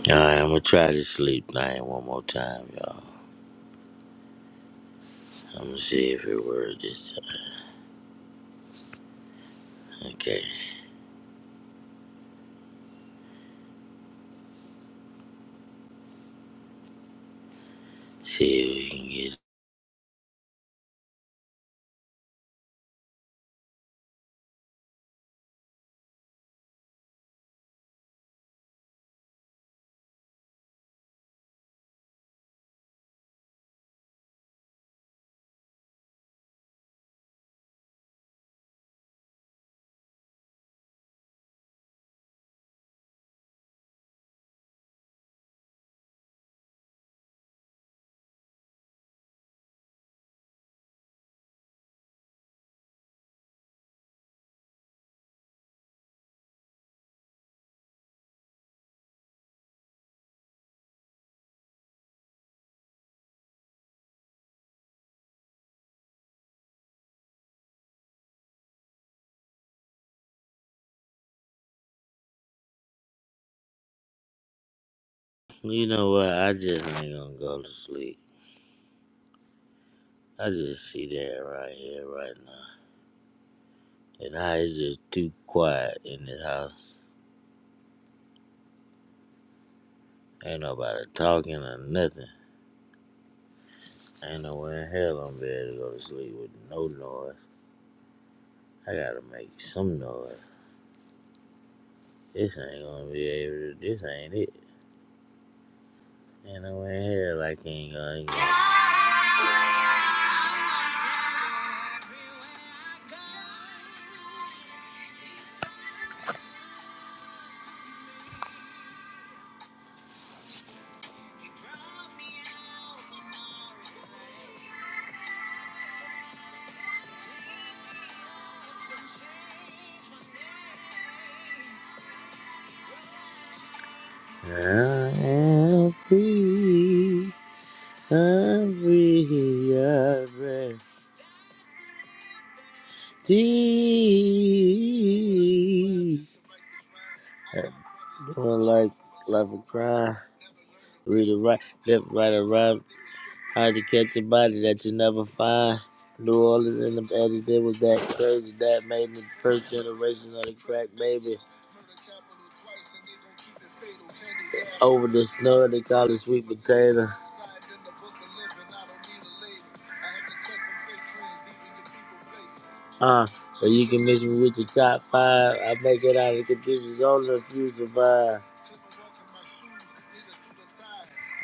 [SPEAKER 1] Alright, I'm gonna try to sleep night one more time, y'all. I'm gonna see if it works this time. Okay, see if we can get. You know what? I just ain't gonna go to sleep. I just see that right here, right now. And I is just too quiet in this house. Ain't nobody talking or nothing. Ain't no way in hell I'm better to go to sleep with no noise. I gotta make some noise. This ain't gonna be able to, this ain't it. Ain't no way in hell I can't go again. I am free, I'm free, I breathe. Deep. Doing like, life a crime. Read it right, left, right, or right. Hard to catch a body that you never find. New Orleans in the 80s, it was that crazy. That made me the first generation of the crack baby. Over the snow, they call it sweet potato. Uh, so you can mix me with your top five. I make it out of conditions only if you survive.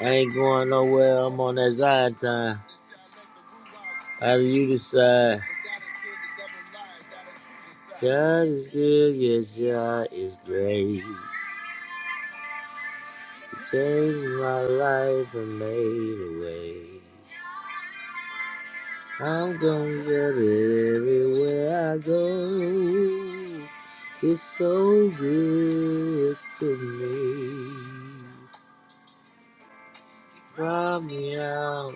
[SPEAKER 1] I ain't going nowhere, I'm on that Zion time. How do you decide? God is good, yes, God is great. Saved my life and made a way. I'm gonna get it everywhere I go. It's so good to me. Fly me out.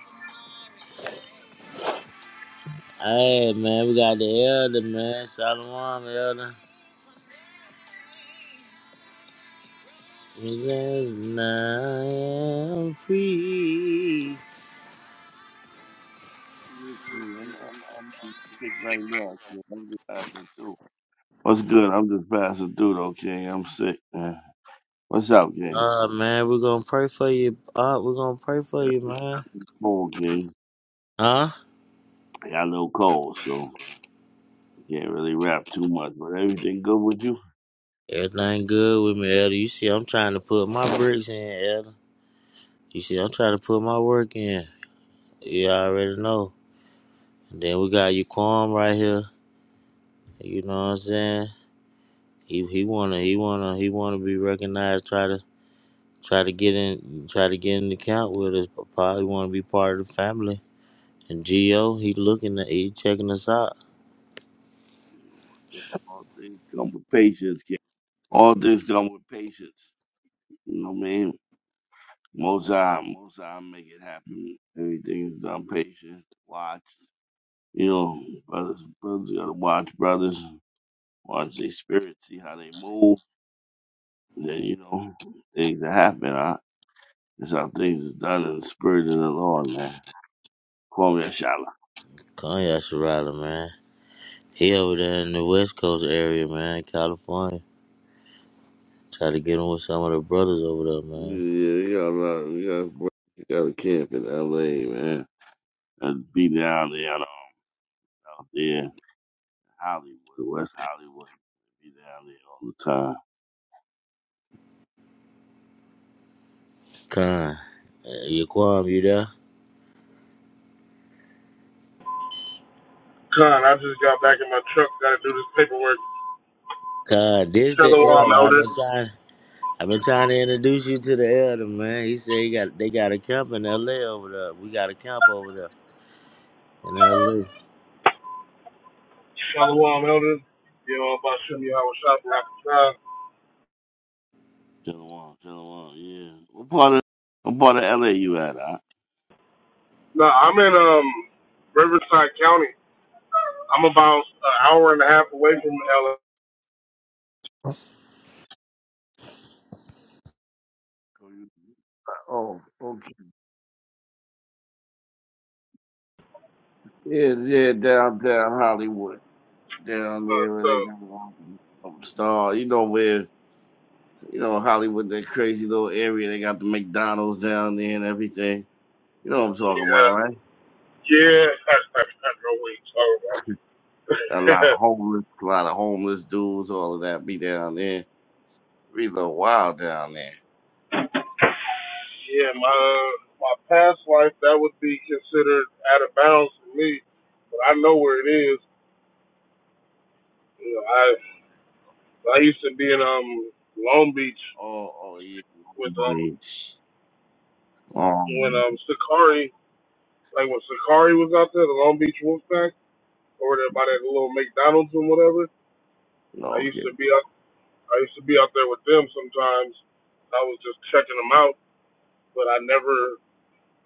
[SPEAKER 1] Hey man, we got the elder man, Shalom elder. Cause now I'm free.
[SPEAKER 12] Yes, ma'am. I'm, I'm just sick right now. King. I'm just passing through. What's good? I'm just passing through though, King. I'm sick, man. What's up, King?
[SPEAKER 1] Uh man, we're gonna pray for you. Uh, we're gonna pray for you,
[SPEAKER 12] Yeah.
[SPEAKER 1] man.
[SPEAKER 12] Cold, King.
[SPEAKER 1] Huh?
[SPEAKER 12] I got a little cold, so I can't really rap too much. But everything good with you?
[SPEAKER 1] Everything good with me, Elder. You see, I'm trying to put my bricks in, Elder. You see, I'm trying to put my work in. You already know. And then we got Yaquam right here. You know what I'm saying? He he wanna he wanna he wanna be recognized. Try to try to get in try to get in the count with us. Probably wanna be part of the family. And Gio, he looking at he checking us out.
[SPEAKER 12] All things come with patience, King. All things come with patience. You know what I mean? Most time, most time, make it happen. Everything's done patient. Watch. You know, brothers, brothers gotta watch brothers. watch their spirit, see how they move. And then you know things that happen. Huh? That's how things is done in the spirit of the Lord, man. Kwame Ashala.
[SPEAKER 1] Come, Kanye Sharada, man. He over there in the West Coast area, man, California. Try to get him with some of the brothers over there, man.
[SPEAKER 12] Yeah, you got a lot. You got, boy, you got a camp in L.A., man. And be down there and all out there, Hollywood, West Hollywood. Be down there all the time.
[SPEAKER 1] Con, uh, you Kwame, you there?
[SPEAKER 2] Con, I just got back in my truck. Gotta do this paperwork.
[SPEAKER 1] Con, this the elder.
[SPEAKER 2] Shalom,
[SPEAKER 1] I've
[SPEAKER 2] elder.
[SPEAKER 1] been trying. I've been trying to introduce you to the elder, man. He said he got they got a camp in L.A. over there. We got a camp over there in L.A.
[SPEAKER 2] Shalom Elders. You know, about Shem Yahweh Shabbat.
[SPEAKER 12] Chilling on, Yeah. What part of what part of L.A. you at? Huh?
[SPEAKER 2] No, I'm in um Riverside County. I'm about an hour and a half away from LA.
[SPEAKER 12] Oh, okay. Yeah, yeah, downtown Hollywood. down
[SPEAKER 2] So,
[SPEAKER 12] there where
[SPEAKER 2] so
[SPEAKER 12] they got um, star. You know where you know Hollywood, that crazy little area. They got the McDonald's down there and everything. You know what I'm talking about,
[SPEAKER 2] yeah,
[SPEAKER 12] right?
[SPEAKER 2] yeah, I don't know what you're
[SPEAKER 12] A lot of
[SPEAKER 2] talking about.
[SPEAKER 12] homeless, a lot of homeless dudes, all of that be down there. Be a little wild down there.
[SPEAKER 2] yeah, my uh, my past life that would be considered out of bounds for me, but I know where it is. You know, I I used to be in um Long Beach
[SPEAKER 12] Oh, oh yeah,
[SPEAKER 2] with um
[SPEAKER 12] bitch.
[SPEAKER 2] when
[SPEAKER 12] Um,
[SPEAKER 2] um Sakari like when Sakari was out there, the Long Beach Wolfpack, over there by that little McDonald's and whatever. I used
[SPEAKER 12] okay,
[SPEAKER 2] to be out, I used to be out there with them sometimes. I was just checking them out, but I never,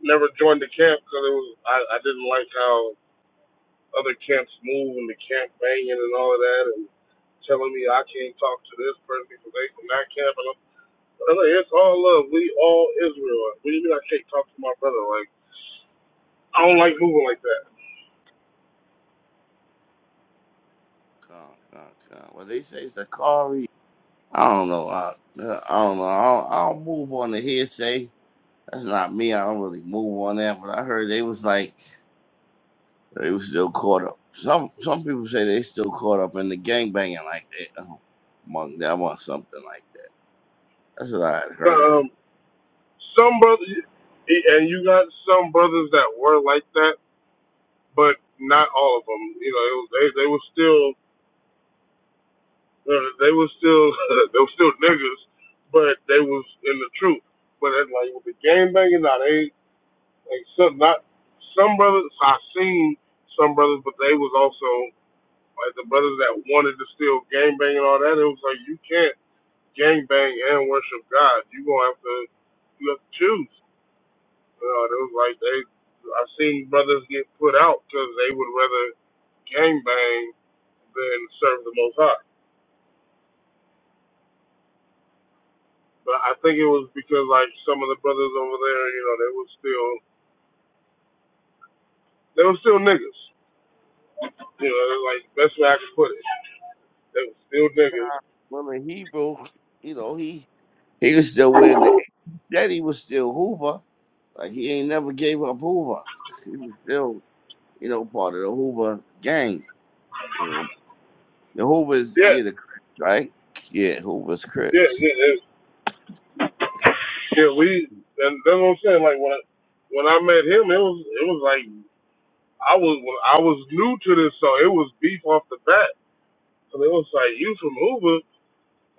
[SPEAKER 2] never joined the camp because it was I, I didn't like how other camps move and the camp banging and all of that and telling me I can't talk to this person because they from that camp and I'm, I'm like, it's all love. We all Israel. What do you mean I can't talk to my brother? Like I don't like moving like that.
[SPEAKER 12] God, God, God. Well, they say Sakari. I don't know. I, I don't know. I don't, I don't move on the hearsay. That's not me. I don't really move on that, but I heard they was like they was still caught up. Some some people say they still caught up in the gangbanging like that um, among them or something like that. That's what I had heard.
[SPEAKER 2] Um. Some brothers, and you got some brothers that were like that, but not all of them. You know, it was, they they were still uh, they were still they were still niggas, but they was in the truth. But it's like with the game banging, now they like some not some brothers I seen some brothers, but they was also like the brothers that wanted to still gang bang and all that. It was like you can't gang bang and worship God. You gonna have to you have to choose. Uh, it was like they, I've seen brothers get put out because they would rather gangbang than serve the Most High. But I think it was because like some of the brothers over there, you know, they were still, they were still niggas. You know, that's like best way I could put it. They were still niggas.
[SPEAKER 12] Well, the Hebrew, you know, he he was still with the he said he was still Hoover. Like he ain't never gave up Hoover. He was still, you know, part of the Hoover gang. You know, the Hoovers,
[SPEAKER 2] Yeah,
[SPEAKER 12] yeah, the Crips, right? Yeah, Hoover's
[SPEAKER 2] yeah,
[SPEAKER 12] Crips.
[SPEAKER 2] yeah, yeah. yeah we, and that's what I'm saying. Like when I, when I met him, it was, it was like I was, when I was new to this, so it was beef off the bat. So it was like you from Uber.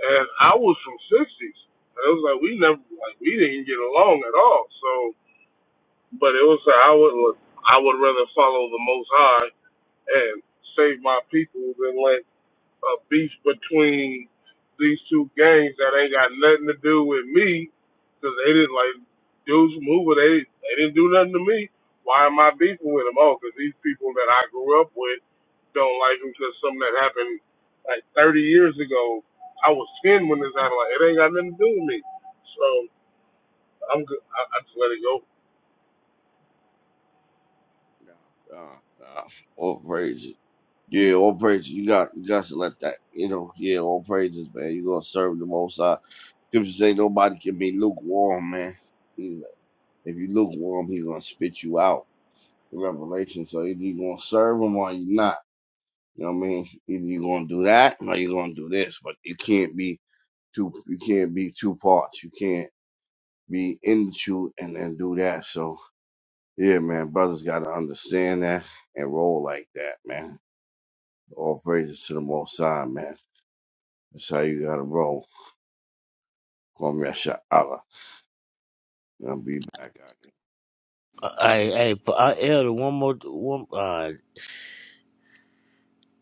[SPEAKER 2] and I was from sixties, and it was like we never like we didn't get along at all. So, but it was like I would I would rather follow the Most High and save my people than let a beef between these two gangs that ain't got nothing to do with me, because they didn't like dudes move. They they didn't do nothing to me. Why am I beefing with them? Oh, because these people that I grew up with don't like them because something that happened like 30 years ago. I was 10 when this happened. Like it ain't got nothing to do with me. So I'm good. I, I just let it go.
[SPEAKER 12] No, no, no. All Yeah, all praises. You got you got to let that you know, yeah, all praises, man. you gonna serve the most high. Scripture say nobody can be lukewarm, man. He- If you lukewarm, he's gonna spit you out in Revelation. So either you gonna serve him or you not. You know what I mean? Either you gonna do that or you gonna do this, but you can't be two you can't be two parts. You can't be in the truth and then do that. So yeah, man, brothers gotta understand that and roll like that, man. All praises to the most high, man. That's how you gotta roll. Kwame Sha'ala. And I'll be back. out.
[SPEAKER 1] Uh, hey, hey, p- uh, elder, one more, one, uh,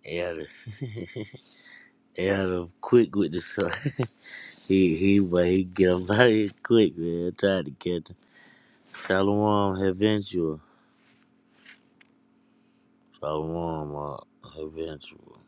[SPEAKER 1] elder, elder, quick with the son. he he, but he get him out of here quick, man. Trying to catch him. Shalom, eventual. Shalom, uh, eventual.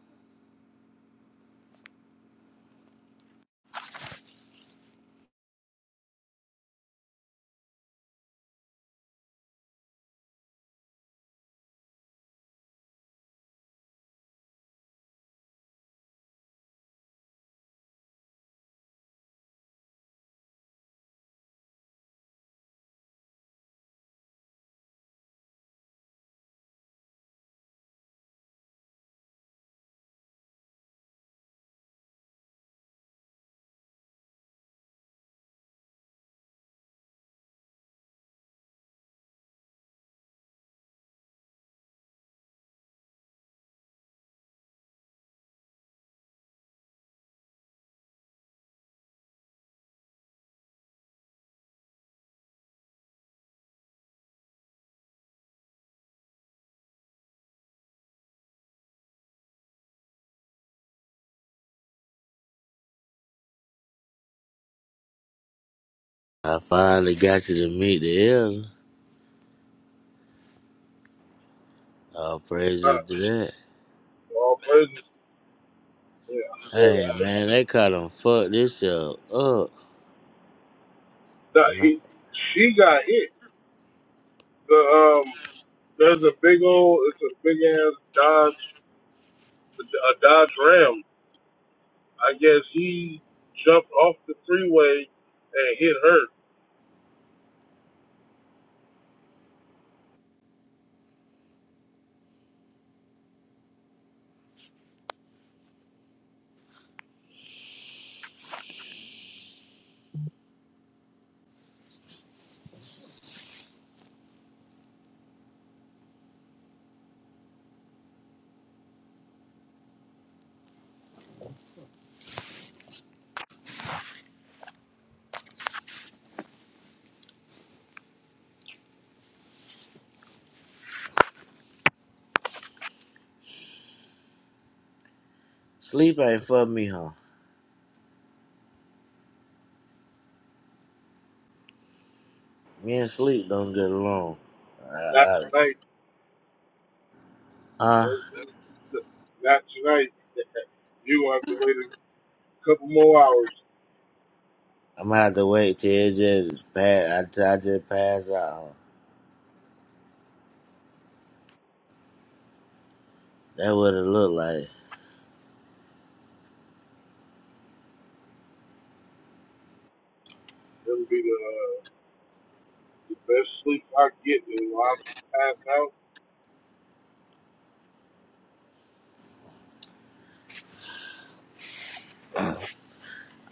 [SPEAKER 1] I finally got you to meet the elder. All praises
[SPEAKER 2] Uh,
[SPEAKER 1] to that.
[SPEAKER 2] all praises. Yeah.
[SPEAKER 1] Hey
[SPEAKER 2] Uh,
[SPEAKER 1] man, they caught him fuck this show up. Nah,
[SPEAKER 2] he, she got hit. The um There's a big old, it's a big ass Dodge, a Dodge Ram. I guess he jumped off the freeway and hit her.
[SPEAKER 1] Sleep ain't for me, huh? Me and sleep don't get along. I,
[SPEAKER 2] Not
[SPEAKER 1] I,
[SPEAKER 2] tonight.
[SPEAKER 1] uh,
[SPEAKER 2] Not tonight. you will have to wait a couple more hours.
[SPEAKER 1] I'm gonna have to wait till it just pass. I, till I just pass out. Huh? That what it look like.
[SPEAKER 2] It'll be the, uh, the best sleep I get. And when I just pass out,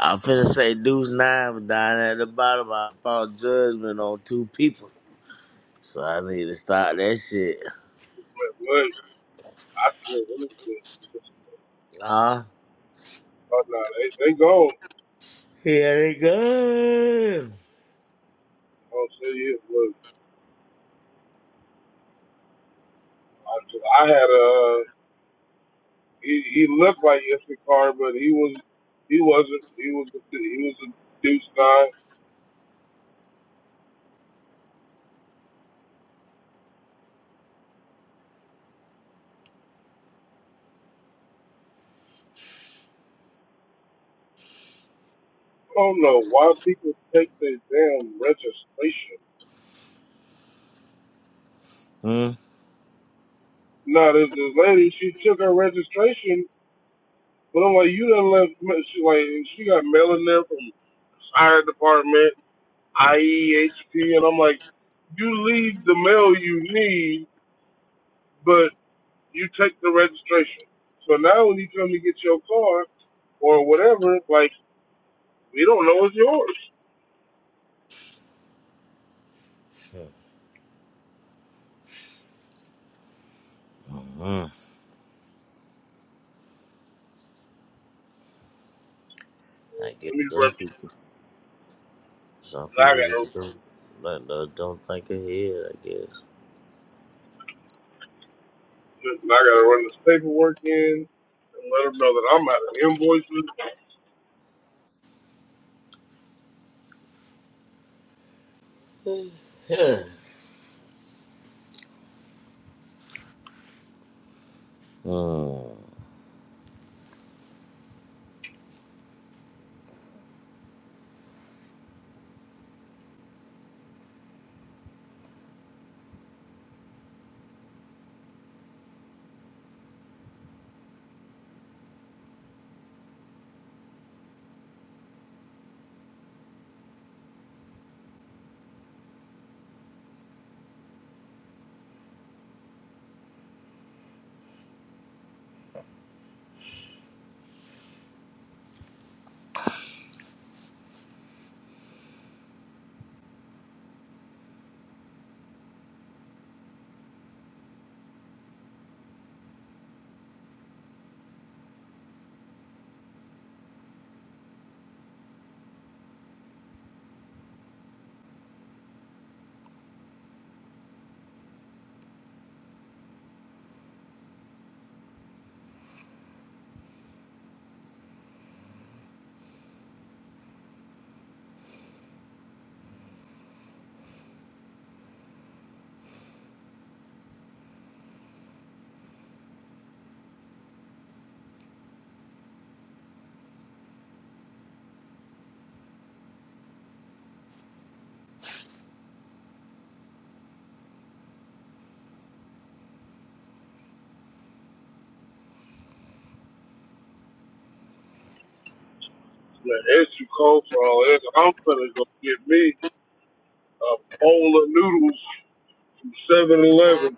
[SPEAKER 1] I'm finna say Deuce Nine was down at the bottom. I fought judgment on two people, so I need to stop that shit.
[SPEAKER 2] but look, I look, let
[SPEAKER 1] Ah,
[SPEAKER 2] they, they gone. I
[SPEAKER 1] here it go.
[SPEAKER 2] will not say it. Look, I, I had a. uh, he he looked like Issachar, but he was he wasn't. He was a, he was a deuce nine. I don't know why people take their damn registration.
[SPEAKER 1] Hmm.
[SPEAKER 2] Now this this lady, she took her registration, but I'm like, you done left. She like she got mail in there from fire department, IEHP, and I'm like, you leave the mail you need, but you take the registration. So now when you come to get your car or whatever, like we don't know it's yours.
[SPEAKER 1] Hmm. Hmm. I guess
[SPEAKER 2] Let me let
[SPEAKER 1] so. Some
[SPEAKER 2] now I
[SPEAKER 1] people
[SPEAKER 2] gotta
[SPEAKER 1] just don't, like, uh, don't think ahead, I guess.
[SPEAKER 2] now I gotta run this paperwork in and let them know that I'm out of invoices.
[SPEAKER 1] Hmm.
[SPEAKER 2] Man, it's too cold for all this. I'm finna go get me a bowl of noodles from 7-Eleven.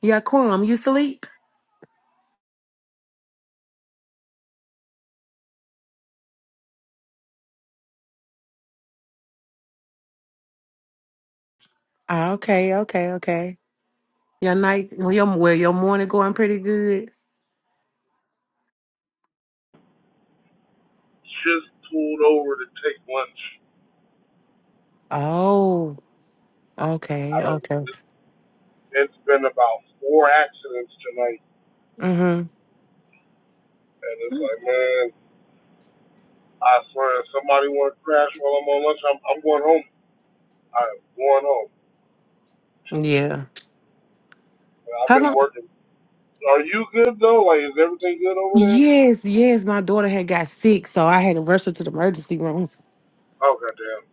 [SPEAKER 8] Yeah, Quam, you sleep? Ah, okay, okay, okay. Your night, well, your well, your morning going pretty good.
[SPEAKER 2] Just pulled over to take lunch.
[SPEAKER 8] Oh,
[SPEAKER 2] I
[SPEAKER 8] okay,
[SPEAKER 2] mean,
[SPEAKER 8] okay.
[SPEAKER 2] it's been about four accidents tonight,
[SPEAKER 8] Mm-hmm.
[SPEAKER 2] and it's like, man, I swear, if somebody want to crash while I'm on lunch, I'm, I'm going home. I'm going home.
[SPEAKER 8] Yeah.
[SPEAKER 2] I've
[SPEAKER 8] How
[SPEAKER 2] been
[SPEAKER 8] long?
[SPEAKER 2] working. Are you good though? Like, is everything good over there?
[SPEAKER 8] Yes, yes. My daughter had got sick, so I had to rush her to the emergency room.
[SPEAKER 2] Oh goddamn.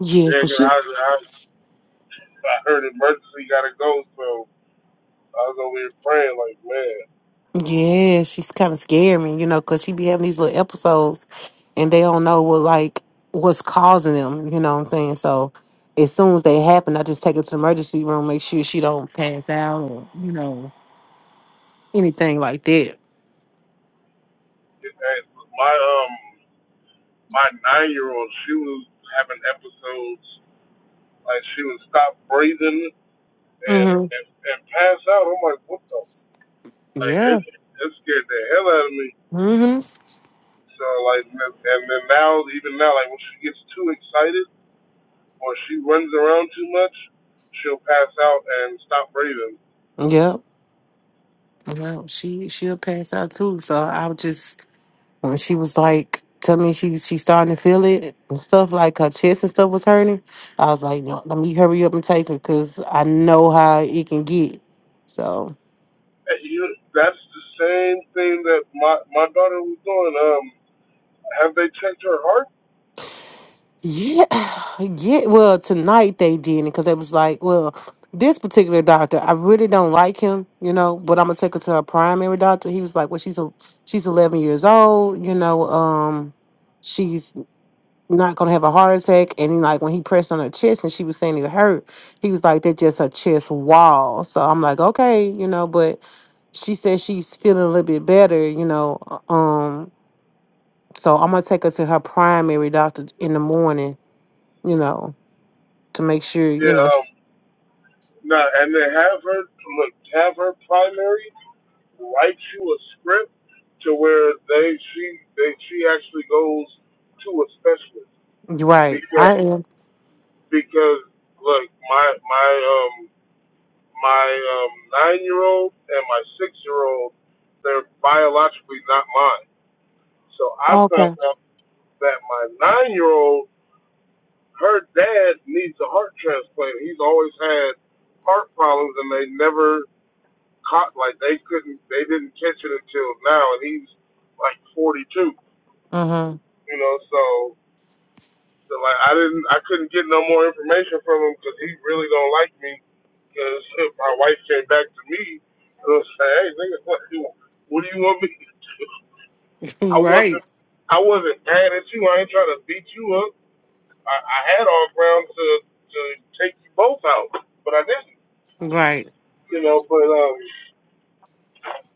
[SPEAKER 8] Yes,
[SPEAKER 2] Yeah,
[SPEAKER 8] but
[SPEAKER 2] 'cause
[SPEAKER 8] she
[SPEAKER 2] I, I I heard emergency gotta go, so I was over here praying like, man,
[SPEAKER 8] Yeah, she's kind of scaring me, you know, because she be having these little episodes and they don't know what, like, what's causing them, you know what I'm saying? So as soon as they happen, I just take her to the emergency room, make sure she don't pass out or, you know, anything like that.
[SPEAKER 2] it, it- my um my nine year old, she was having episodes like she would stop breathing and
[SPEAKER 8] Mm-hmm.
[SPEAKER 2] and, and pass out. I'm like, what the? Like it
[SPEAKER 8] Yeah.
[SPEAKER 2] it scared the hell out of me.
[SPEAKER 8] Mm-hmm.
[SPEAKER 2] So like, and and then now even now like when she gets too excited or she runs around too much, she'll pass out and stop breathing.
[SPEAKER 8] Yep. Well, she, she'll pass out too. So I'll just And she was like, tell me she she starting to feel it and stuff, like her chest and stuff was hurting. I was like, no, let me hurry up and take her because I know how it can get. So
[SPEAKER 2] Hey, you, that's the same thing that my my daughter was doing. Um, have they checked her heart?
[SPEAKER 8] yeah, yeah. Well, tonight they did it because it was like, well, this particular doctor, I really don't like him, you know. But I'm gonna take her to her primary doctor. He was like, well, she's a she's 11 years old, you know. Um, she's." not gonna have a heart attack. And like when he pressed on her chest and she was saying it hurt, he was like, That's just her chest wall. So I'm like, Okay, you know, but she said she's feeling a little bit better, you know. uh, Um, so I'm gonna take her to her primary doctor in the morning, you know, to make sure, you
[SPEAKER 2] Yeah.
[SPEAKER 8] know,
[SPEAKER 2] Um,
[SPEAKER 8] s-
[SPEAKER 2] nah, and they have her look, have her primary write you a script to where they she they she actually goes to a specialist
[SPEAKER 8] right.
[SPEAKER 2] because
[SPEAKER 8] I am
[SPEAKER 2] because look my my um my um nine year old and my six year old they're biologically not mine. So I found
[SPEAKER 8] okay.
[SPEAKER 2] out that my nine year old her dad needs a heart transplant. He's always had heart problems, and they never caught like they couldn't they didn't catch it until now, and he's like 42. You
[SPEAKER 8] Uh huh.
[SPEAKER 2] know, so so, like I didn't I couldn't get no more information from him because he really don't like me. Because my wife came back to me and was like, "Hey, nigga, what do you want? what do you want me to do? I
[SPEAKER 8] Right,
[SPEAKER 2] wasn't I wasn't mad at you. I ain't trying to beat you up." I, I had all ground to to take you both out, but I didn't.
[SPEAKER 8] right.
[SPEAKER 2] You know, but um,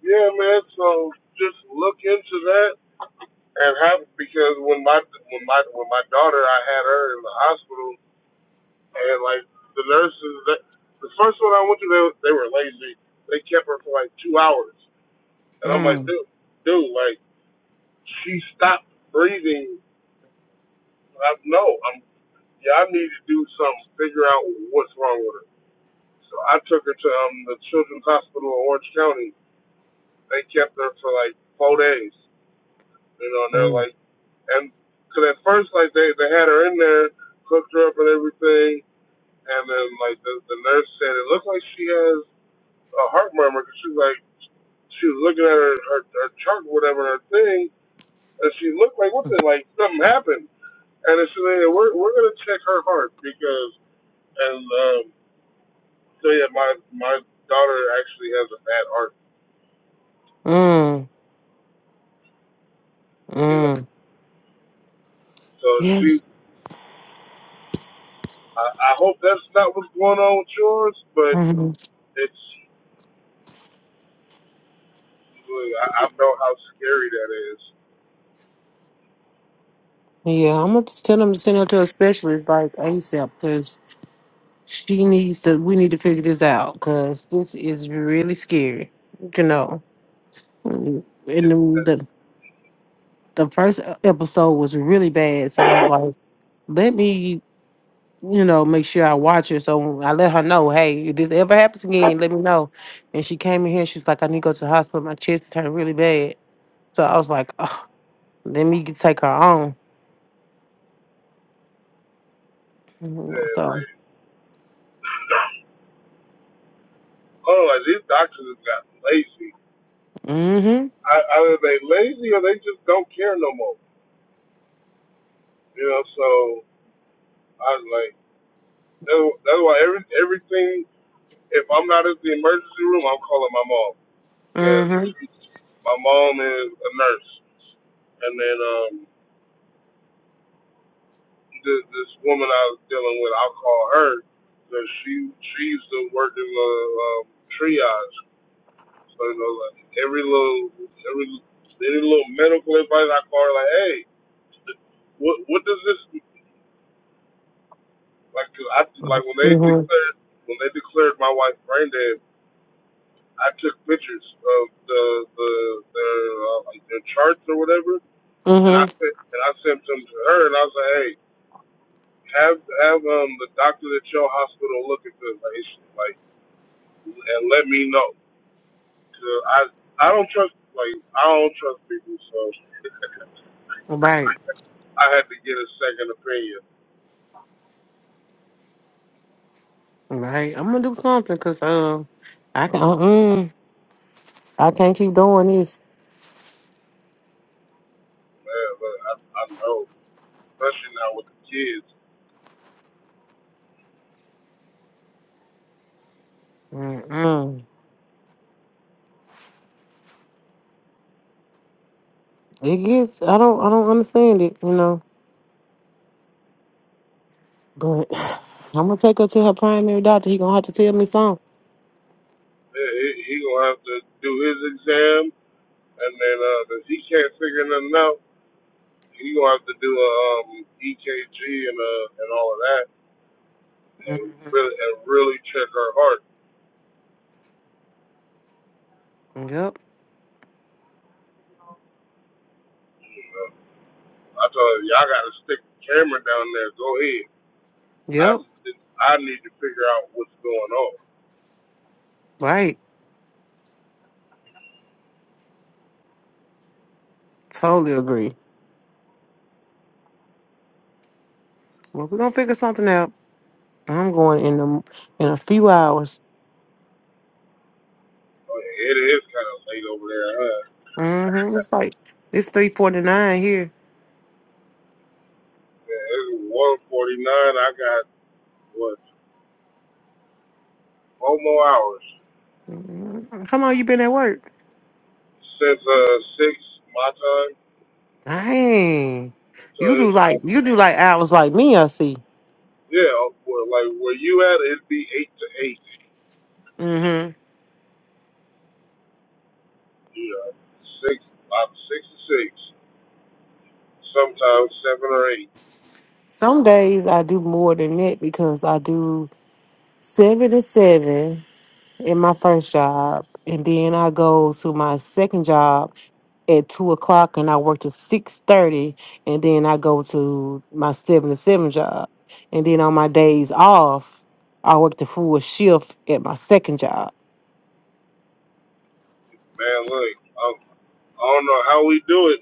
[SPEAKER 2] yeah, man. So just look into that and have because when my when my when my daughter, I had her in the hospital, and like the nurses, that, the first one I went to, they were- they were lazy. They kept her for like two hours, and I'm like,
[SPEAKER 8] Mm.
[SPEAKER 2] dude, dude, like she stopped breathing. I, no, I'm yeah, I need to do something. Figure out what's wrong with her So I took her to um, the Children's Hospital in Orange County. They kept her for like four days, you know, and they're
[SPEAKER 8] Mm.
[SPEAKER 2] like, and because at first, like, they, they had her in there, hooked her up and everything, and then, like, the, the nurse said, it looks like she has a heart murmur because she's like, she was looking at her, her, her chart, or whatever, her thing, and she looked like, what the, like, something happened. And then she said, "Yeah, we're, we're going to check her heart because, and um, so, yeah, my, my daughter actually has a bad heart.
[SPEAKER 8] Mm.
[SPEAKER 2] you know.
[SPEAKER 8] Mm.
[SPEAKER 2] So she,
[SPEAKER 8] Yes.
[SPEAKER 2] I, I hope that's not what's going on with yours, but
[SPEAKER 8] hmm
[SPEAKER 2] it's, I, I know how scary that is.
[SPEAKER 8] Yeah, I'm gonna tell them to send her to a specialist like ASAP because She needs to. We need to figure this out because this is really scary. You know, Mm, and then the the first e- episode was really bad. So I was like, let me, you know, make sure I watch it. So I let her know, hey, if this ever happens again, let me know. And she came in here. She's like, I need to go to the hospital. My chest is hurting really bad. So I was like, oh, let me get- take her on. Mhm,
[SPEAKER 2] And
[SPEAKER 8] So,
[SPEAKER 2] like, oh, like these doctors have got lazy.
[SPEAKER 8] mm-hmm,
[SPEAKER 2] I, either they lazy or they just don't care no more. You know, so I was like, that- that's why every everything. If I'm not at the emergency room, I'm calling my mom
[SPEAKER 8] mm-hmm,
[SPEAKER 2] because my mom is a nurse, and then um, this, this woman I was dealing with, I'll call her, because she she used to work in the um, triage. So you know, like every little every any little medical advice I call her, like, hey, what what does this like? 'cause I like when they
[SPEAKER 8] mm-hmm,
[SPEAKER 2] declared when they declared my wife brain dead, I took pictures of the the their uh, like their charts or whatever, and I
[SPEAKER 8] mm-hmm.
[SPEAKER 2] sent and I sent them to her, and I was like, hey. have have um the doctor at your hospital look into the patient, like, and let me know. 'Cause I I don't trust like I don't trust people, so
[SPEAKER 8] Right.
[SPEAKER 2] I, I had to get a second opinion.
[SPEAKER 8] Right, I'm gonna do something because um, I can uh-uh, I can't keep doing this.
[SPEAKER 2] Man, but I, I know, especially now with the kids,
[SPEAKER 8] Mm-mm. It gets I don't I don't understand it, you know. But I'm gonna take her to her primary doctor. He gonna have to tell me something.
[SPEAKER 2] man, he, he gonna have to do his exam, and then uh, if he can't figure nothing out, he gonna have to do a um, EKG and uh and all of that, and
[SPEAKER 8] hmm
[SPEAKER 2] really and really check her heart.
[SPEAKER 8] Yep,
[SPEAKER 2] You know? I told her, y'all got to stick the camera down there. Go ahead. I
[SPEAKER 8] yep,
[SPEAKER 2] I need to figure out what's going on.
[SPEAKER 8] right. Totally agree. Well, we're gonna figure something out. I'm going in the in a few hours.
[SPEAKER 2] It is kind of late over there, huh?
[SPEAKER 8] hmm It's like it's three forty nine here.
[SPEAKER 2] Yeah, It's 1:49. I got what four more hours
[SPEAKER 8] Mm-hmm. How long you been at work?
[SPEAKER 2] since uh six my time.
[SPEAKER 8] Dang,
[SPEAKER 2] So
[SPEAKER 8] you
[SPEAKER 2] it,
[SPEAKER 8] do like you do like hours like me. I see.
[SPEAKER 2] yeah, well, like where you at, it'd be eight to eight.
[SPEAKER 8] hmm
[SPEAKER 2] You know, six about six to six, sometimes seven or eight.
[SPEAKER 8] Some days I do more than that because I do seven to seven in my first job, and then I go to my second job at two o'clock, and I work to six thirty, and then I go to my seven to seven job, and then on my days off, I work the full shift at my second job.
[SPEAKER 2] Man, look, I, I don't know how we do it.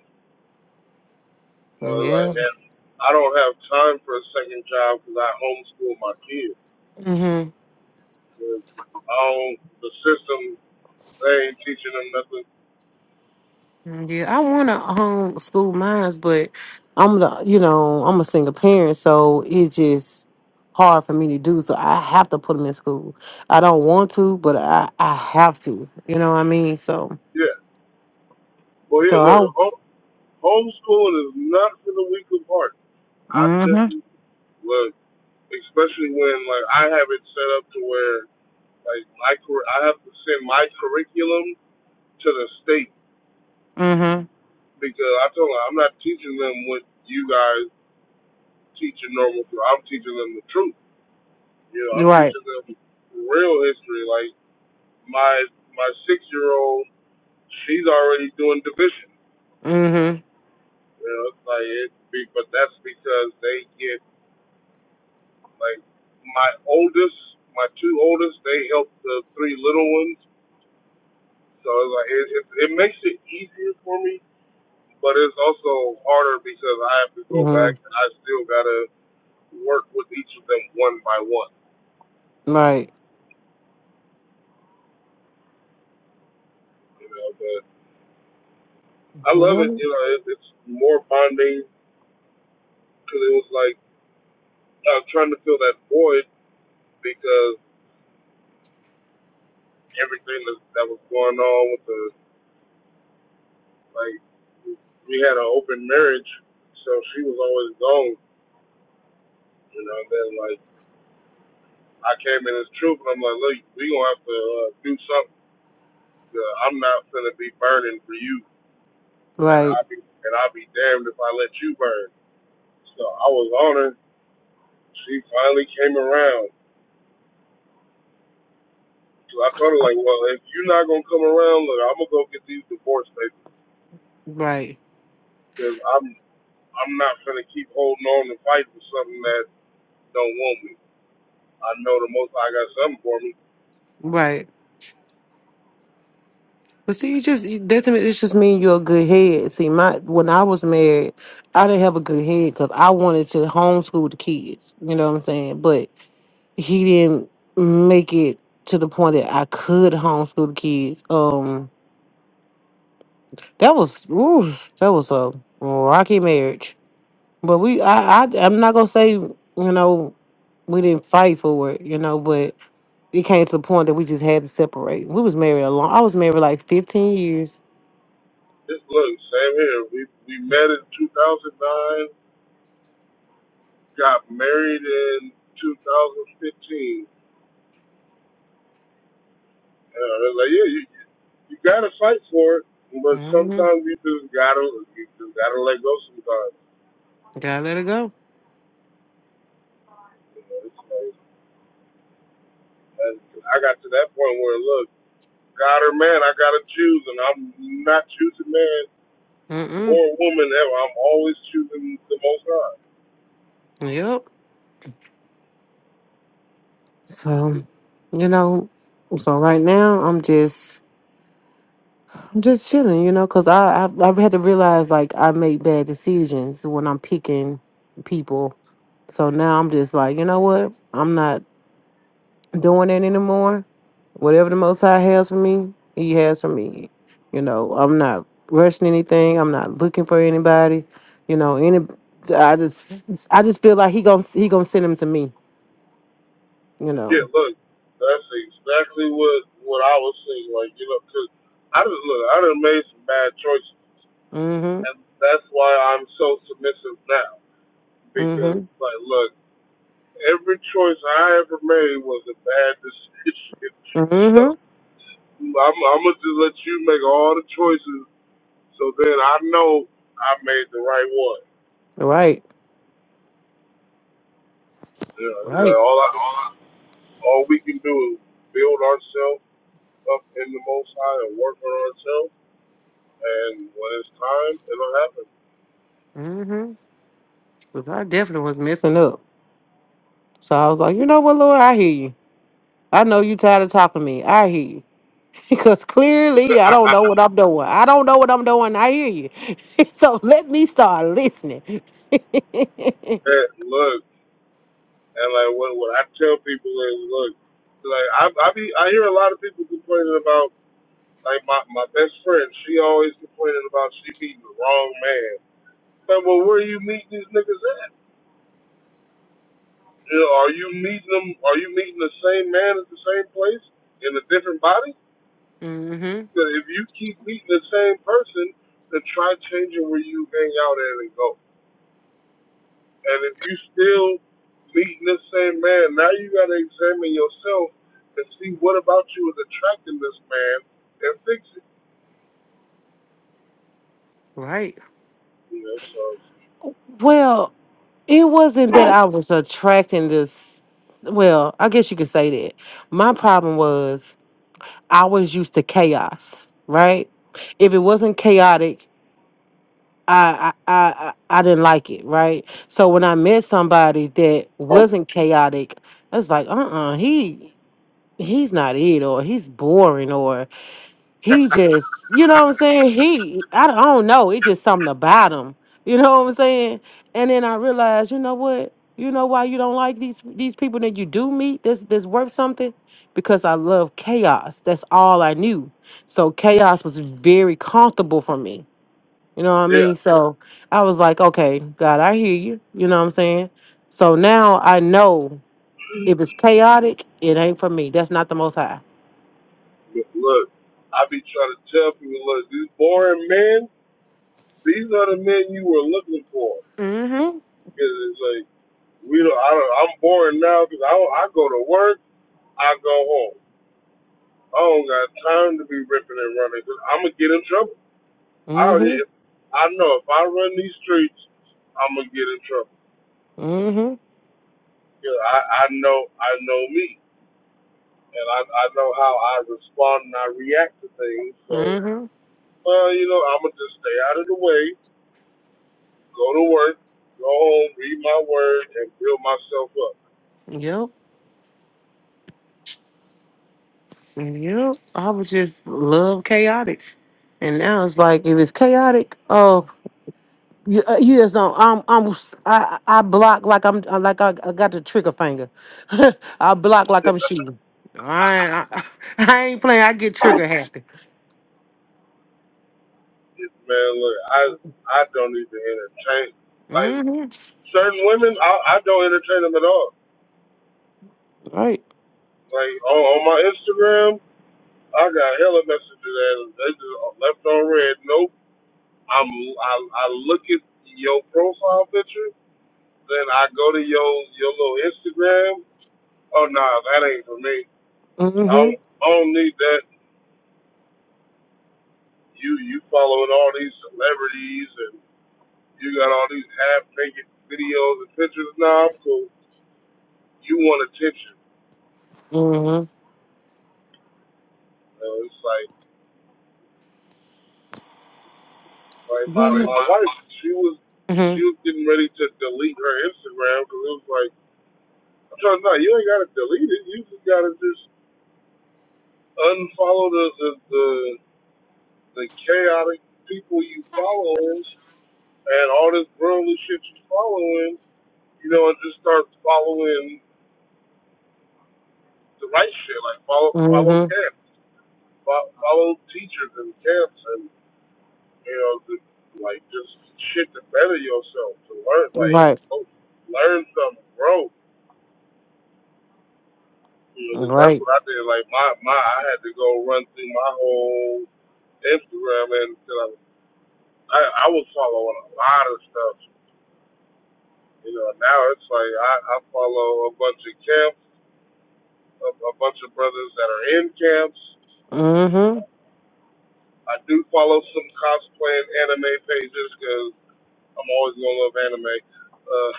[SPEAKER 2] You know,
[SPEAKER 8] Yeah.
[SPEAKER 2] like, and I don't have time for a second job because I homeschool my kids. 'Cause I don't, the system, they ain't teaching them nothing.
[SPEAKER 8] Mm, Yeah, I want to homeschool mines, but I'm the, you know, I'm a single parent, so it's just hard for me to do. So I have to put them in school. I don't want to, but I I have to. You know what I mean? So
[SPEAKER 2] Yeah. Well, here,
[SPEAKER 8] so I.
[SPEAKER 2] look, home, homeschooling is not for the weak of heart. I tell
[SPEAKER 8] Mhm.
[SPEAKER 2] you, look, especially when, like, I have it set up to where, like, my, cur- I have to send my curriculum to the state
[SPEAKER 8] Mhm.
[SPEAKER 2] because I told them I'm not teaching them what you guys teach in normal school. I'm teaching them the truth. You know, I'm
[SPEAKER 8] Right.
[SPEAKER 2] teaching them real history. Like my my six year old, she's already doing division.
[SPEAKER 8] Mhm.
[SPEAKER 2] You know, it's like it but that's because they get like my oldest, my two oldest, they help the three little ones. So it's like it, it, it makes it easier for me, but it's also harder because I have to go back
[SPEAKER 8] Mhm.
[SPEAKER 2] and I still gotta work with each of them one by one.
[SPEAKER 8] Right.
[SPEAKER 2] You know, but I love
[SPEAKER 8] Yeah.
[SPEAKER 2] it. You know, it, it's more bonding because it was like I was trying to fill that void because everything that, that was going on with the like we had an open marriage, so she was always gone, you know. And then like I came in as truth, and I'm like, look, we gonna have to uh, do something. Uh, I'm not gonna be burning for you, and
[SPEAKER 8] Right.
[SPEAKER 2] I'll be and I'll be damned if I let you burn. So I was on her. She finally came around. So I told her like, well, if you're not gonna come around, look, I'm gonna go get these divorce papers
[SPEAKER 8] Right.
[SPEAKER 2] because I'm I'm not gonna keep holding on to fight for something that don't want me. I know the most I got something for me.
[SPEAKER 8] Right. But see, you just you- that to me, it's just mean you're a good head. See, my when I was married, I didn't have a good head because I wanted to homeschool the kids. You know what I'm saying? But he didn't make it to the point that I could homeschool the kids. Um, that was oof, that was a rocky marriage. But we, I, I, I'm not gonna say you know we didn't fight for it. You know, but it came to the point that we just had to separate. We was married a long. I was married like 15 years.
[SPEAKER 2] Just look, same here. We we met in 2009, got married in 2015. And I was like, yeah, you you gotta fight for it, but
[SPEAKER 8] hmm
[SPEAKER 2] sometimes you just gotta you just gotta let go sometimes.
[SPEAKER 8] Gotta let it go.
[SPEAKER 2] You know, it's like and I got to that point where look, God or man, I gotta choose, and I'm not choosing man.
[SPEAKER 8] Mm-mm.
[SPEAKER 2] or woman ever. I'm always choosing the Most High.
[SPEAKER 8] Yep. So, you know, so right now I'm just I'm just chilling, you know, because I, I I've had to realize like I make bad decisions when I'm picking people. So now I'm just like, you know what? I'm not doing that anymore. Whatever the Most High has for me, He has for me. You know, I'm not rushing anything. I'm not looking for anybody. You know, any. I just I just feel like He gonna He gonna send him to me. You
[SPEAKER 2] Yeah,
[SPEAKER 8] know.
[SPEAKER 2] look, that's exactly what what I was saying. Like you know, cause I just look, I done made some bad choices,
[SPEAKER 8] Mm-hmm.
[SPEAKER 2] and that's why I'm so submissive now.
[SPEAKER 8] Mm-hmm.
[SPEAKER 2] Because like, look, every choice I ever made was a bad decision. so
[SPEAKER 8] Mm-hmm.
[SPEAKER 2] I'm I'm gonna just let you make all the choices, so then I know I made the right one.
[SPEAKER 8] Right.
[SPEAKER 2] You know,
[SPEAKER 8] Right.
[SPEAKER 2] like all I all we can do is build ourselves up in the Most High and work on ourselves. And when it's time, it'll happen.
[SPEAKER 8] Mm-hmm. Because I definitely was messing up. So I was like, you know what, Lord, I hear you. I know you tired of talking to me. I hear you. Because clearly I don't know
[SPEAKER 2] and
[SPEAKER 8] what I'm doing. I don't know what I'm doing. I hear you. so let me start listening.
[SPEAKER 2] look, and like what what I tell people is, look, like I I be I hear a lot of people complaining about like my my best friend. She always complaining about she meeting the wrong man. Like, well, where are you meeting these niggas at? You know, are you meeting them? Are you meeting the same man at the same place in a different body?
[SPEAKER 8] mm-hmm.
[SPEAKER 2] Because if you keep meeting the same person, then try changing where you hang out at and go. And if you still meeting this same man, now you got to examine yourself and see what about you is attracting this man and fix it.
[SPEAKER 8] Right.
[SPEAKER 2] You know, so
[SPEAKER 8] Well, it wasn't that I was attracting this well, I guess you could say that. My problem was I was used to chaos, right? If it wasn't chaotic, I I I I I didn't like it, right? So when I met somebody that wasn't chaotic, I was like, uh uh he he's not it or he's boring he just, you know what I'm saying? He, I don't I don't know. It's just something about him. You know what I'm saying? And then I realized, you know what? You know why you don't like these these people that you do meet? This this worth something because I love chaos. That's all I knew. So chaos was very comfortable for me. You know what I
[SPEAKER 2] yeah.
[SPEAKER 8] mean? So I was like, okay, God, I hear you. You know what I'm saying? So now I know if it's chaotic, it ain't for me. That's not the most high.
[SPEAKER 2] look, I be trying to tell people, look, these boring men, these are the men you were looking for.
[SPEAKER 8] Mm-hmm.
[SPEAKER 2] Cause it's like we don't. I don't. I'm boring now because I I go to work, I go home. I don't got time to be ripping and running because I'm gonna get in trouble. I already.
[SPEAKER 8] Mm-hmm.
[SPEAKER 2] I know if I run these streets, I'm gonna get in trouble.
[SPEAKER 8] Mm-hmm.
[SPEAKER 2] You know, I, I know I know me, and I, I know how I respond and I react to things. So,
[SPEAKER 8] Mm-hmm.
[SPEAKER 2] uh, you know, I'm gonna just stay out of the way, go to work, go home, read my word, and build myself up.
[SPEAKER 8] Yep. Yep. I was just love chaotic, and now it's like if it's chaotic, oh, you, uh, you just don't. I'm, I'm, I, I block like I'm, uh, like I, I got the trigger finger. I block like I'm shooting. I, ain't- I, I ain't playing. I get trigger happy.
[SPEAKER 2] It, man, look, I I don't even entertain like
[SPEAKER 8] Mm-hmm.
[SPEAKER 2] certain women. I, I don't entertain them at all.
[SPEAKER 8] Right.
[SPEAKER 2] Like on, on my Instagram, I got hella messages and they just left on red. Nope, I'm I, I look at your profile picture. Then I go to your your little Instagram. Oh no, nah, that ain't for me. I
[SPEAKER 8] Mm-hmm.
[SPEAKER 2] don't, I don't need that. You you following all these celebrities and you got all these half naked videos and pictures. Nah, I'm cool. You want attention.
[SPEAKER 8] Mm-hmm.
[SPEAKER 2] You know, it's like like my
[SPEAKER 8] When
[SPEAKER 2] my wife. She was
[SPEAKER 8] Mm-hmm.
[SPEAKER 2] she was getting ready to delete her Instagram because it was like I'm trying to no, you ain't gotta delete it. You just gotta just unfollow the the the, the chaotic people you follow and all this worldly shit you following, you know, and just start following the right shit, like follow follow
[SPEAKER 8] Mm-hmm.
[SPEAKER 2] camps, fo- follow teachers and camps, and you know, the, like just shit to better yourself, to learn, like
[SPEAKER 8] Right.
[SPEAKER 2] oh, learn something, grow. You know, 'cause that's
[SPEAKER 8] Right.
[SPEAKER 2] what I did. Like my my, I had to go run through my whole Instagram, and you know, I I was following a lot of stuff. You know, now it's like I, I follow a bunch of camps a, a bunch of brothers that are in camps.
[SPEAKER 8] Mm-hmm.
[SPEAKER 2] I do follow some cosplay and anime pages because I'm always gonna love anime. Uh,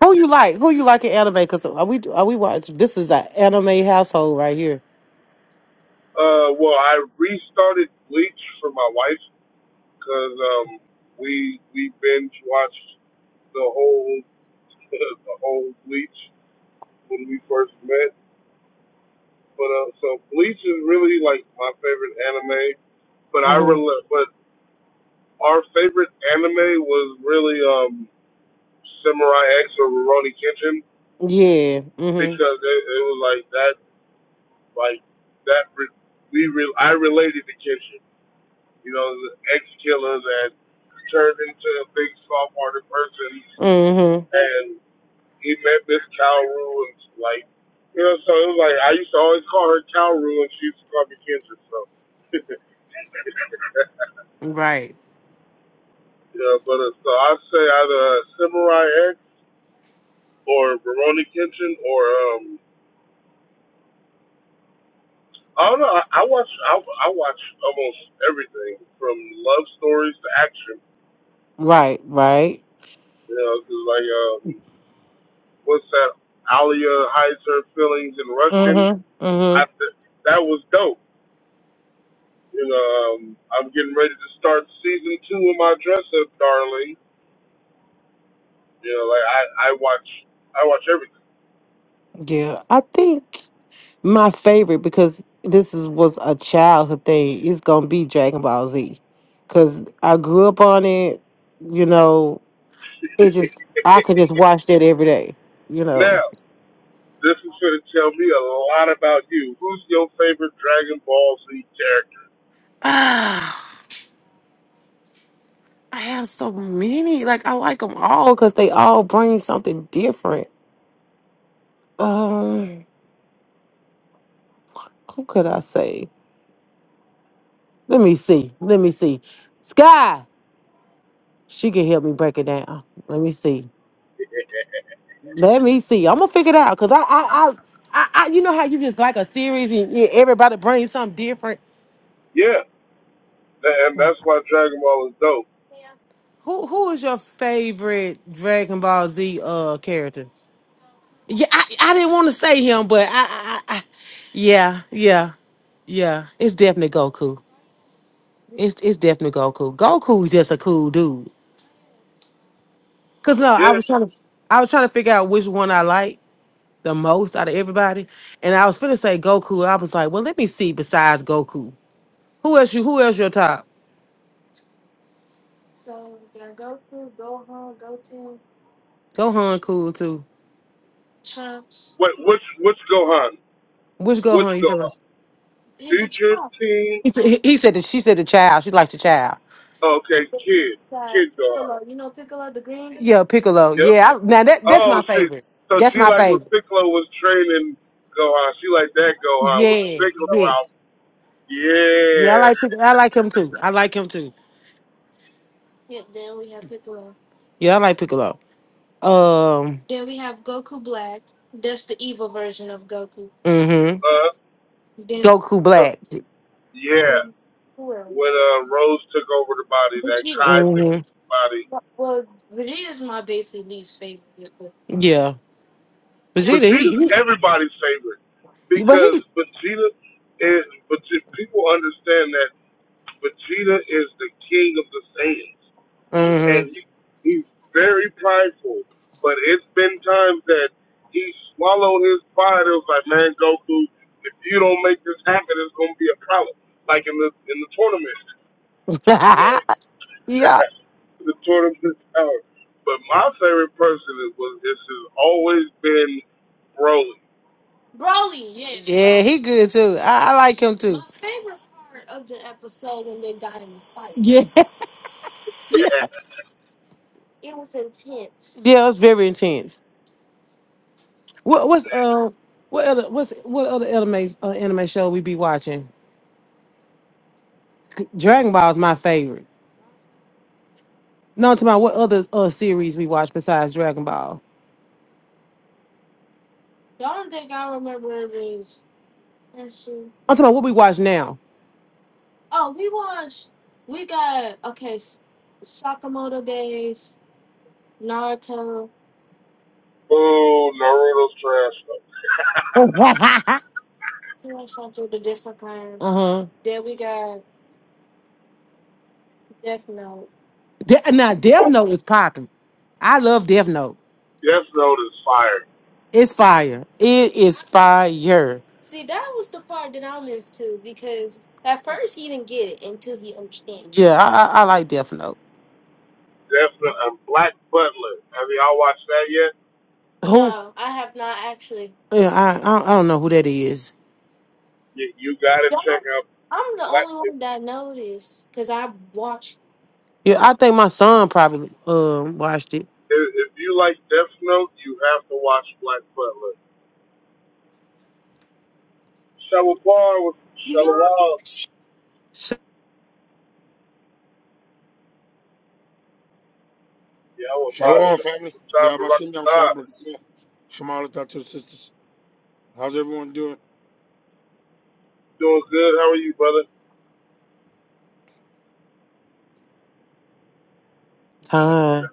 [SPEAKER 8] Who you like? Who you like in anime? Cause are we are we watch? This is an anime household right here.
[SPEAKER 2] uh, well, I restarted Bleach for my wife because um, we we binge watched the whole the whole Bleach when we first met. But uh, so Bleach is really like my favorite anime. But I
[SPEAKER 8] hmm
[SPEAKER 2] rel- but our favorite anime was really um Samurai X or Ronnie Kitchen
[SPEAKER 8] Yeah. hmm
[SPEAKER 2] because it, it was like that, like that. Re, we re, I related to Kitchen, you know, the ex killer that turned into a big soft hearted person,
[SPEAKER 8] hmm
[SPEAKER 2] and he met Miss Calru and like, you know, so it was like I used to always call her Calru and she used to call me Kitchen. So
[SPEAKER 8] Right.
[SPEAKER 2] yeah, but uh, so I say either uh, Samurai X or Veroni Kitchen or um I don't know. I, I watch. I, I watch almost everything from love stories to action.
[SPEAKER 8] Right. Right.
[SPEAKER 2] You know, 'cause like, um, what's that? Alia hides her feelings in Russian.
[SPEAKER 8] hmm hmm
[SPEAKER 2] I th- that was dope. You know, um, I'm getting ready to start season two of my dress up, darling. You know, like I, I watch. I watch everything.
[SPEAKER 8] Yeah. I think my favorite because this is was a childhood thing. It's gonna be Dragon Ball Z, cause I grew up on it. You know, it just I could just watch that every day. You know.
[SPEAKER 2] Now, this is going to tell me a lot about you. Who's your favorite Dragon Ball Z character?
[SPEAKER 8] I have so many. Like I like them all because they all bring something different. Um, who could I say? Let me see. Let me see. Sky, she can help me break it down. Let me see. Let me see. I'm gonna figure it out because I, I, I, I, I, you know how you just like a series and yeah, everybody brings something different.
[SPEAKER 2] Yeah, tha- and that's why Dragon Ball is dope.
[SPEAKER 8] Who who is your favorite Dragon Ball Z uh character? Yeah, I, I didn't want to say him, but I, I, I, I- yeah, yeah, yeah. It's definitely Goku. It's it's definitely Goku. Goku's just a cool dude. Cause no, I
[SPEAKER 2] Yeah,
[SPEAKER 8] was trying to I was trying to figure out which one I like the most out of everybody, and I was finna say Goku. I was like, well, let me see. Besides Goku, who else you? Who else your top? Gohan cool too.
[SPEAKER 2] What Which? Which Gohan?
[SPEAKER 8] Which
[SPEAKER 2] Which
[SPEAKER 8] Gohan you talking about?
[SPEAKER 2] Gohan? Future team.
[SPEAKER 8] He said he he said that she said the child. She likes the child.
[SPEAKER 2] Okay, kid, kid Gohan.
[SPEAKER 8] Yeah, Piccolo.
[SPEAKER 2] Yep.
[SPEAKER 8] Yeah, I, now that that's
[SPEAKER 2] Oh,
[SPEAKER 8] my
[SPEAKER 2] she.
[SPEAKER 8] favorite.
[SPEAKER 2] So
[SPEAKER 8] That's
[SPEAKER 2] she
[SPEAKER 8] my
[SPEAKER 2] like when
[SPEAKER 8] favorite.
[SPEAKER 2] Piccolo was training Gohan. She like that Gohan with the
[SPEAKER 8] Yeah,
[SPEAKER 2] Piccolo
[SPEAKER 8] yeah,
[SPEAKER 2] out.
[SPEAKER 8] yeah. I
[SPEAKER 2] Yeah.
[SPEAKER 8] like Pic- I like him too. I like him too. Yeah, I like Piccolo. Um, mm-hmm.
[SPEAKER 2] Uh.
[SPEAKER 8] Goku Black.
[SPEAKER 2] Yeah. When uh Rose took over the body, that Kai took
[SPEAKER 8] Mm-hmm.
[SPEAKER 2] over the body.
[SPEAKER 8] Yeah. yeah. Vegeta,
[SPEAKER 2] Vegeta's
[SPEAKER 8] he, he
[SPEAKER 2] everybody's favorite
[SPEAKER 8] he- but he
[SPEAKER 2] because Vegeta is. Vegeta, people understand that Vegeta is the king of the Saiyans,
[SPEAKER 8] mm-hmm.
[SPEAKER 2] and he, he's very prideful. But it's been times that he swallowed his pride. It was like, man, Goku, if you don't make this happen, it's gonna be a problem. Like in the in the tournament, you know,
[SPEAKER 8] yeah.
[SPEAKER 2] the tournament power. But my favorite person is was this has always been Broly.
[SPEAKER 8] Yeah, he good too. I, I like him My too. My Yeah. yeah. Yeah, it was very intense. What what's uh what other what's what other anime uh, anime show we be watching? Dragon Ball is my favorite. No, to my what other uh series we watch besides Dragon Ball? I'm talking about what we watch now.
[SPEAKER 2] Boo, Naruto's trash.
[SPEAKER 8] uh huh. De- now Death Note is popping. I love Death Note.
[SPEAKER 2] Death Note is fire.
[SPEAKER 8] It's fire. It is fire. At first he didn't get it until he understand. Yeah, I, I, I like Death Note.
[SPEAKER 2] Death Note and Black Butler. Have y'all watched that yet?
[SPEAKER 8] Who? Yeah, I, have not actually. Yeah, I I I don't know who that is.
[SPEAKER 2] You, you gotta check out Black. If,
[SPEAKER 8] Yeah, I think my son probably um watched it.
[SPEAKER 2] if you like Death Note, you have to watch Black Butler. Shallow with Shallow
[SPEAKER 8] Sh-
[SPEAKER 2] Yeah, I would buy a
[SPEAKER 13] Shalom,
[SPEAKER 2] shit from
[SPEAKER 13] family.
[SPEAKER 2] the top of Rock
[SPEAKER 13] Yabashim Yam Shabbat. Shema Shalom to the sisters. How's everyone doing?
[SPEAKER 2] Doing good. How are you, brother?
[SPEAKER 8] Con,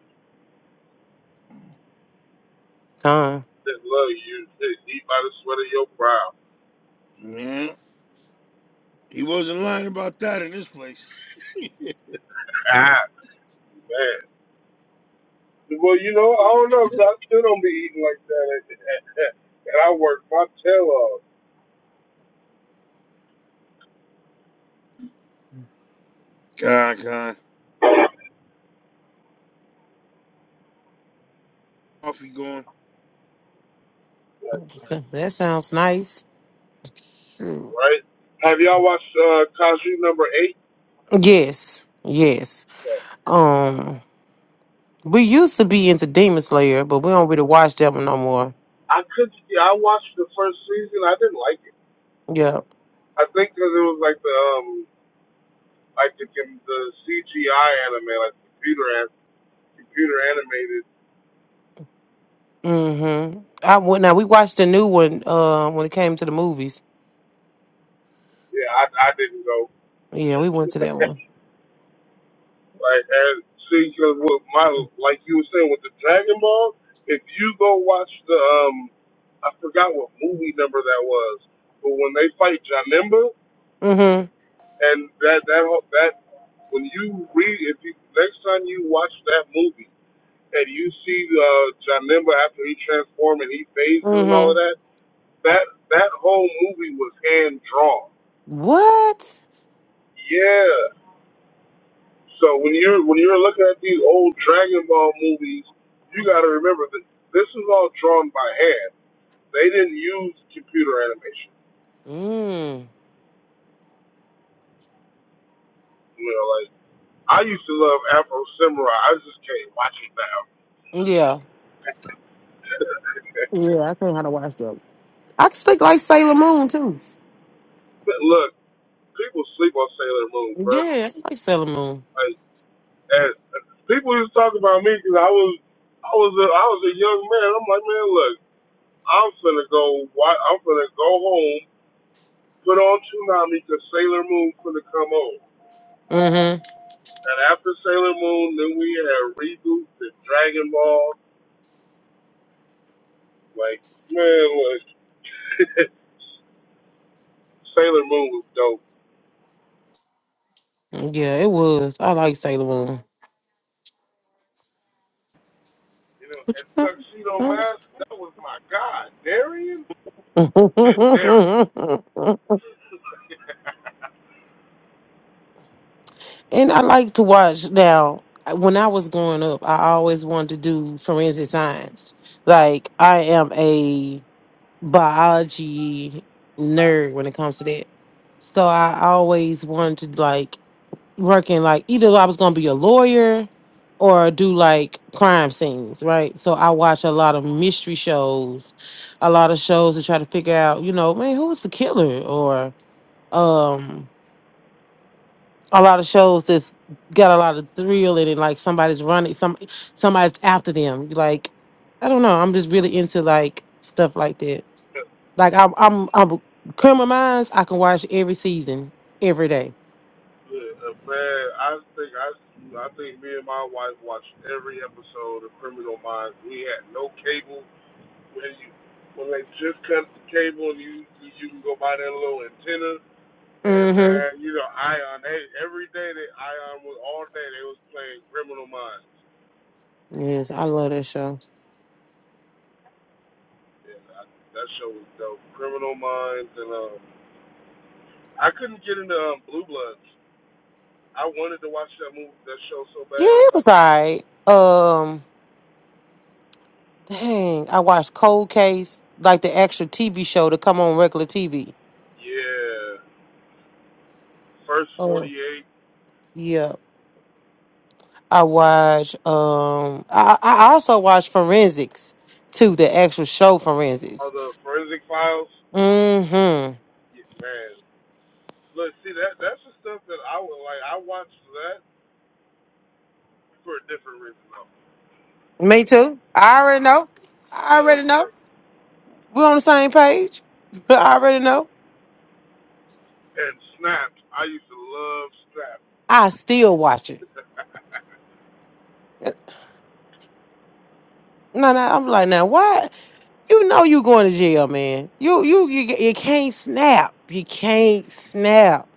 [SPEAKER 8] con.
[SPEAKER 2] That love you. Eat by the sweat of your brow.
[SPEAKER 13] Yeah. He wasn't lying about that in this place.
[SPEAKER 2] Ah, man. Well, you know, I don't know, 'cause I still don't be eating like that, and, I work my tail off,
[SPEAKER 13] God, God. Off you going.
[SPEAKER 8] That sounds nice. Mm.
[SPEAKER 2] right? Have y'all watched uh, Cosby number eight?
[SPEAKER 8] Yes, yes. Um. We used to be into Demon Slayer, but we don't really watch that one no more.
[SPEAKER 2] I could, yeah, I watched the first season. I didn't like it.
[SPEAKER 8] Yeah.
[SPEAKER 2] I think 'cause it was like the um, like the com- the CGI anime, like computer an- computer animated.
[SPEAKER 8] Mm-hmm. I went now we watched the new one uh when it came to the movies.
[SPEAKER 2] Yeah, I I didn't
[SPEAKER 8] Yeah, we went to
[SPEAKER 2] go.
[SPEAKER 8] that one.
[SPEAKER 2] Like and see, because with my like you were saying with the Dragon Ball, if you go watch the um, I forgot what movie number that was, but when they fight Janemba
[SPEAKER 8] Mm-hmm.
[SPEAKER 2] and that that whole- that when you read if you next time you watch that movie and you see uh, Janemba after he transforms and he phases and all of
[SPEAKER 8] Mm-hmm.
[SPEAKER 2] that, that that whole movie was hand drawn.
[SPEAKER 8] What?
[SPEAKER 2] Yeah. So when you're when you're looking at these old Dragon Ball movies, you got to remember that this is all drawn by hand. They didn't use computer animation.
[SPEAKER 8] Mm.
[SPEAKER 2] You know, like I used to love Afro Samurai. I just can't watch it now.
[SPEAKER 8] Yeah. Yeah, I can't how to watch that. I just think like Sailor Moon too.
[SPEAKER 2] but look, people sleep on Sailor Moon, bro.
[SPEAKER 8] Yeah, I like Sailor Moon.
[SPEAKER 2] Like, and people used to talk about me because I was, I was, a, I was a young man. I'm like, man, look, I'm finna go. wa- I'm finna go home, put on Toonami because Sailor Moon finna come on.
[SPEAKER 8] Mm-hmm.
[SPEAKER 2] And after Sailor Moon, then we had reboots and Dragon Ball. Like, man, like, Sailor Moon was dope.
[SPEAKER 8] Yeah, it was. I like Sailor Moon.
[SPEAKER 2] You know,
[SPEAKER 8] What
[SPEAKER 2] and
[SPEAKER 8] you-
[SPEAKER 2] Tuxedo Mask, that was my god. Darian? Darian.
[SPEAKER 8] huh? And I like to watch now. When I was growing up, I always wanted to do forensic science. Like I am a biology nerd when it comes to that. So I always wanted to like work in like either I was gonna be a lawyer or do like crime scenes, right? So I watch a lot of mystery shows, a lot of shows to try to figure out, you know, man, who was the killer or um a lot of shows that's got a lot of thrill in it. Like somebody's running, some somebody's after them. Like I don't know. I'm just really into like stuff like that. Like I'm, I'm, I'm Criminal Minds. I can watch every season, every day.
[SPEAKER 2] Yeah, uh, man, I think I, I think me and my wife watched every episode of Criminal Minds. We had no cable when you when they just cut the cable and you, you can go buy that little antenna And
[SPEAKER 8] Mm-hmm.
[SPEAKER 2] man, you know, Ion, they, every day that Ion was all day, they was playing Criminal Minds.
[SPEAKER 8] Yes, I love that show.
[SPEAKER 2] And I, that show was dope. Criminal Minds, and um, I couldn't get into um, Blue Bloods. I wanted to watch that movie, that show so
[SPEAKER 8] Yeah,
[SPEAKER 2] bad.
[SPEAKER 8] it was alright. Um, dang, I watched Cold Case, like the actual TV show to come on regular TV.
[SPEAKER 2] Yeah, first
[SPEAKER 8] Oh
[SPEAKER 2] 48
[SPEAKER 8] yeah. I watch. Um, I I also watch Forensics too, the actual show
[SPEAKER 2] of
[SPEAKER 8] Forensics.
[SPEAKER 2] the Forensic Files.
[SPEAKER 8] Mm-hmm.
[SPEAKER 2] Yeah, man, look, see that that's the stuff that I would like. I watched that for a different reason though.
[SPEAKER 8] Me too. I already know.
[SPEAKER 2] You
[SPEAKER 8] I
[SPEAKER 2] know,
[SPEAKER 8] already
[SPEAKER 2] so
[SPEAKER 8] know. We're on the same page. I already know.
[SPEAKER 2] and Snapped, I used to love
[SPEAKER 8] I still watch it.
[SPEAKER 2] Snapped.
[SPEAKER 8] No, no. I'm like, now why? You know you going to jail, man. You you you you can't snap. You can't snap.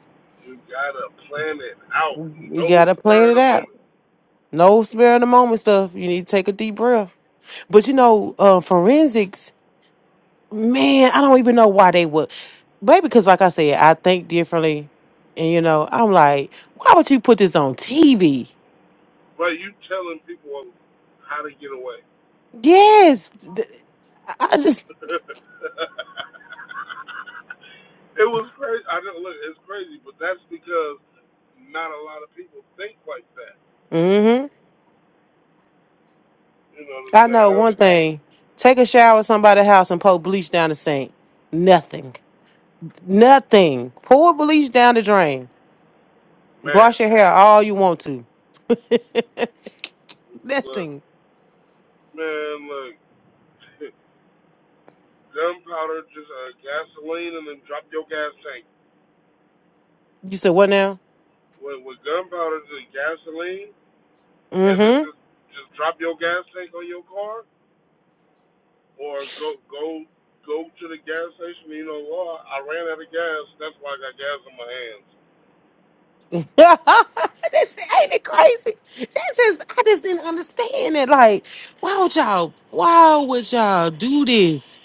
[SPEAKER 2] You gotta plan it out.
[SPEAKER 8] You
[SPEAKER 2] No
[SPEAKER 8] gotta plan
[SPEAKER 2] spur of
[SPEAKER 8] it
[SPEAKER 2] the
[SPEAKER 8] out.
[SPEAKER 2] moment.
[SPEAKER 8] No spare in the moment stuff. You need to take a deep breath. But you know, uh, forensics. Man, I don't even know why they would. Maybe because, like I said, I think differently. And, you know, I'm like, why would you put this on TV?
[SPEAKER 2] But you telling people how to get away.
[SPEAKER 8] Yes. th- I I just,
[SPEAKER 2] it was crazy. I don't look. It's crazy, but that's because not a lot of people think like that.
[SPEAKER 8] hmm
[SPEAKER 2] You know, the,
[SPEAKER 8] I
[SPEAKER 2] the
[SPEAKER 8] know
[SPEAKER 2] av-
[SPEAKER 8] one thing. Take a shower at somebody's house and pour bleach down the sink. Nothing. Nothing. Pour bleach down the drain.
[SPEAKER 2] man,
[SPEAKER 8] Wash your hair all you want to.
[SPEAKER 2] look,
[SPEAKER 8] Nothing.
[SPEAKER 2] man, look, gunpowder, just uh, gasoline, and then drop your gas tank.
[SPEAKER 8] You said what now?
[SPEAKER 2] With, with gunpowder, just gasoline, and then
[SPEAKER 8] Mm-hmm.
[SPEAKER 2] just just drop your gas tank on your car. or go go go to the gas station. You know what? I ran out of gas. That's why I got gas in my hands.
[SPEAKER 8] That's ain't it crazy? That just I just didn't understand it. Like, why would y'all? Why would y'all do this?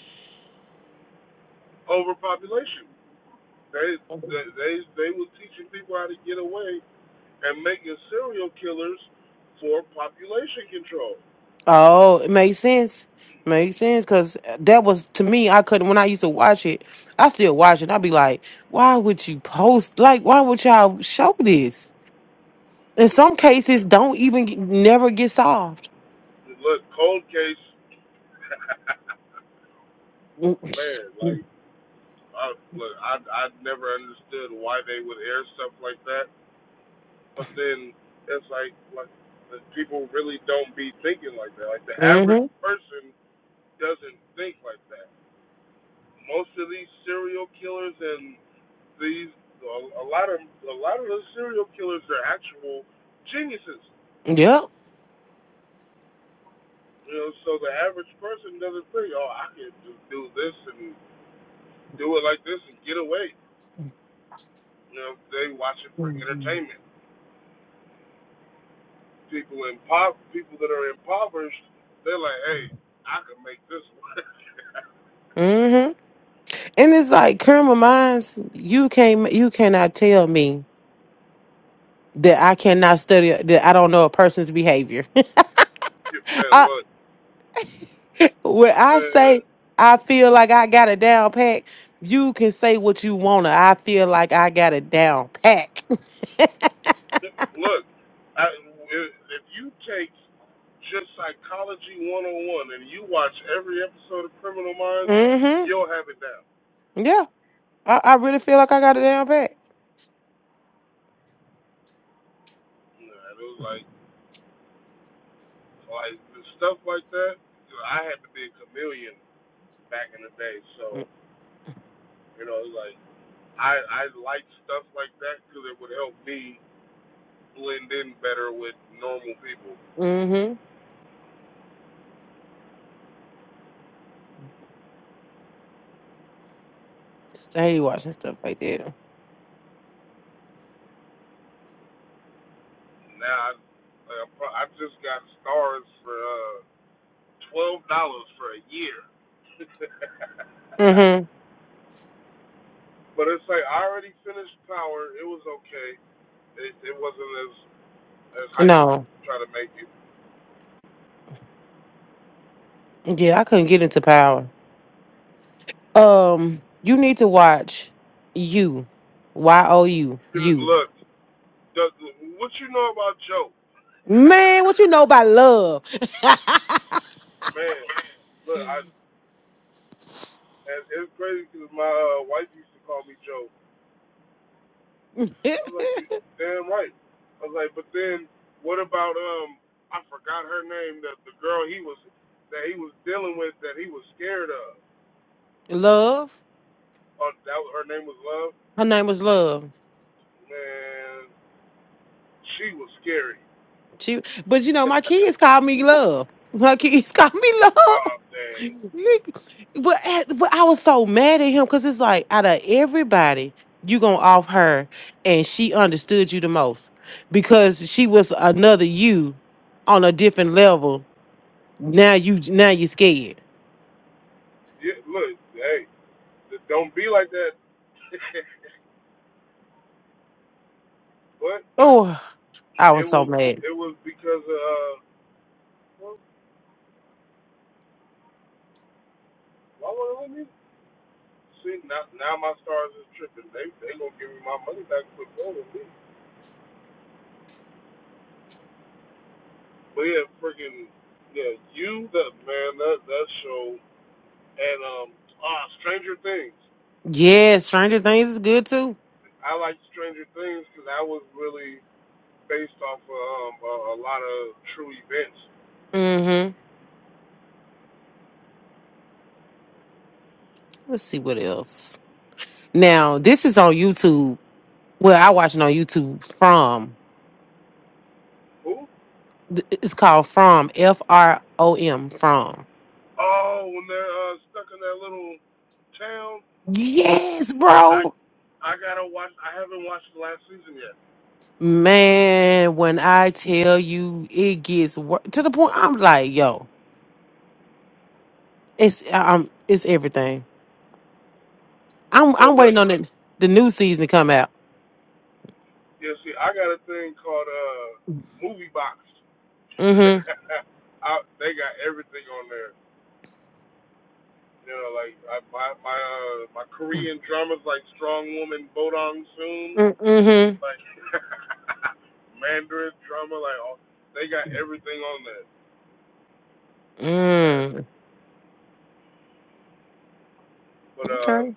[SPEAKER 2] Overpopulation. They they they, they were teaching people how to get away and making serial killers for population control.
[SPEAKER 8] Oh, it makes sense. Makes sense because that was to me. I couldn't when I used to watch it. I still watch it. I'd be like, why would you post? Like, why would y'all show this? In some cases, don't even get, never get solved.
[SPEAKER 2] Look, cold case,
[SPEAKER 8] Mm-hmm.
[SPEAKER 2] man. Like, I, look, I I never understood why they would air stuff like that. But then it's like like the people really don't be thinking like that. Like the average person doesn't think like that most of these serial killers and these a, a lot of a lot of those serial killers are actual geniuses.
[SPEAKER 8] Yep.
[SPEAKER 2] You know, so the average person doesn't think, oh, I can just do this and do it like this and get away. You know, they watch it for
[SPEAKER 8] Mm-hmm.
[SPEAKER 2] entertainment. People in pop, people that are impoverished, they're like, hey, I can make this work.
[SPEAKER 8] And it's like criminal minds, you can't you cannot tell me that I cannot study that I don't know a person's behavior.
[SPEAKER 2] Man,
[SPEAKER 8] I
[SPEAKER 2] look,
[SPEAKER 8] when I
[SPEAKER 2] man.
[SPEAKER 8] say I feel like I got a down pack, you can say what you wanna. I feel like I got a down pack.
[SPEAKER 2] Look, I, if if you take just psychology 101 and you watch every episode of Criminal Minds,
[SPEAKER 8] Mm-hmm.
[SPEAKER 2] you'll have it down.
[SPEAKER 8] Yeah. I, I really feel like I got a down pack.
[SPEAKER 2] You know, it was like, like the stuff like that. You know, I had to be a chameleon back in the day, so you know, like I I like stuff like that because it would help me blend in better with normal people.
[SPEAKER 8] Mm-hmm. Stay watching stuff like that.
[SPEAKER 2] Now I, like, I'm pro- I just got stars for. Uh, twelve dollars for a year.
[SPEAKER 8] Mm-hmm.
[SPEAKER 2] but it's like I already finished Power. It was okay. It, it wasn't as as hype as
[SPEAKER 8] No.
[SPEAKER 2] try to make it.
[SPEAKER 8] Yeah, I couldn't get into power. Um, you need to watch you. Y O U.
[SPEAKER 2] Look,
[SPEAKER 8] You.
[SPEAKER 2] does- what you know about Joe?
[SPEAKER 8] Man, what you know about love?
[SPEAKER 2] Man, look, I and it's crazy because my uh, wife used to call me Joe. I was like, you damn right. I was like, but then what about um? I forgot her name. That the girl he was that he was dealing with that he was scared of.
[SPEAKER 8] love.
[SPEAKER 2] Oh, that was, her name was Love
[SPEAKER 8] Her name was Love.
[SPEAKER 2] Man, she was scary.
[SPEAKER 8] She, but you know, my kids call me Love. My kids call me Love.
[SPEAKER 2] Oh, dang.
[SPEAKER 8] but, but I was so mad at him because it's like out of everybody, you gonna off her, and she understood you the most because she was another you on a different level. Now you, now you scared.
[SPEAKER 2] Yeah, look, hey, don't be like that. but
[SPEAKER 8] Oh, I
[SPEAKER 2] it
[SPEAKER 8] was so
[SPEAKER 2] was
[SPEAKER 8] mad.
[SPEAKER 2] it was because of uh, why would it let me? See, now, now my stars is tripping. They they gonna give me my money back for going with me. But yeah, freaking yeah, you the man that that show and um ah Stranger Things.
[SPEAKER 8] Yeah, Stranger Things is good too.
[SPEAKER 2] I like Stranger Things because that was really based off of um, a, a lot of true events.
[SPEAKER 8] Mm-hmm. Let's see what else. Now, this is on YouTube. Well, I watch it on YouTube from.
[SPEAKER 2] Who?
[SPEAKER 8] Th- It's called From, F R O M, From.
[SPEAKER 2] Oh, when they're uh, stuck in that little town,
[SPEAKER 8] Yes,
[SPEAKER 2] I
[SPEAKER 8] bro.
[SPEAKER 2] I gotta watch. I haven't watched the last season yet.
[SPEAKER 8] Man, when I tell you it gets wor- to the point, I'm like, yo, it's um, it's everything. I'm
[SPEAKER 2] But
[SPEAKER 8] I'm
[SPEAKER 2] look,
[SPEAKER 8] waiting on the the new season to come out.
[SPEAKER 2] you see, I got a thing called uh Movie Box.
[SPEAKER 8] Mm-hmm.
[SPEAKER 2] I, they got everything on there. You know, like I, my my uh, my
[SPEAKER 8] Mm,
[SPEAKER 2] Korean dramas like Strong Woman, Bodong Soon,
[SPEAKER 8] Mm-hmm.
[SPEAKER 2] like Mandarin drama, like all, they got everything on there. And,
[SPEAKER 8] Mm.
[SPEAKER 2] but uh,
[SPEAKER 8] Okay.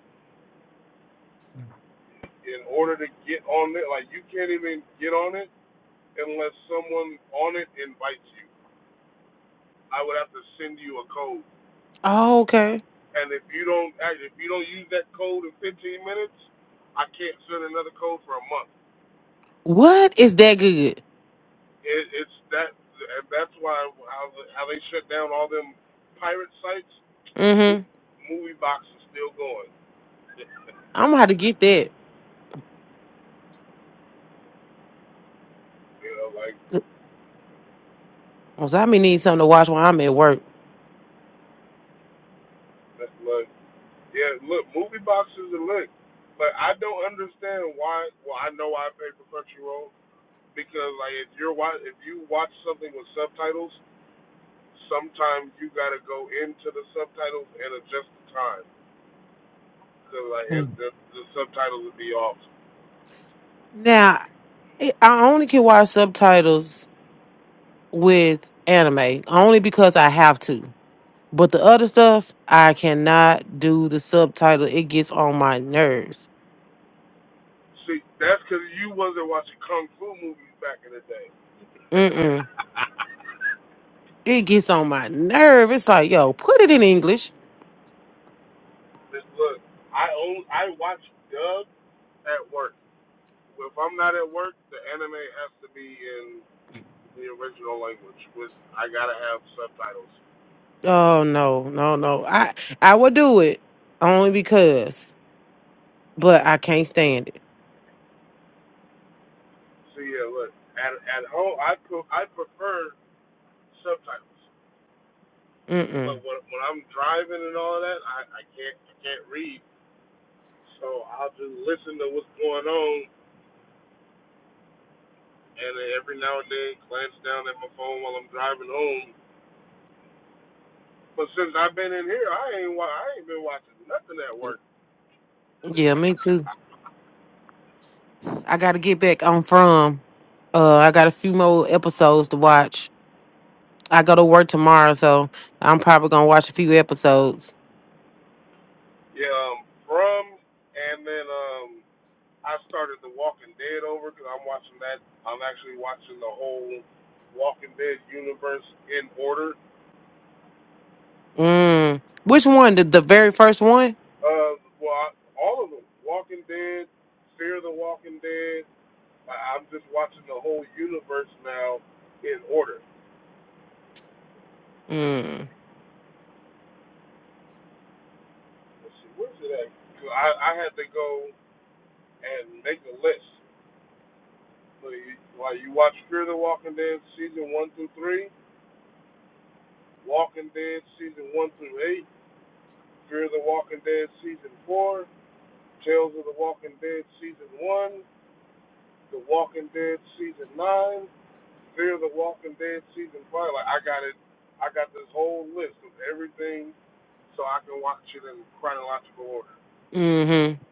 [SPEAKER 2] in order to get on it, like you can't even get on it unless someone on it invites you. I would have to send you a code.
[SPEAKER 8] Oh, okay.
[SPEAKER 2] And if you don't if you don't use that code in 15 minutes, I can't send another code for a month.
[SPEAKER 8] What is that good?
[SPEAKER 2] It, it's that, and that's why how, how they shut down all them pirate sites.
[SPEAKER 8] Mm-hmm.
[SPEAKER 2] Movie box is still going.
[SPEAKER 8] I'm gonna have to get that.
[SPEAKER 2] You know, like
[SPEAKER 8] Cause I may need something to watch while I'm at work.
[SPEAKER 2] that- look, yeah, look, movie boxes are lit. But I don't understand why. Well, I know why I pay for Crunchyroll because like if you're wa if you watch something with subtitles sometimes you gotta go into the subtitles and adjust the time. Cause like it,
[SPEAKER 8] Mm.
[SPEAKER 2] the, the subtitles would be off.
[SPEAKER 8] Now, it, I only can watch subtitles with anime, only because I have to. But the other stuff, I cannot do the subtitle. It gets on my nerves.
[SPEAKER 2] See, that's cause you wasn't watching kung fu movies back in the day.
[SPEAKER 8] Mm-mm. It gets on my nerve. It's like, yo, put it in English.
[SPEAKER 2] Just look, I own I watch dub at work. Well, If I'm not at work, the anime has to be in the original language. With I gotta have subtitles.
[SPEAKER 8] Oh no, no, no. I I would do it only because, but I can't stand it.
[SPEAKER 2] See, yeah, look at at home I pre- I prefer subtitles. But
[SPEAKER 8] Mm-mm.
[SPEAKER 2] when when I'm driving and all of that, I, I can't I can't read So I'll just listen to what's going on, and then every now and then glance down at my phone while I'm driving home. But since I've been in here, I ain't wa- I ain't been watching nothing at work.
[SPEAKER 8] Yeah, me too. I got to get back on from. Uh, I got a few more episodes to watch. I go to work tomorrow, so I'm probably gonna watch a few episodes.
[SPEAKER 2] Yeah, um, from and then um, I started The Walking Dead over because I'm watching that. I'm actually watching the whole Walking Dead universe in order.
[SPEAKER 8] Mm. Which one? The, the very first one?
[SPEAKER 2] Uh, well, I, all of them: Walking Dead, Fear the Walking Dead. I, I'm just watching the whole universe now in order.
[SPEAKER 8] Mm.
[SPEAKER 2] Let's see, where's it at? I, I had to go and make a list. So you, while you watch Fear the Walking Dead season one through three, Walking Dead season one through eight, Fear the Walking Dead season four, Tales of the Walking Dead season one, The Walking Dead season nine, Fear the Walking Dead season five. Like I got it, I got this whole list of everything, so I can watch it in chronological order.
[SPEAKER 8] Mm-hmm.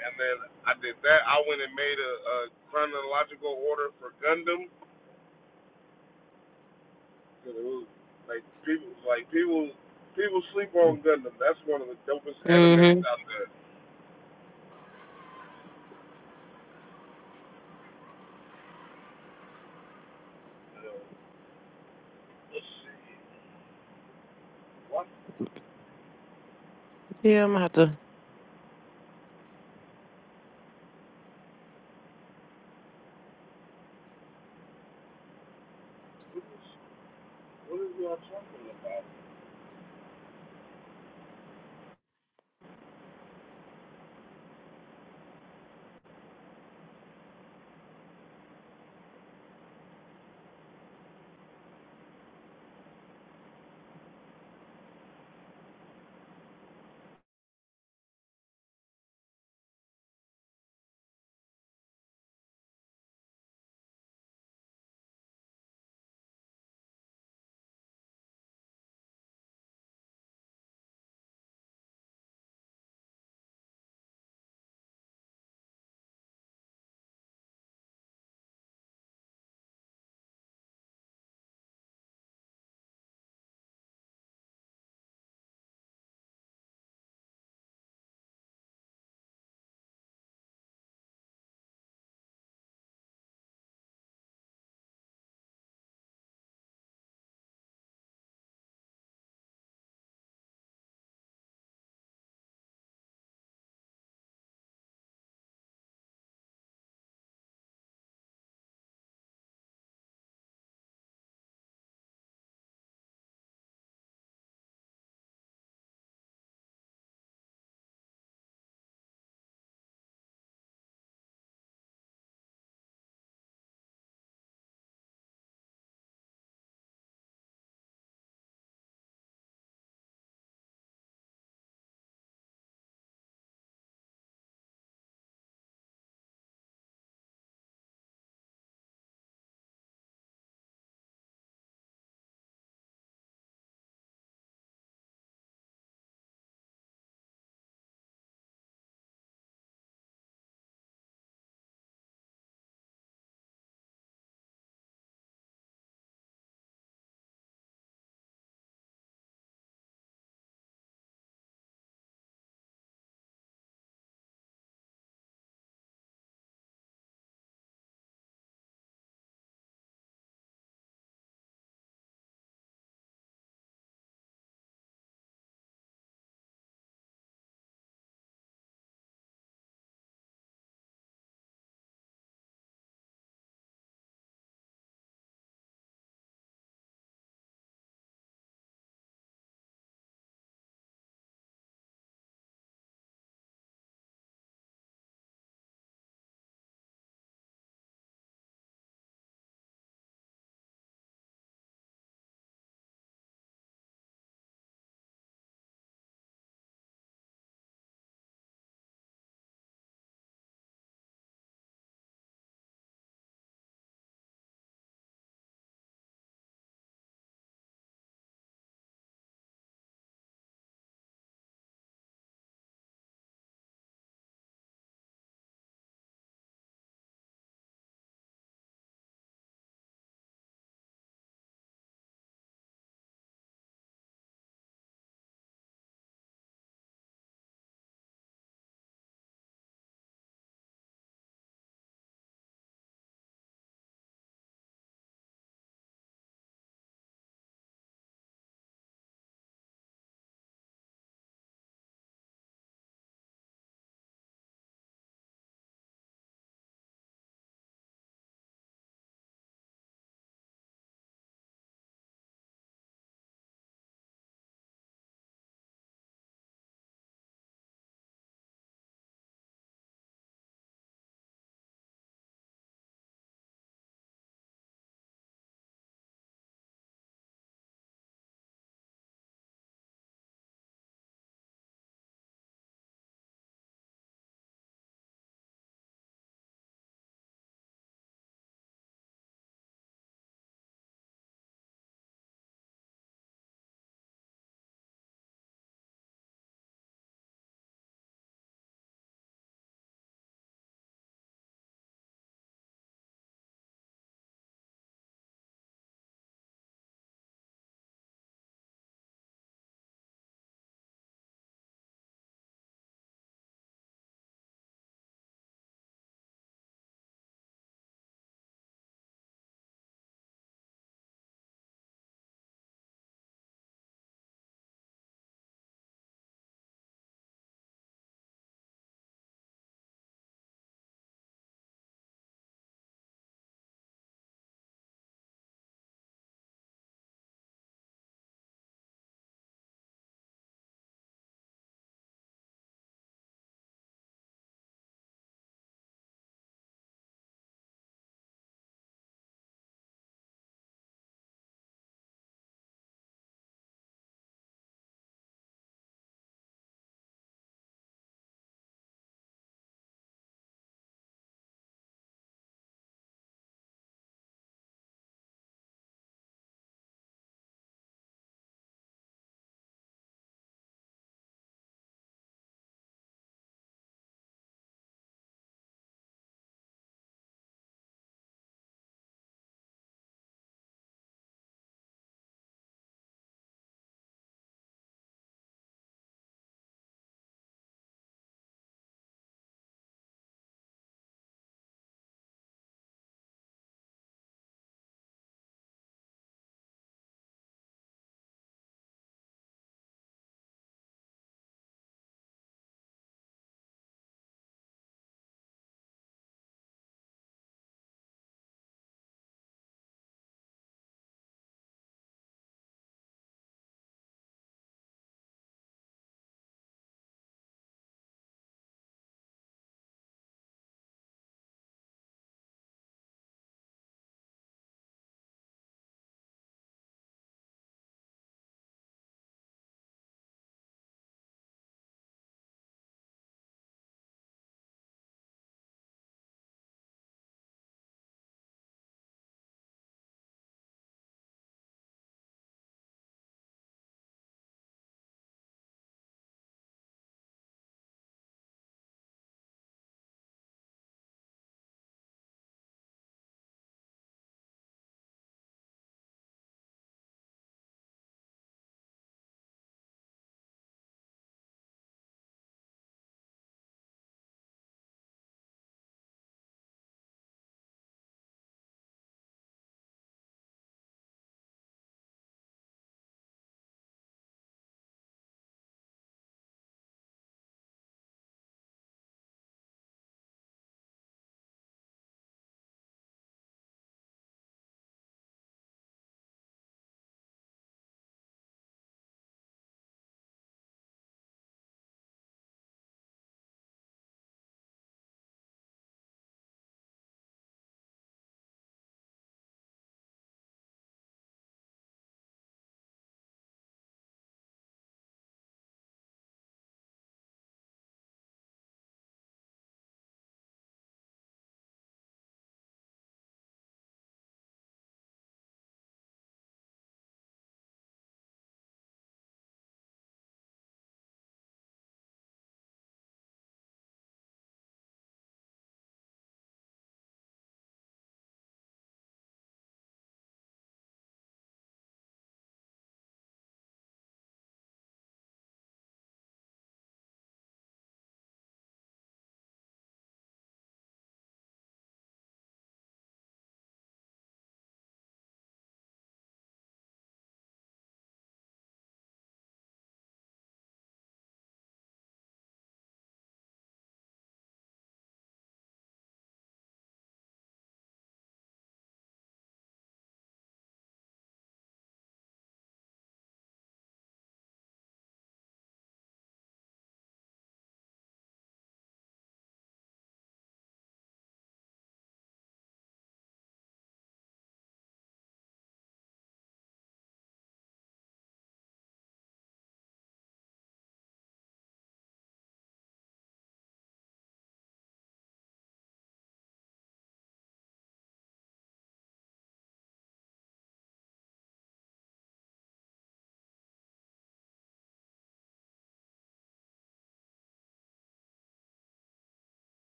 [SPEAKER 2] And then I did that. I went and made a, a chronological order for Gundam. it was like people, like people, people sleep on Gundam. That's one of the dopest animes
[SPEAKER 8] Mm-hmm.
[SPEAKER 2] out there. What
[SPEAKER 8] Yeah, I'm gonna have to.
[SPEAKER 2] what is y'all talking about?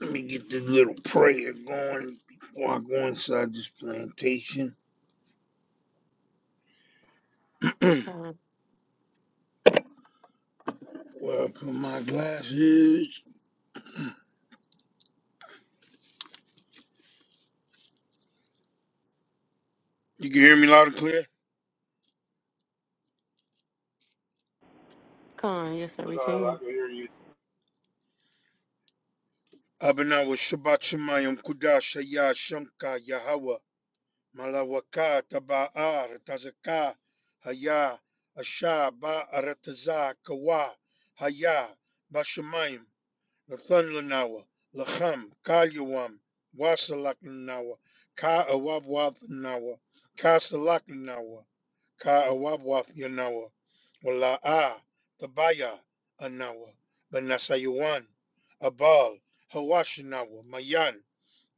[SPEAKER 13] Let me get this little prayer going before I go inside this plantation. Where
[SPEAKER 8] Come on,
[SPEAKER 13] I put my glasses. You can hear me loud and clear?
[SPEAKER 8] come on. Yes, sir,
[SPEAKER 2] Cause
[SPEAKER 8] we
[SPEAKER 2] I
[SPEAKER 8] can.
[SPEAKER 2] can hear you.
[SPEAKER 13] I've been out with Shabbat Shemayim Kudash Shaya Shanka Yahweh. Malawaka, Taba'ar, Tazaka, Haya, Asha, Ba'arataza, Kawa, Haya, Bashamayim, Lathunlanawa, Lacham, Kalyawam, Wasalaklanawa, Ka'awabwathanawa, Kasalaklanawa, Ka'awabwathanawa, Wala'a, Tabaya, Anawa, Banasayawan, Abal, Hawashinawa, Mayan,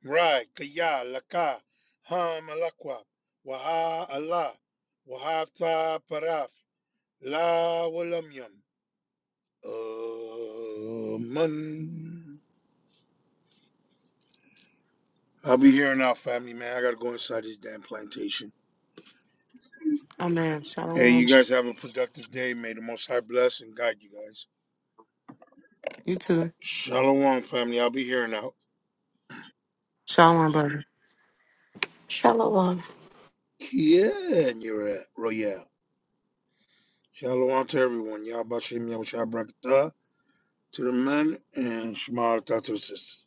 [SPEAKER 13] Right, Kaya, Laka, Ha Malakwa, Waha Allah, Wahata Paraf, La Walamyam. Um, I'll be here now, family man. I gotta go inside this damn plantation.
[SPEAKER 8] Amen.
[SPEAKER 13] Hey,
[SPEAKER 8] Shalom.
[SPEAKER 13] you guys have a productive day. May the Most High bless and guide you guys.
[SPEAKER 8] You too.
[SPEAKER 13] Shalom, family. I'll be here now.
[SPEAKER 8] Shalom, brother.
[SPEAKER 3] Shallow one.
[SPEAKER 13] Yeah, and you're at Royale. Shalom to everyone. Y'all, Bashim, Yahushua, Brakata to the men, and Shema to the sisters.